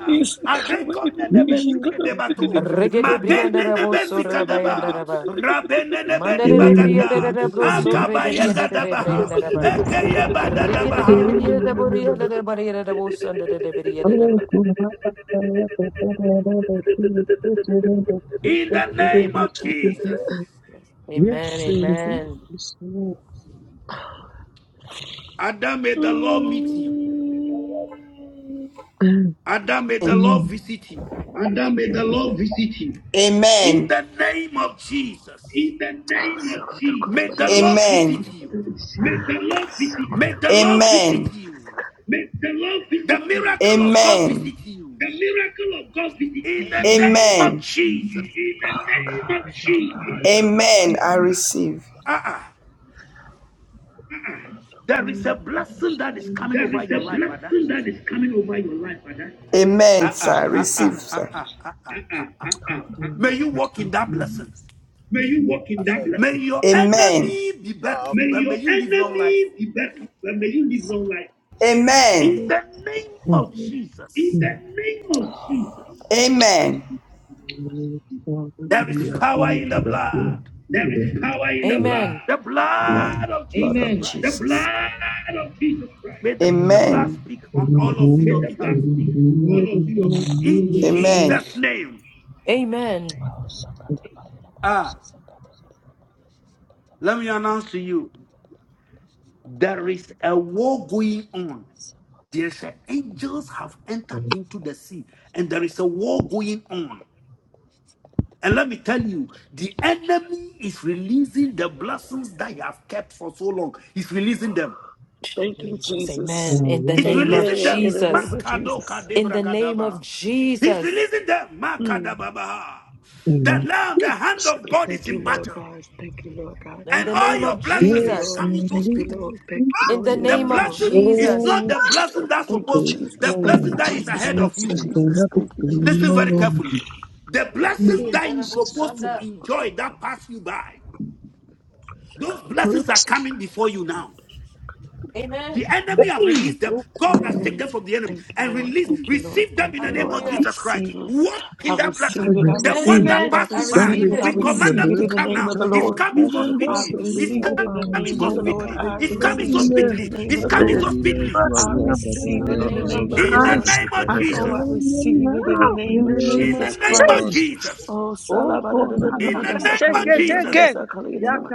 B: Areko nene besike debato.
C: Regede brianda
B: Madene
C: rabo
B: nebe
C: sorra bayanda
B: sikadaba.
C: raba.
B: Rabene nebe ni
C: Mandere de
G: Lord, I
C: brianda
B: bagada.
G: love you. for
C: rabo
G: your
C: sorre
B: Akabaye
C: berianda
G: Jesus,
C: de
B: gadaba.
C: brianda
G: yes,
C: raba.
G: yes.
B: Ekeye
C: Rigede de
B: badadaba.
C: brianda de
G: Mm.
C: borianda de barianda de bosanda de brianda
G: Oh,
C: raba.
G: God, I love you. I love you. I love you. I love
B: In
G: you.
B: the
G: I
C: My
B: name of
G: love
B: Jesus.
G: you.
C: God. Amen.
G: Yes, yes, yes, yes. in
C: Amen.
G: Jesus' name.
B: Adam, may the Lord meet you.
G: Mm.
B: Adam, may the Lord visit you. In
H: Amen.
B: the name of Jesus,
D: Oh, so good,
B: may the Lord
D: good.
B: visit
H: Amen.
B: you.
D: So
B: May
D: so
B: the Lord visit
H: Amen.
B: you. The miracle of God
H: Amen.
B: visit you. In the name of
H: Amen. In
B: Jesus.
H: the
D: Oh gosh,
G: Mm.
H: name of
D: oh
H: Jesus.
D: gosh, oh
H: Amen.
D: gosh,
H: I
D: oh
H: receive.
D: gosh.
B: Uh-uh.
D: So
B: There
D: so
B: is a blessing that is coming over your life, Adam.
H: Amen,
B: Uh-uh,
H: sir.
B: uh-uh,
H: Receive,
B: uh-uh,
H: sir.
B: uh-uh, uh-uh.
G: Mm.
B: May you walk in that blessing. May your
H: Amen.
B: enemy be buried, but may you live long life.
H: Amen.
B: In the name
G: Mm.
B: of Jesus.
H: Amen.
G: Mm. Father, I
B: There is
G: pray for
B: power
G: the
B: in the
G: children.
B: blood,
G: Mm.
C: Amen.
B: the
G: Mm.
H: Amen. Amen.
B: blood of
H: Blood of
B: Jesus Christ.
H: Jesus. The blood of Jesus Christ.
B: May the
G: Mm. Mm. Mm. Mm. Mm. Mm. Mm.
B: blood
H: Amen.
B: speak on all of you on behalf. In
H: Amen.
B: Jesus' name.
C: Amen.
D: Oh, so so
B: Ah,
D: so
B: let me announce to you there is a war going on.
D: So so
B: There's a- angels have entered into the sea, and there is a war going on. And let me tell you, the enemy is releasing the blessings that he has kept for so long. He's releasing them.
D: Thank you,
C: Jesus.
D: Jesus.
C: Amen. In the
B: He's
G: Mm. Mm.
C: name of
B: releasing
D: Amen.
B: them.
D: In the name
C: Jesus.
D: of
B: Makadoka
D: Jesus.
C: In the name
B: debragadaba.
C: of
B: He's
C: Jesus.
B: releasing them.
D: Mm.
B: Makadababaha.
G: Mm.
B: The
G: Mm.
B: Lamb, the hand
G: Mm.
B: of God is
D: Thank you,
B: in
D: Lord
B: battle.
D: God. Thank you, Lord God.
C: In
B: And
D: Thank
C: the
B: all
C: name
D: you,
B: your
C: of
D: Lord. Thank
B: blessing
D: you,
B: is
G: Yes,
D: Lord.
C: Jesus.
B: coming
G: and
B: so
D: Thank
G: we
D: you,
G: have
B: speedily.
D: Lord. Thank you,
C: In
D: Lord.
G: to
C: the
D: Thank
B: The
C: name
D: you,
E: Amen.
C: of
D: Lord.
E: Thank
B: blessing
E: you,
B: is
C: Jesus.
E: Father.
B: not
G: all
B: the blessing that's
D: Thank you,
B: supposed,
G: the
B: the
D: Jesus. Thank
B: blessing
D: you,
G: plans
B: that is
G: and
E: Amen.
D: Jesus.
B: ahead
D: Thank
B: of
D: you,
B: you.
G: blessings and
D: Jesus.
G: nothing
D: Thank you,
E: Amen.
D: Jesus.
B: Listen very carefully.
G: beyond.
B: The
G: There
B: blessings
G: is
B: that you're supposed to enjoy that pass you by, those
G: a
B: blessings are coming before you now. The
C: Amen.
B: enemy have
G: blessing.
B: released them. God has taken
D: Amen.
B: them from the enemy
D: Thank you,
B: and
D: Lord.
B: released,
D: Thank you, Lord.
B: receive them
D: Thank
B: in
D: you,
B: the name
D: Lord. I
B: of
C: Hallelujah.
B: Jesus Christ.
D: receive it.
B: Walk
D: I
B: in that blessing.
G: I
D: receive it. I
B: The
C: Amen.
B: one
G: receive.
D: receive
B: that
D: it.
C: Amen.
D: I
B: passed
C: I
B: you
G: I
E: Receive
B: by,
E: it
D: receive
C: receive
D: it.
E: in
D: I
C: it.
B: we
E: the
G: receive
E: name of
G: the
B: command them
D: receive it
B: to
D: in
E: Jesus.
D: the
B: come
D: name
B: now.
G: blessings
D: of the
G: of
B: It's
G: all
D: Lord.
B: coming so
E: Abba,
G: even
D: I
G: though
E: Kosi,
B: speedily.
G: from
B: It's
E: Ziba,
D: receive it
G: before
D: in
G: I
D: the
G: was
B: coming
D: name
E: Pakati,
B: so
D: of the
E: La
G: born.
D: Lord.
B: speedily.
G: I
E: Abu,
D: I
B: It's coming
D: receive
B: so
E: Mutanis.
G: claim
D: it in
G: the,
D: the
B: speedily.
D: name of
B: It's
D: the
E: Abba,
B: coming
E: the
G: the
D: Lord.
B: so
E: leader,
B: speedily.
D: I
E: Shuabi,
G: blessing of
C: In
D: receive
C: the
D: it
E: Akataria,
D: in the
C: name
G: generation
C: of
D: name of
E: Azala,
D: the
B: In the
C: Jesus.
D: Lord.
E: Bosagi,
G: past.
B: name of
G: I
E: Tutalada,
D: Oh,
B: Jesus.
D: I
E: Adi.
G: claim them
D: receive it in the
G: now
D: name
G: in
D: of
G: the
E: Near
G: name
B: In
G: of
B: the
D: Jesus
B: name
E: Fania,
B: of
D: Christ.
G: Jesus.
E: As.
B: Jesus.
D: Oh, salabada.
B: In the
E: Amen.
B: name of Jesus.
G: Okorabakasheketeke.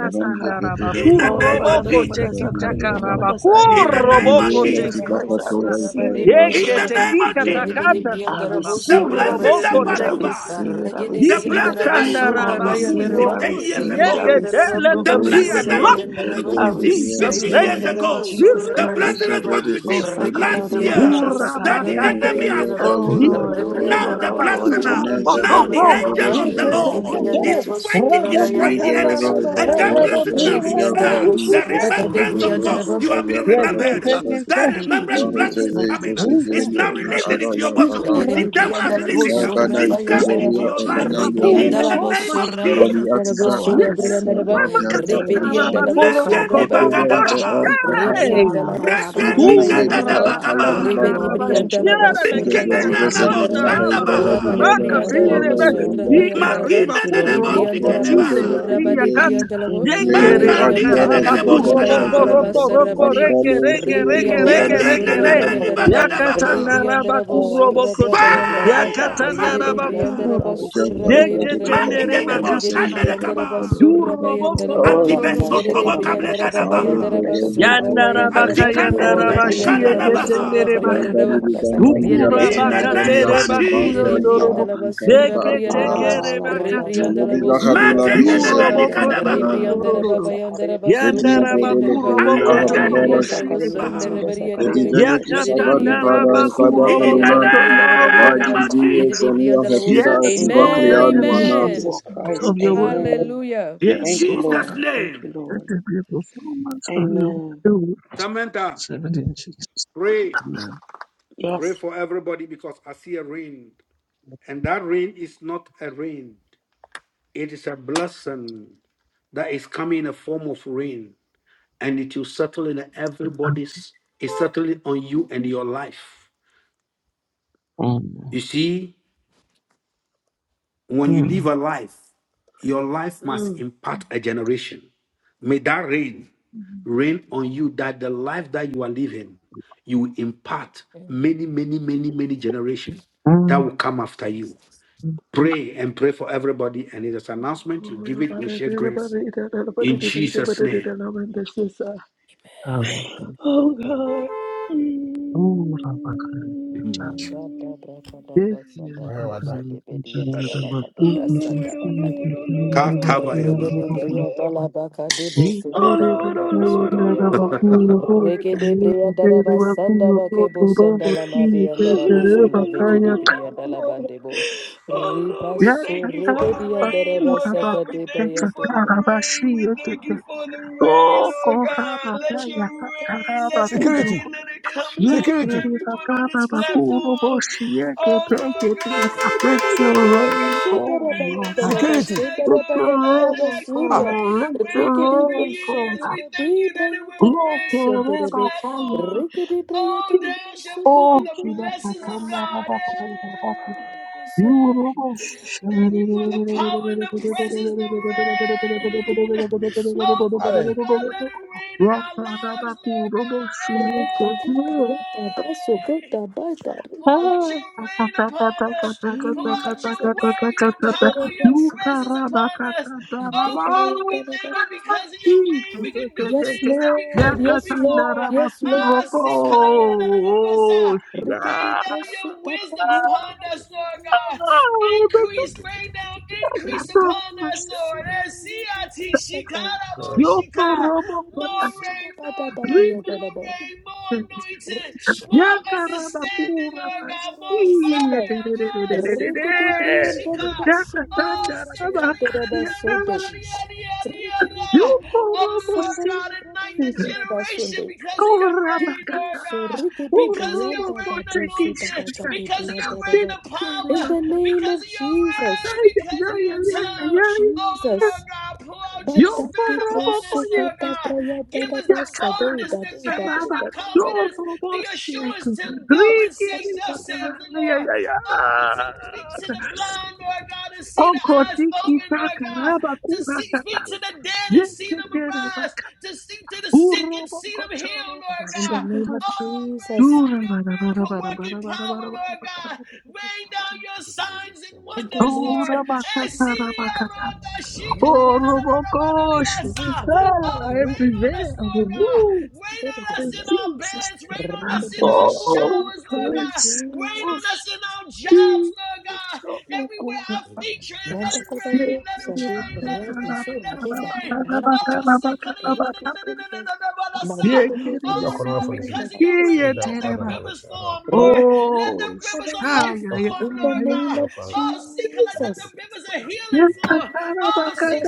E: the Peter of
B: In the
D: Oh, la
B: name
D: ba
E: Magata,
D: da
B: of
D: da da
G: Kuroboko
D: ma
E: Ezaki,
D: da
B: Jesus.
D: sa,
E: Dadi,
D: kala yada da da ma
G: tekitakaraba.
E: Makavan.
D: da sa. In
B: In
D: the
B: the name
D: name of
B: of
C: Rigidi
G: Kuroboko
E: Vendora,
D: Jesus
B: Jesus.
D: Christ,
C: Briandarabo
D: I
G: teketikata.
E: Tibakato,
C: Suraba
D: receive
C: de
D: it.
E: Italia,
B: In the
C: Briandaraba,
E: Adi,
B: name of
E: Fugger, and
B: Jesus.
C: Rigidi
E: you.
D: I
G: Yeketekikatakatandaraba.
C: Briandarabo
B: The
D: receive it. I
C: Suraba
E: Amen.
B: blessing that
G: Kuroboko
D: receive it.
B: passed
D: I
C: Yandaraba,
B: you by.
G: teketi.
D: receive it. I
C: Rigidi
B: The
D: receive it.
B: blessing
C: Briandarabo
B: that you
E: Achievement,
D: I
E: the
G: Yikatandaraba.
C: Suraba
B: supposed to
D: receive
E: people
D: it.
E: of
B: receive
D: I
C: Yandaraba,
B: 10
E: the
G: Kurokoshi
B: years
D: receive
E: Jesus.
D: it. I
B: ago,
G: teketele.
D: receive
E: The
D: it.
B: the
D: I
C: Rebriandarabo
G: Them be
E: glory, the
B: blessing
D: receive
B: that
C: Suraba
E: God,
D: it.
B: you're
E: the
G: unlocked
B: supposed
G: now
B: to
C: Yandaraba,
E: Condor,
D: I
G: in
E: will
B: receive
E: be there,
D: receive
G: Jesus'
D: it
E: the
B: 15
D: in the
G: name.
B: years
E: Lord,
D: name
C: Rebriandaraba
D: of
B: ago,
D: Jesus
B: the
C: Suraba
G: Release
D: Christ.
G: in
B: blessing that you're
G: the
C: Yandaraba,
B: supposed
E: Likiisubiri
B: to
G: name of
D: Oh,
B: receive
D: sa
C: Rigidi
E: Ushindani
D: kala
B: last
D: yada ma da sha
B: year,
C: Briandarabo
D: sa
B: that
D: ka.
B: the
C: Suraba
B: enemy
G: Urabakatende,
B: has
E: Italia
C: Yandaraba,
B: fought
D: oh
E: Bayern
B: you.
E: ya
D: Lord, oh
E: Bayadi
B: Now
D: Lord,
B: the
D: oh
C: Rebriandaraba
D: Lord.
C: Braba
B: blessing, uh,
D: Thank you,
E: anaanza
C: Yandaraba
B: now
E: haja
C: Braba
D: Jesus.
B: the
G: yiketandarabakurabatoko,
D: Thank you,
B: angel
C: Yandaraba,
E: Uturuki
B: of the
D: Jesus. Thank
B: Lord
D: you,
E: Ovakatayo
G: yiketekete,
B: is
C: Rebriandarabo
D: Jesus.
B: fighting,
C: Suraba
B: destroying
E: Nelize
B: the
C: Yandaraba
B: enemy.
E: Hero
B: And that
C: Surabaya,
E: Ovakaya
D: Thank
B: blessing,
D: you,
B: uh,
E: Operodi ya
D: Jesus. Thank
B: ah,
D: you,
C: Rebriandarabo
E: Ruadi
B: the
G: rabakatandarabakarabakurakotikite,
C: Suraba
D: Jesus. Thank you,
B: remembrance of God,
E: Mpekonjo
D: Jesus.
C: de
B: you are
E: Baya
B: being
D: Thank you,
B: remembered. Uh,
E: Kanadibada
B: That
D: Jesus. Thank you,
B: remembrance
E: Bahuje
B: blessing
G: yeketekekashikitike,
D: Jesus.
B: is
D: Thank you,
E: Veite
B: coming. uh,
D: Jesus.
B: It's
E: Zekielio
B: now
D: Thank you,
E: in
G: likasakata,
B: releasing
E: Ada
B: into your
E: ya
D: Jesus.
B: bosom.
E: Baya
B: The
D: Thank you,
B: devil has
D: Jesus.
B: released
C: Ribriandalabo
B: it. uh,
D: Thank
G: ukurapatekikata,
D: you,
E: Kabana
C: surra
B: It's
D: Jesus.
B: coming
D: Thank
B: into
E: Itezoria
C: bayandarabo,
D: you,
B: your life.
E: Otena
B: uh,
D: Jesus. Thank
E: Yama
B: In
D: you,
B: the
C: ribriandalabo
B: name
D: Jesus.
B: of
C: surra
E: Robi
B: Jesus.
G: yarabakurabokoshikite,
C: bayandarabo,
E: Atiza
D: Oh, I
E: and
C: surra
E: Akya
D: receive it
C: briandarabo,
D: in the
E: Tabianta
D: name of
E: Elidam
C: ribriandalabo
D: Jesus
C: surra
B: Negeni
D: Christ.
E: Hakuva Ita
G: yekarabakatakarabakorobokotoroboshe.
C: bayandarabo,
E: Al
B: bagadabaha.
D: Oh,
E: A'a
C: ribriandalaba surra
B: Rekeni
G: Ooh,
E: Kedize Riva
C: bayandarabo,
D: salabadadabadadamandasaka.
E: Akalabi
D: thank
B: kadadabagaba.
D: you,
G: rabakatanda
D: Lord.
E: Ban
D: Thank you,
C: ribriandalaba
D: Lord.
G: rabashiere
D: Thank
E: Get
C: surra
D: you,
E: the
G: bekia
B: Rikena
D: Lord.
C: gade
E: zebra
B: nabo
G: katanda
E: solution
C: briandaraba,
E: for
D: Thank you,
E: the
D: Lord.
G: rabakura
C: raba
B: shandabaha.
C: de
D: Thank you,
E: and
D: Lord.
G: bakatire
C: briandalaba
D: Thank you,
E: Sarola,
G: be
D: Lord.
C: surra
D: Thank
E: Yoridan.
D: you,
G: yika
D: Lord.
C: bayandaraba,
G: riba
D: Thank
B: Makina
D: you, Lord.
E: Maybe
B: nenebo
D: Thank you,
E: the
G: kuroboko
D: Lord.
C: ribriandalaba
D: Thank
G: tire
D: you,
E: Vida
B: sikedebaha.
E: to
C: surra
D: Lord.
E: be
G: bekia
C: bade
G: kata
E: very
D: In
C: briandalabo,
D: the name
E: Lego
G: yekere
D: of
B: Maka
E: Adia
D: Jesus.
C: ribriandalabo
D: In
G: bakaraba
D: the
B: nikedebo
D: name
C: surra
D: of
E: Rajadana
B: shada.
G: kuroboko
D: Jesus.
E: Hajon.
D: In
C: bayandaraba,
G: roko
D: the
C: sarra
D: name
G: roko
D: of
C: baria,
G: reke
D: Jesus.
E: Ankalo, so
G: reke
E: really
G: reke
E: the
D: Oh, I
G: reke
C: ribriandalaba
E: Kalani
B: Yegene
G: reke
D: receive
C: surra
D: it
G: re
D: in the
E: Pavadan.
B: nebeni
D: holy
C: bariandaraba,
D: name of the
G: yakatanda
D: Lord.
B: bagadabaha.
C: Ribriandaraba
D: Oh, I
C: Surra
G: rabakuroboko
D: receive
G: to
D: your
C: Brabayandaraba
D: blessings. I
B: Fire!
G: yakatanda
D: receive your
C: Yere
D: blessings.
B: Masikada!
D: I
C: Briandaraba
G: rabakuroboko
E: Jaka
D: receive
C: Surra
D: your
E: if I
D: blessings,
E: a
C: Bayandaraba
D: Lord
E: Hajon
G: yeketendere
D: God.
E: and
B: Makidebo
C: Rigede
G: bakatara
E: Masavida Kali
C: Briandaraba
E: Pada
B: shandedekaba.
C: Surra
E: Adabada
G: yuroboko
C: Bayandaraba
E: Padia
D: Oh, la manda
E: Tazira
C: Yere
B: Antibesotobo
E: Kadan.
D: shakala
G: tondoroboko
D: manda
C: Briandaraba
E: Naro
D: shasakalina
B: kablegadabaha.
E: the
D: manda
C: Bayandaraba
E: value
C: Surra
D: shasakata.
E: of the
C: Bayandaraba
B: Antikanda
D: Oh, la
B: nebeni
E: Yerelatan
D: bada
G: Yandarabakayandarabashi
D: na manda
C: Ribriandarabo
E: Kimana.
C: Surra
B: kananabaha.
D: shasakata
G: eketenderebaka.
D: kalina
E: Yankari
D: na
C: Bariaraba
D: manda
E: Vidaman,
D: sakalina
C: Yere
D: manda
E: Yalati
B: In the
D: sakalina
C: Briandarabo
E: Madam
D: manda
B: name
C: Surra
B: of
E: Yasi and Banka,
D: shasakalina
C: Yere
D: manda
E: in
B: Jesus.
E: the
G: Dukurabakaterebakuyondorobo.
D: sa.
C: Briandaraba
E: Africa,
C: Surra Bariandaraba
E: apparatus.
D: Ah, la manda
G: Deketekerebakata.
E: Melodi
C: Ribriandarabo
D: sakalina na manda
C: Surra
E: Bahaduladi
D: sakalina
C: Bariandaraba
E: Hiseli
D: manda
E: and
D: sakalina
E: Piyad,
B: Makenenebenikadabaha.
D: na manda
C: Ribriandaraba
G: Urobokotondorororo.
D: shasakalina
C: Bayandaraba
D: na manda
E: Edi
C: Surra
D: sha.
E: Vedolo
C: Bayandaraba
E: Corella
C: Yere
D: Alamanda
E: Havivara,
G: Yandarabakurobokotoroboshi
C: Briandaraba
D: Sakarina Namanda
B: Ayekenenebenikabaha.
G: eketendere.
C: Sundara
E: Edi
D: Sakarina
E: Venetu
D: Mandasha
C: Yedede
E: Savari
D: Sakarina
C: briandela
E: Pada
C: wo
E: and
D: Mandasha
E: Pada
C: sorra
B: In the
D: Sakatakarina
C: barriera
E: Kalonan,
D: Mandasha
C: briera
D: Karina
E: my
C: barriera
B: name
C: ba.
D: Mandasha
B: of
D: Sa.
E: Dibu
G: Yakatandarabakurobokotondorobokutakata.
B: Jesus.
C: Yedede
E: Sania
C: briandela wo so.
E: Hetira
G: Yes,
D: In the
G: Lord,
C: Amen.
G: let
D: name
E: Atibaklean
G: there
D: of
G: be a
E: Wanad.
C: Amen.
D: Jesus
G: performance
D: Christ,
E: Thank
G: of
E: you
G: your
E: for
G: word.
E: the
D: amen.
C: Hallelujah.
B: In
G: Yes,
E: time,
D: Thank you,
G: Lord,
B: Jesus'
D: Lord. Thank
B: name.
D: you,
G: let
D: Lord.
G: there be a performance of your
D: Amen.
G: word.
B: Samantha,
G: 17
B: pray.
G: Oh,
B: Pray
D: Yes.
B: for everybody because I see a rain. And that rain is not a rain, it is a blessing that is coming in a form of rain. And it will settle in everybody's, it's settling on you and your life. You see? When you live a life, your life must
D: Mm.
B: impact a generation. May that rain
I: Mhm.
B: rain on you that the life that you are living, you will impact many,
C: Amen.
B: many, many, many generations that will come after you.
C: Jesus.
B: Pray and pray for everybody. And in this announcement, you
D: Oh,
B: give
D: la
B: it,
D: ba
B: we
D: da
B: share
D: da da ba
B: grace.
D: da da da da ba da
B: In
D: da da da ba
B: Jesus'
D: da da da
B: name.
D: la ba da shi sa. Oh, God. Mm.
C: Man da da bra ka da bra sa da da bo sa de be di ya da da ba ka
D: Oh
C: do bra sa
D: Lord,
C: da
D: oh
C: ba ka de
D: Lord, oh
C: be.
D: Lord, oh Lord,
C: Re
D: oh
C: de de
B: Katabayababa.
D: Lord, oh
C: bria da
D: Lord.
C: la ba ka de bo se da
D: Oh
C: ba ya
D: Lord,
C: da
D: oh
C: da su
D: Lord,
C: de
D: oh
C: ya
D: Lord, oh
C: Reke
D: Lord.
C: de Regede briandara basanda bakebo sandala mandi andara
D: Oh Lord,
C: bosunda beki
D: oh Lord,
C: di
D: oh Lord,
C: briandala
D: oh Lord.
C: bandebo.
D: Oh Lord, we
C: Ribaso
D: thank you for the
C: rebedi andara
D: rain, Lord
C: basaka
D: God. We thank you for the
C: de
D: rain.
A: Security,
G: Let your rain
A: security,
G: fall, Lord.
D: Oh Lord God, the,
A: security.
G: Let your rain fall, Lord.
A: Ah,
D: the,
G: Let your rain fall. Yekerebakayakata. Oh, Shibakatandarabakayakata. Yurobosh.
D: the power and the presence, the
C: Rikiti
D: rain. Oh Father
A: Are.
D: God, let it rain in our lives, Lord God. Hey! Pour out your
C: Jesus.
D: rain upon us. Pour out your word, your power, your presence upon us. Oh, Father, we thank you because of your rain. We can do
C: Yes,
D: things that we
C: Lord.
D: couldn't do
C: Yes,
D: before.
C: Lord. Yes,
D: Ah,
C: Lord.
D: sin-
C: Yes, Lord.
D: Rain
C: Rikiti
D: down your
C: prosuta
D: wisdom
C: payata
D: upon us, Lord
C: payata
D: God.
C: prosuta.
G: Yakarabakura
D: Increase, rain down, increase upon
C: Rikiti
D: us, Lord.
C: prosuta
D: Eh,
C: payata
D: siati
C: pasata.
D: shikarabon
A: Sorry.
D: shika.
C: Rikiti
D: More
C: prosuta
D: rain, more rain, more
C: pata
D: rain, more anointing.
C: Rekete
D: More
C: priyasunda
D: understanding, Lord
C: rabaya
D: God. More
C: darabasunda.
D: fire, oh, se kula
C: Rekete priyanda
D: varishika,
C: rabasunda
D: oh, se
C: rabaya
D: kalya na na na na na na
C: darabasunde.
D: na
C: Rekete
D: na na na na na na na.
C: priyanda
D: Oh, Lord
C: lamasanda
G: Yukorobosite,
D: God, ignite
C: rabaya
D: the generation
C: darabasunde.
D: because of Your
C: Di
D: rain, Lord
G: korabakata,
C: brusu
D: God,
C: rekete
D: because of Your
C: priyanda la
D: rain
C: brusu
D: anointed,
C: babaka
G: orobokotekishata,
C: de
D: because of Your
C: priyanda
D: rain
C: raba.
D: of power,
C: In the
G: teketerebata,
C: name
D: because
C: of
D: of Your rain,
C: Jesus,
D: because of
C: in
D: Your
C: the name
D: time
C: of
D: now.
G: ayayayayayayaya,
D: Oh, Lord
C: Jesus,
D: God, pour out your
C: Bata de
D: spirit upon
C: broso
D: us, Lord
C: kata
D: God.
G: yokorobokoyekete,
C: praya da
D: Give
C: da
D: us the
C: basa
D: boldness,
C: da
D: the
C: de da
D: courage,
C: do
G: yakatarabakaraba,
D: the
C: da
D: confidence,
C: do
D: the
G: yorobosheke,
D: assurance to go
C: In the
D: and
C: name of
D: say,
C: Jesus.
D: Thus
G: rikiribaka,
D: saith the Lord.
G: ayayaya.
D: Oh, to speak to the blind, Lord God, and see the eyes open, Lord God.
G: Okotikitakaraba
D: To see,
G: kurakata,
D: speak to the dead and see them arise.
G: yeketerebaka,
D: To speak to the sick and see them heal,
G: urobokoto,
D: Lord
C: In the
D: God.
C: name of
D: Oh, rain
C: Jesus.
G: Oh,
D: down your miracle working power, Lord God. Rain down your signs and wonders,
C: Name
D: Lord.
C: of
G: Robokosh, I
D: Oh, rain on us,
G: prevail.
D: Lord God.
G: Remove
D: Rain on us
G: in
D: in our
G: Jesus.
D: beds.
G: name.
D: Rain on us in our
G: Oh,
D: showers, Lord
C: Jesus.
D: God.
G: Prince,
D: Rain on
C: Jesus.
G: wash
D: us in our jobs,
G: me.
D: Lord God.
G: Oh, oh,
D: Everywhere our feet tread,
G: oh,
D: let
C: Manda
D: it
C: para
D: rain, let
C: Deus,
D: it
C: a
D: rain, let
C: vida é
D: it
C: de
D: rain,
C: ser, a
D: let it
C: vida é de
D: rain. Oh, sick-
C: Manter o meu
D: Oh
A: Ujua kwa nwa
D: Lord,
A: phone si.
D: because of your
C: Deus,
D: rain,
A: Oda
D: let the
A: oda hawe
D: rivers
A: si.
D: form, Lord.
C: In
D: Let the rivers of life
A: Okay.
D: flow,
C: the
D: Lord
G: oh,
C: name
D: God.
A: Kwa
C: of
A: phone
D: Oh, see, let the
C: Jesus.
D: rivers of
G: oh,
D: healing flow. Oh, see,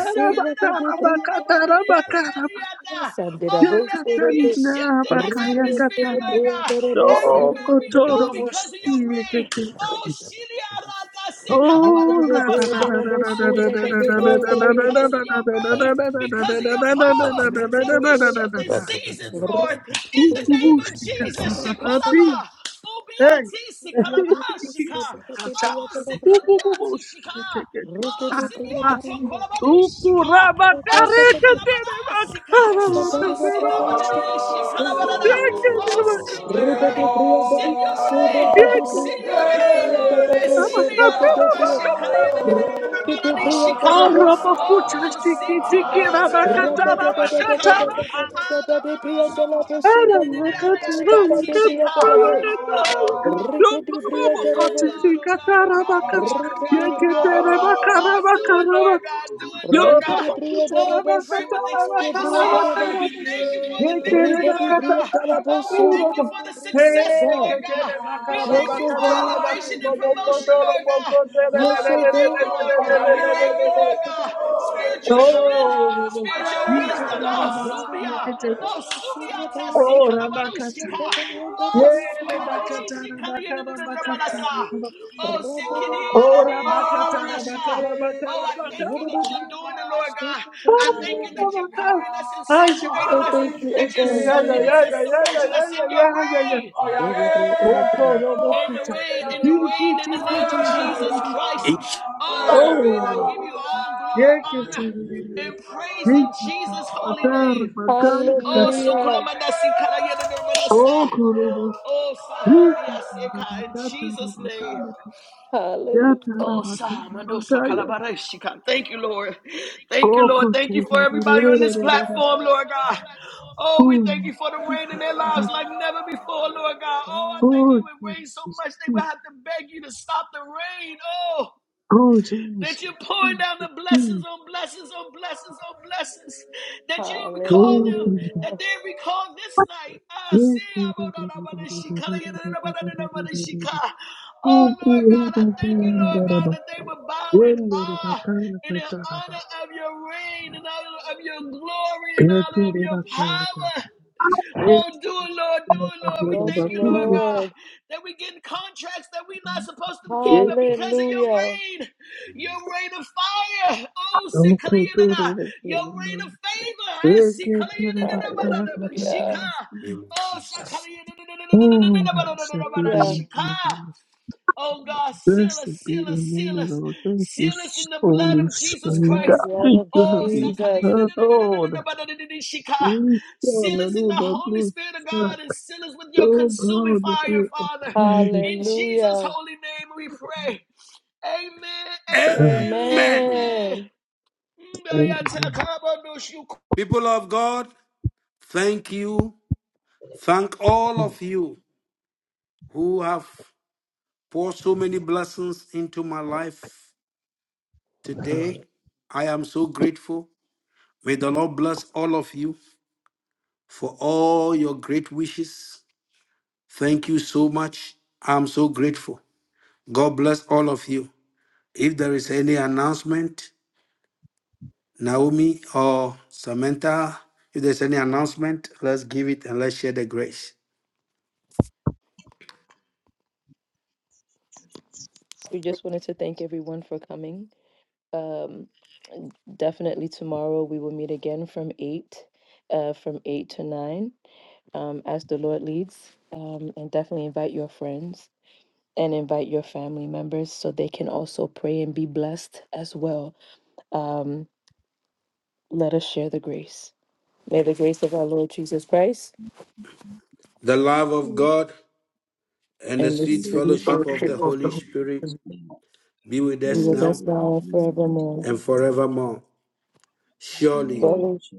D: Oh, let there be a shift in the atmosphere, Lord God. Everywhere we go because of your rain. Oh, Shiliarada se kalabadadabasa. Oh, we thank you, Lord God, because of your reign, because of your power, that we're shifting seasons, Lord. In the name of Jesus, Shekolaba, Ubiati, Sikalaba, Shika, Oh, Sikaliati, Shika. Oh,
C: Rukete priya
D: Sibiato,
C: darima,
D: Kolabadi,
G: Oh,
D: Shika. Oh,
C: Rikete
D: Sikalabada, Oh, send nobody this shit. Kalabarada. Oh, send your rain.
C: priya
D: Send your rain. Send your rain, Lord. Esilia rota shit. Kalayanadadadadadadadadadishika. Oh, siti riati kalabarada shika.
A: Oh,
D: Adamando so kalabarada shika. Oh. Oh God, oh God, oh God, oh God, oh God, oh God, oh
C: daraba,
D: God, oh God, do it, Lord God, do it,
G: Oh,
D: Lord God.
C: rikete priya
D: Oh,
C: daraba,
D: we pray with
C: surda kade priya
D: expectancy.
C: daraba,
D: We thank you for the victory,
C: Rebedi
D: Lord
C: brio
D: God.
C: dalabo
D: Oh, we
C: so
D: thank you for
C: rebedi
D: the
C: brio
D: success,
C: dalaba.
D: Lord God. We thank
C: Yes,
D: you
C: oh
D: for elevation
C: God.
D: and promotion, Lord God. Oh,
C: Yes,
D: we
C: oh
D: thank you,
C: God.
D: Lord God.
A: yeah,
D: We thank you, Lord God. Spiritual
A: yeah.
D: strength,
A: Oh,
D: spiritual wisdom. Oh,
A: yeah. Oh yeah, yeah, oh yeah,
D: subia. Oh,
C: Say
D: subia tasi kalabarushika. Oh, so kolabadidi shikali yada da da Oh, sikidi yada di yada Oh, I thank you that you're doing it, Lord God. I thank you that you're covering us and saturating us,
C: thank you, oh
D: that you're
G: Yeah, yeah,
C: God.
D: soaking us
G: yeah,
D: and
G: yeah, yeah,
D: submerging us
G: yeah,
D: in
G: yeah, yeah,
D: your
G: yeah, yeah, yeah, yeah.
D: rain.
G: Oh, bo- ro- bo-
D: In the
G: kuta.
D: rain, in the
G: Tiki,
D: rain, in the
G: tiki,
D: name of
G: tiri, tiri,
D: Jesus
G: tiri.
D: Christ. Oh, I pray
G: Oh,
D: and I
A: oh
D: give you all glory,
G: yeke,
D: honor,
G: tiri, tiri, tiri.
D: and
A: yeah,
D: praise in
G: Yeka, ta,
D: Jesus'
A: oh
D: holy
A: yeah.
G: bakara,
D: name.
G: bakaya,
A: Thank
D: Oh,
G: kata.
D: so kula
C: Hallelujah.
D: ma da si kala
G: Oh, korobo,
D: Oh,
G: rika,
D: Sahandia
G: ta,
D: Seka, in
G: rabakata,
D: Jesus' name.
G: rabakaya, kata. Yata,
C: Hallelujah.
D: Oh,
G: rabakata,
D: Sahamandosa
G: bakaya.
D: Kalabarashika. Thank you, Lord. Thank you,
G: Oh,
D: Lord.
G: kote,
D: Thank you
G: tiri,
D: for
G: tiri,
A: you,
D: everybody
A: Lord.
D: on
A: Thank
G: tiri,
D: this
G: tiri, tiri.
D: platform, Lord
A: you,
D: God.
A: Father.
D: Oh, we
G: Oh,
D: thank you for the rain in their lives
G: the-
D: like never before, Lord God. Oh, I thank
G: oh,
D: you. It rained so
G: Jesus.
D: much they would have to beg you to stop the rain. Oh
G: Oh,
D: that you're
G: Jesus.
D: pouring down the blessings on blessings on blessings on blessings, that you recall
G: Oh, Jesus.
D: them,
G: Oh,
C: Hallelujah.
D: that they recall this night.
G: Oh, blessed be the name of the Lord. Blessed be the name of
D: Ah,
G: the Lord.
D: Oh,
G: Thank
D: Lord God, I thank you, Lord God, that they were bowing ah and in honor of your reign, in honor of your glory, in honor of your power. Oh, do it, Lord, do it, Lord. We
C: Yes,
D: thank you, Lord God,
C: Lord.
D: that we getting contracts that we're not supposed to get, but because of your
C: Hallelujah.
D: rain, your rain of fire, oh, Sikaliyanada, your rain of favor, eh, Sikaliyanada,
C: Hallelujah.
D: Shika, oh, Sakaliyanada,
C: Hallelujah.
D: Shika. Oh God, seal us, seal us, seal us,
G: you,
D: seal us in the blood
G: Holy
D: of Jesus
C: In
G: Spirit.
C: the
G: God,
D: Christ.
C: blood
G: thank
C: of
G: you
D: Oh,
G: have been
C: Jesus.
G: heard. Lucia,
D: seal us in the
G: do
D: Holy Spirit of
G: Lucia,
D: God and seal us with your
G: oh
D: consuming
G: God, the
D: fire,
G: great of you,
D: Father.
G: of kind of
D: In Jesus'
C: Hallelujah.
D: holy name we pray. Amen,
G: God.
B: Amen.
D: amen,
C: Amen.
G: Amen.
D: amen.
B: People of God, thank you. Thank all of you who have poured so many blessings into my life today. I am so grateful. May the Lord bless all of you for all your great wishes. Thank you so much. I'm so grateful. God bless all of you. If there is any announcement, Naomi or Samantha, if there's any announcement, let's give it and let's share the grace.
C: Everyone for coming. Um, definitely tomorrow we will meet again from eight, uh, from eight to nine, um, as the Lord leads. Um, and definitely invite your friends and invite your family members so they can also pray and be blessed as well. Um, let us share the grace. May the grace of our Lord Jesus Christ
B: The love of
I: Lord,
B: God and the
C: and
B: sweet
I: we
C: receive
E: this
C: the
E: room,
B: fellowship
E: for
B: of
E: this
B: the
C: worship of the
B: Holy
C: Holy
E: environment,
B: Spirit
E: this
C: Spirit.
E: moment.
B: be with
C: We
B: us
C: will
I: would
B: now
C: best
E: Everything
C: now
E: is
C: and
E: being for
C: forevermore.
B: and
E: everyone.
B: forevermore. Surely
I: surely
E: Um,
C: Surely
E: so,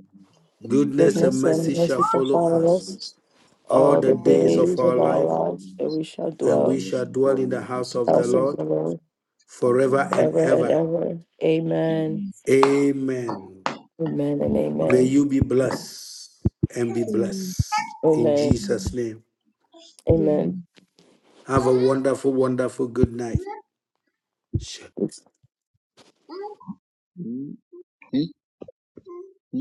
I: must be
B: goodness
E: God's
B: and
I: merciful
C: goodness and
B: mercy
E: goodness and
B: shall
C: mercy shall
E: mercy
B: follow
E: for
C: follow
B: us
C: us
E: us,
B: all
C: all
B: the
C: the
E: for
I: to
B: days
I: us
B: of
C: days
B: our
C: of
E: everything that
C: our
E: we
B: life,
C: lives, and
E: lives.
C: we shall
B: and
I: and
C: dwell
B: we
C: in
E: There is
B: shall
E: no
B: dwell
E: God
B: in
E: on
B: the
E: our hearts
B: house
E: at
B: of
C: the
E: the
B: the
C: house of
B: Lord
C: the Lord
E: Amen.
B: forever and
C: forever and
B: ever.
C: ever.
E: Amen.
C: Amen.
B: Amen.
C: Amen and
B: May
C: amen.
B: you be blessed and be
I: Amen.
B: blessed in
C: Amen.
B: Jesus' name.
C: Amen.
B: Have a wonderful, wonderful good night. Shalom.
E: Hmm? Hmm? Hmm?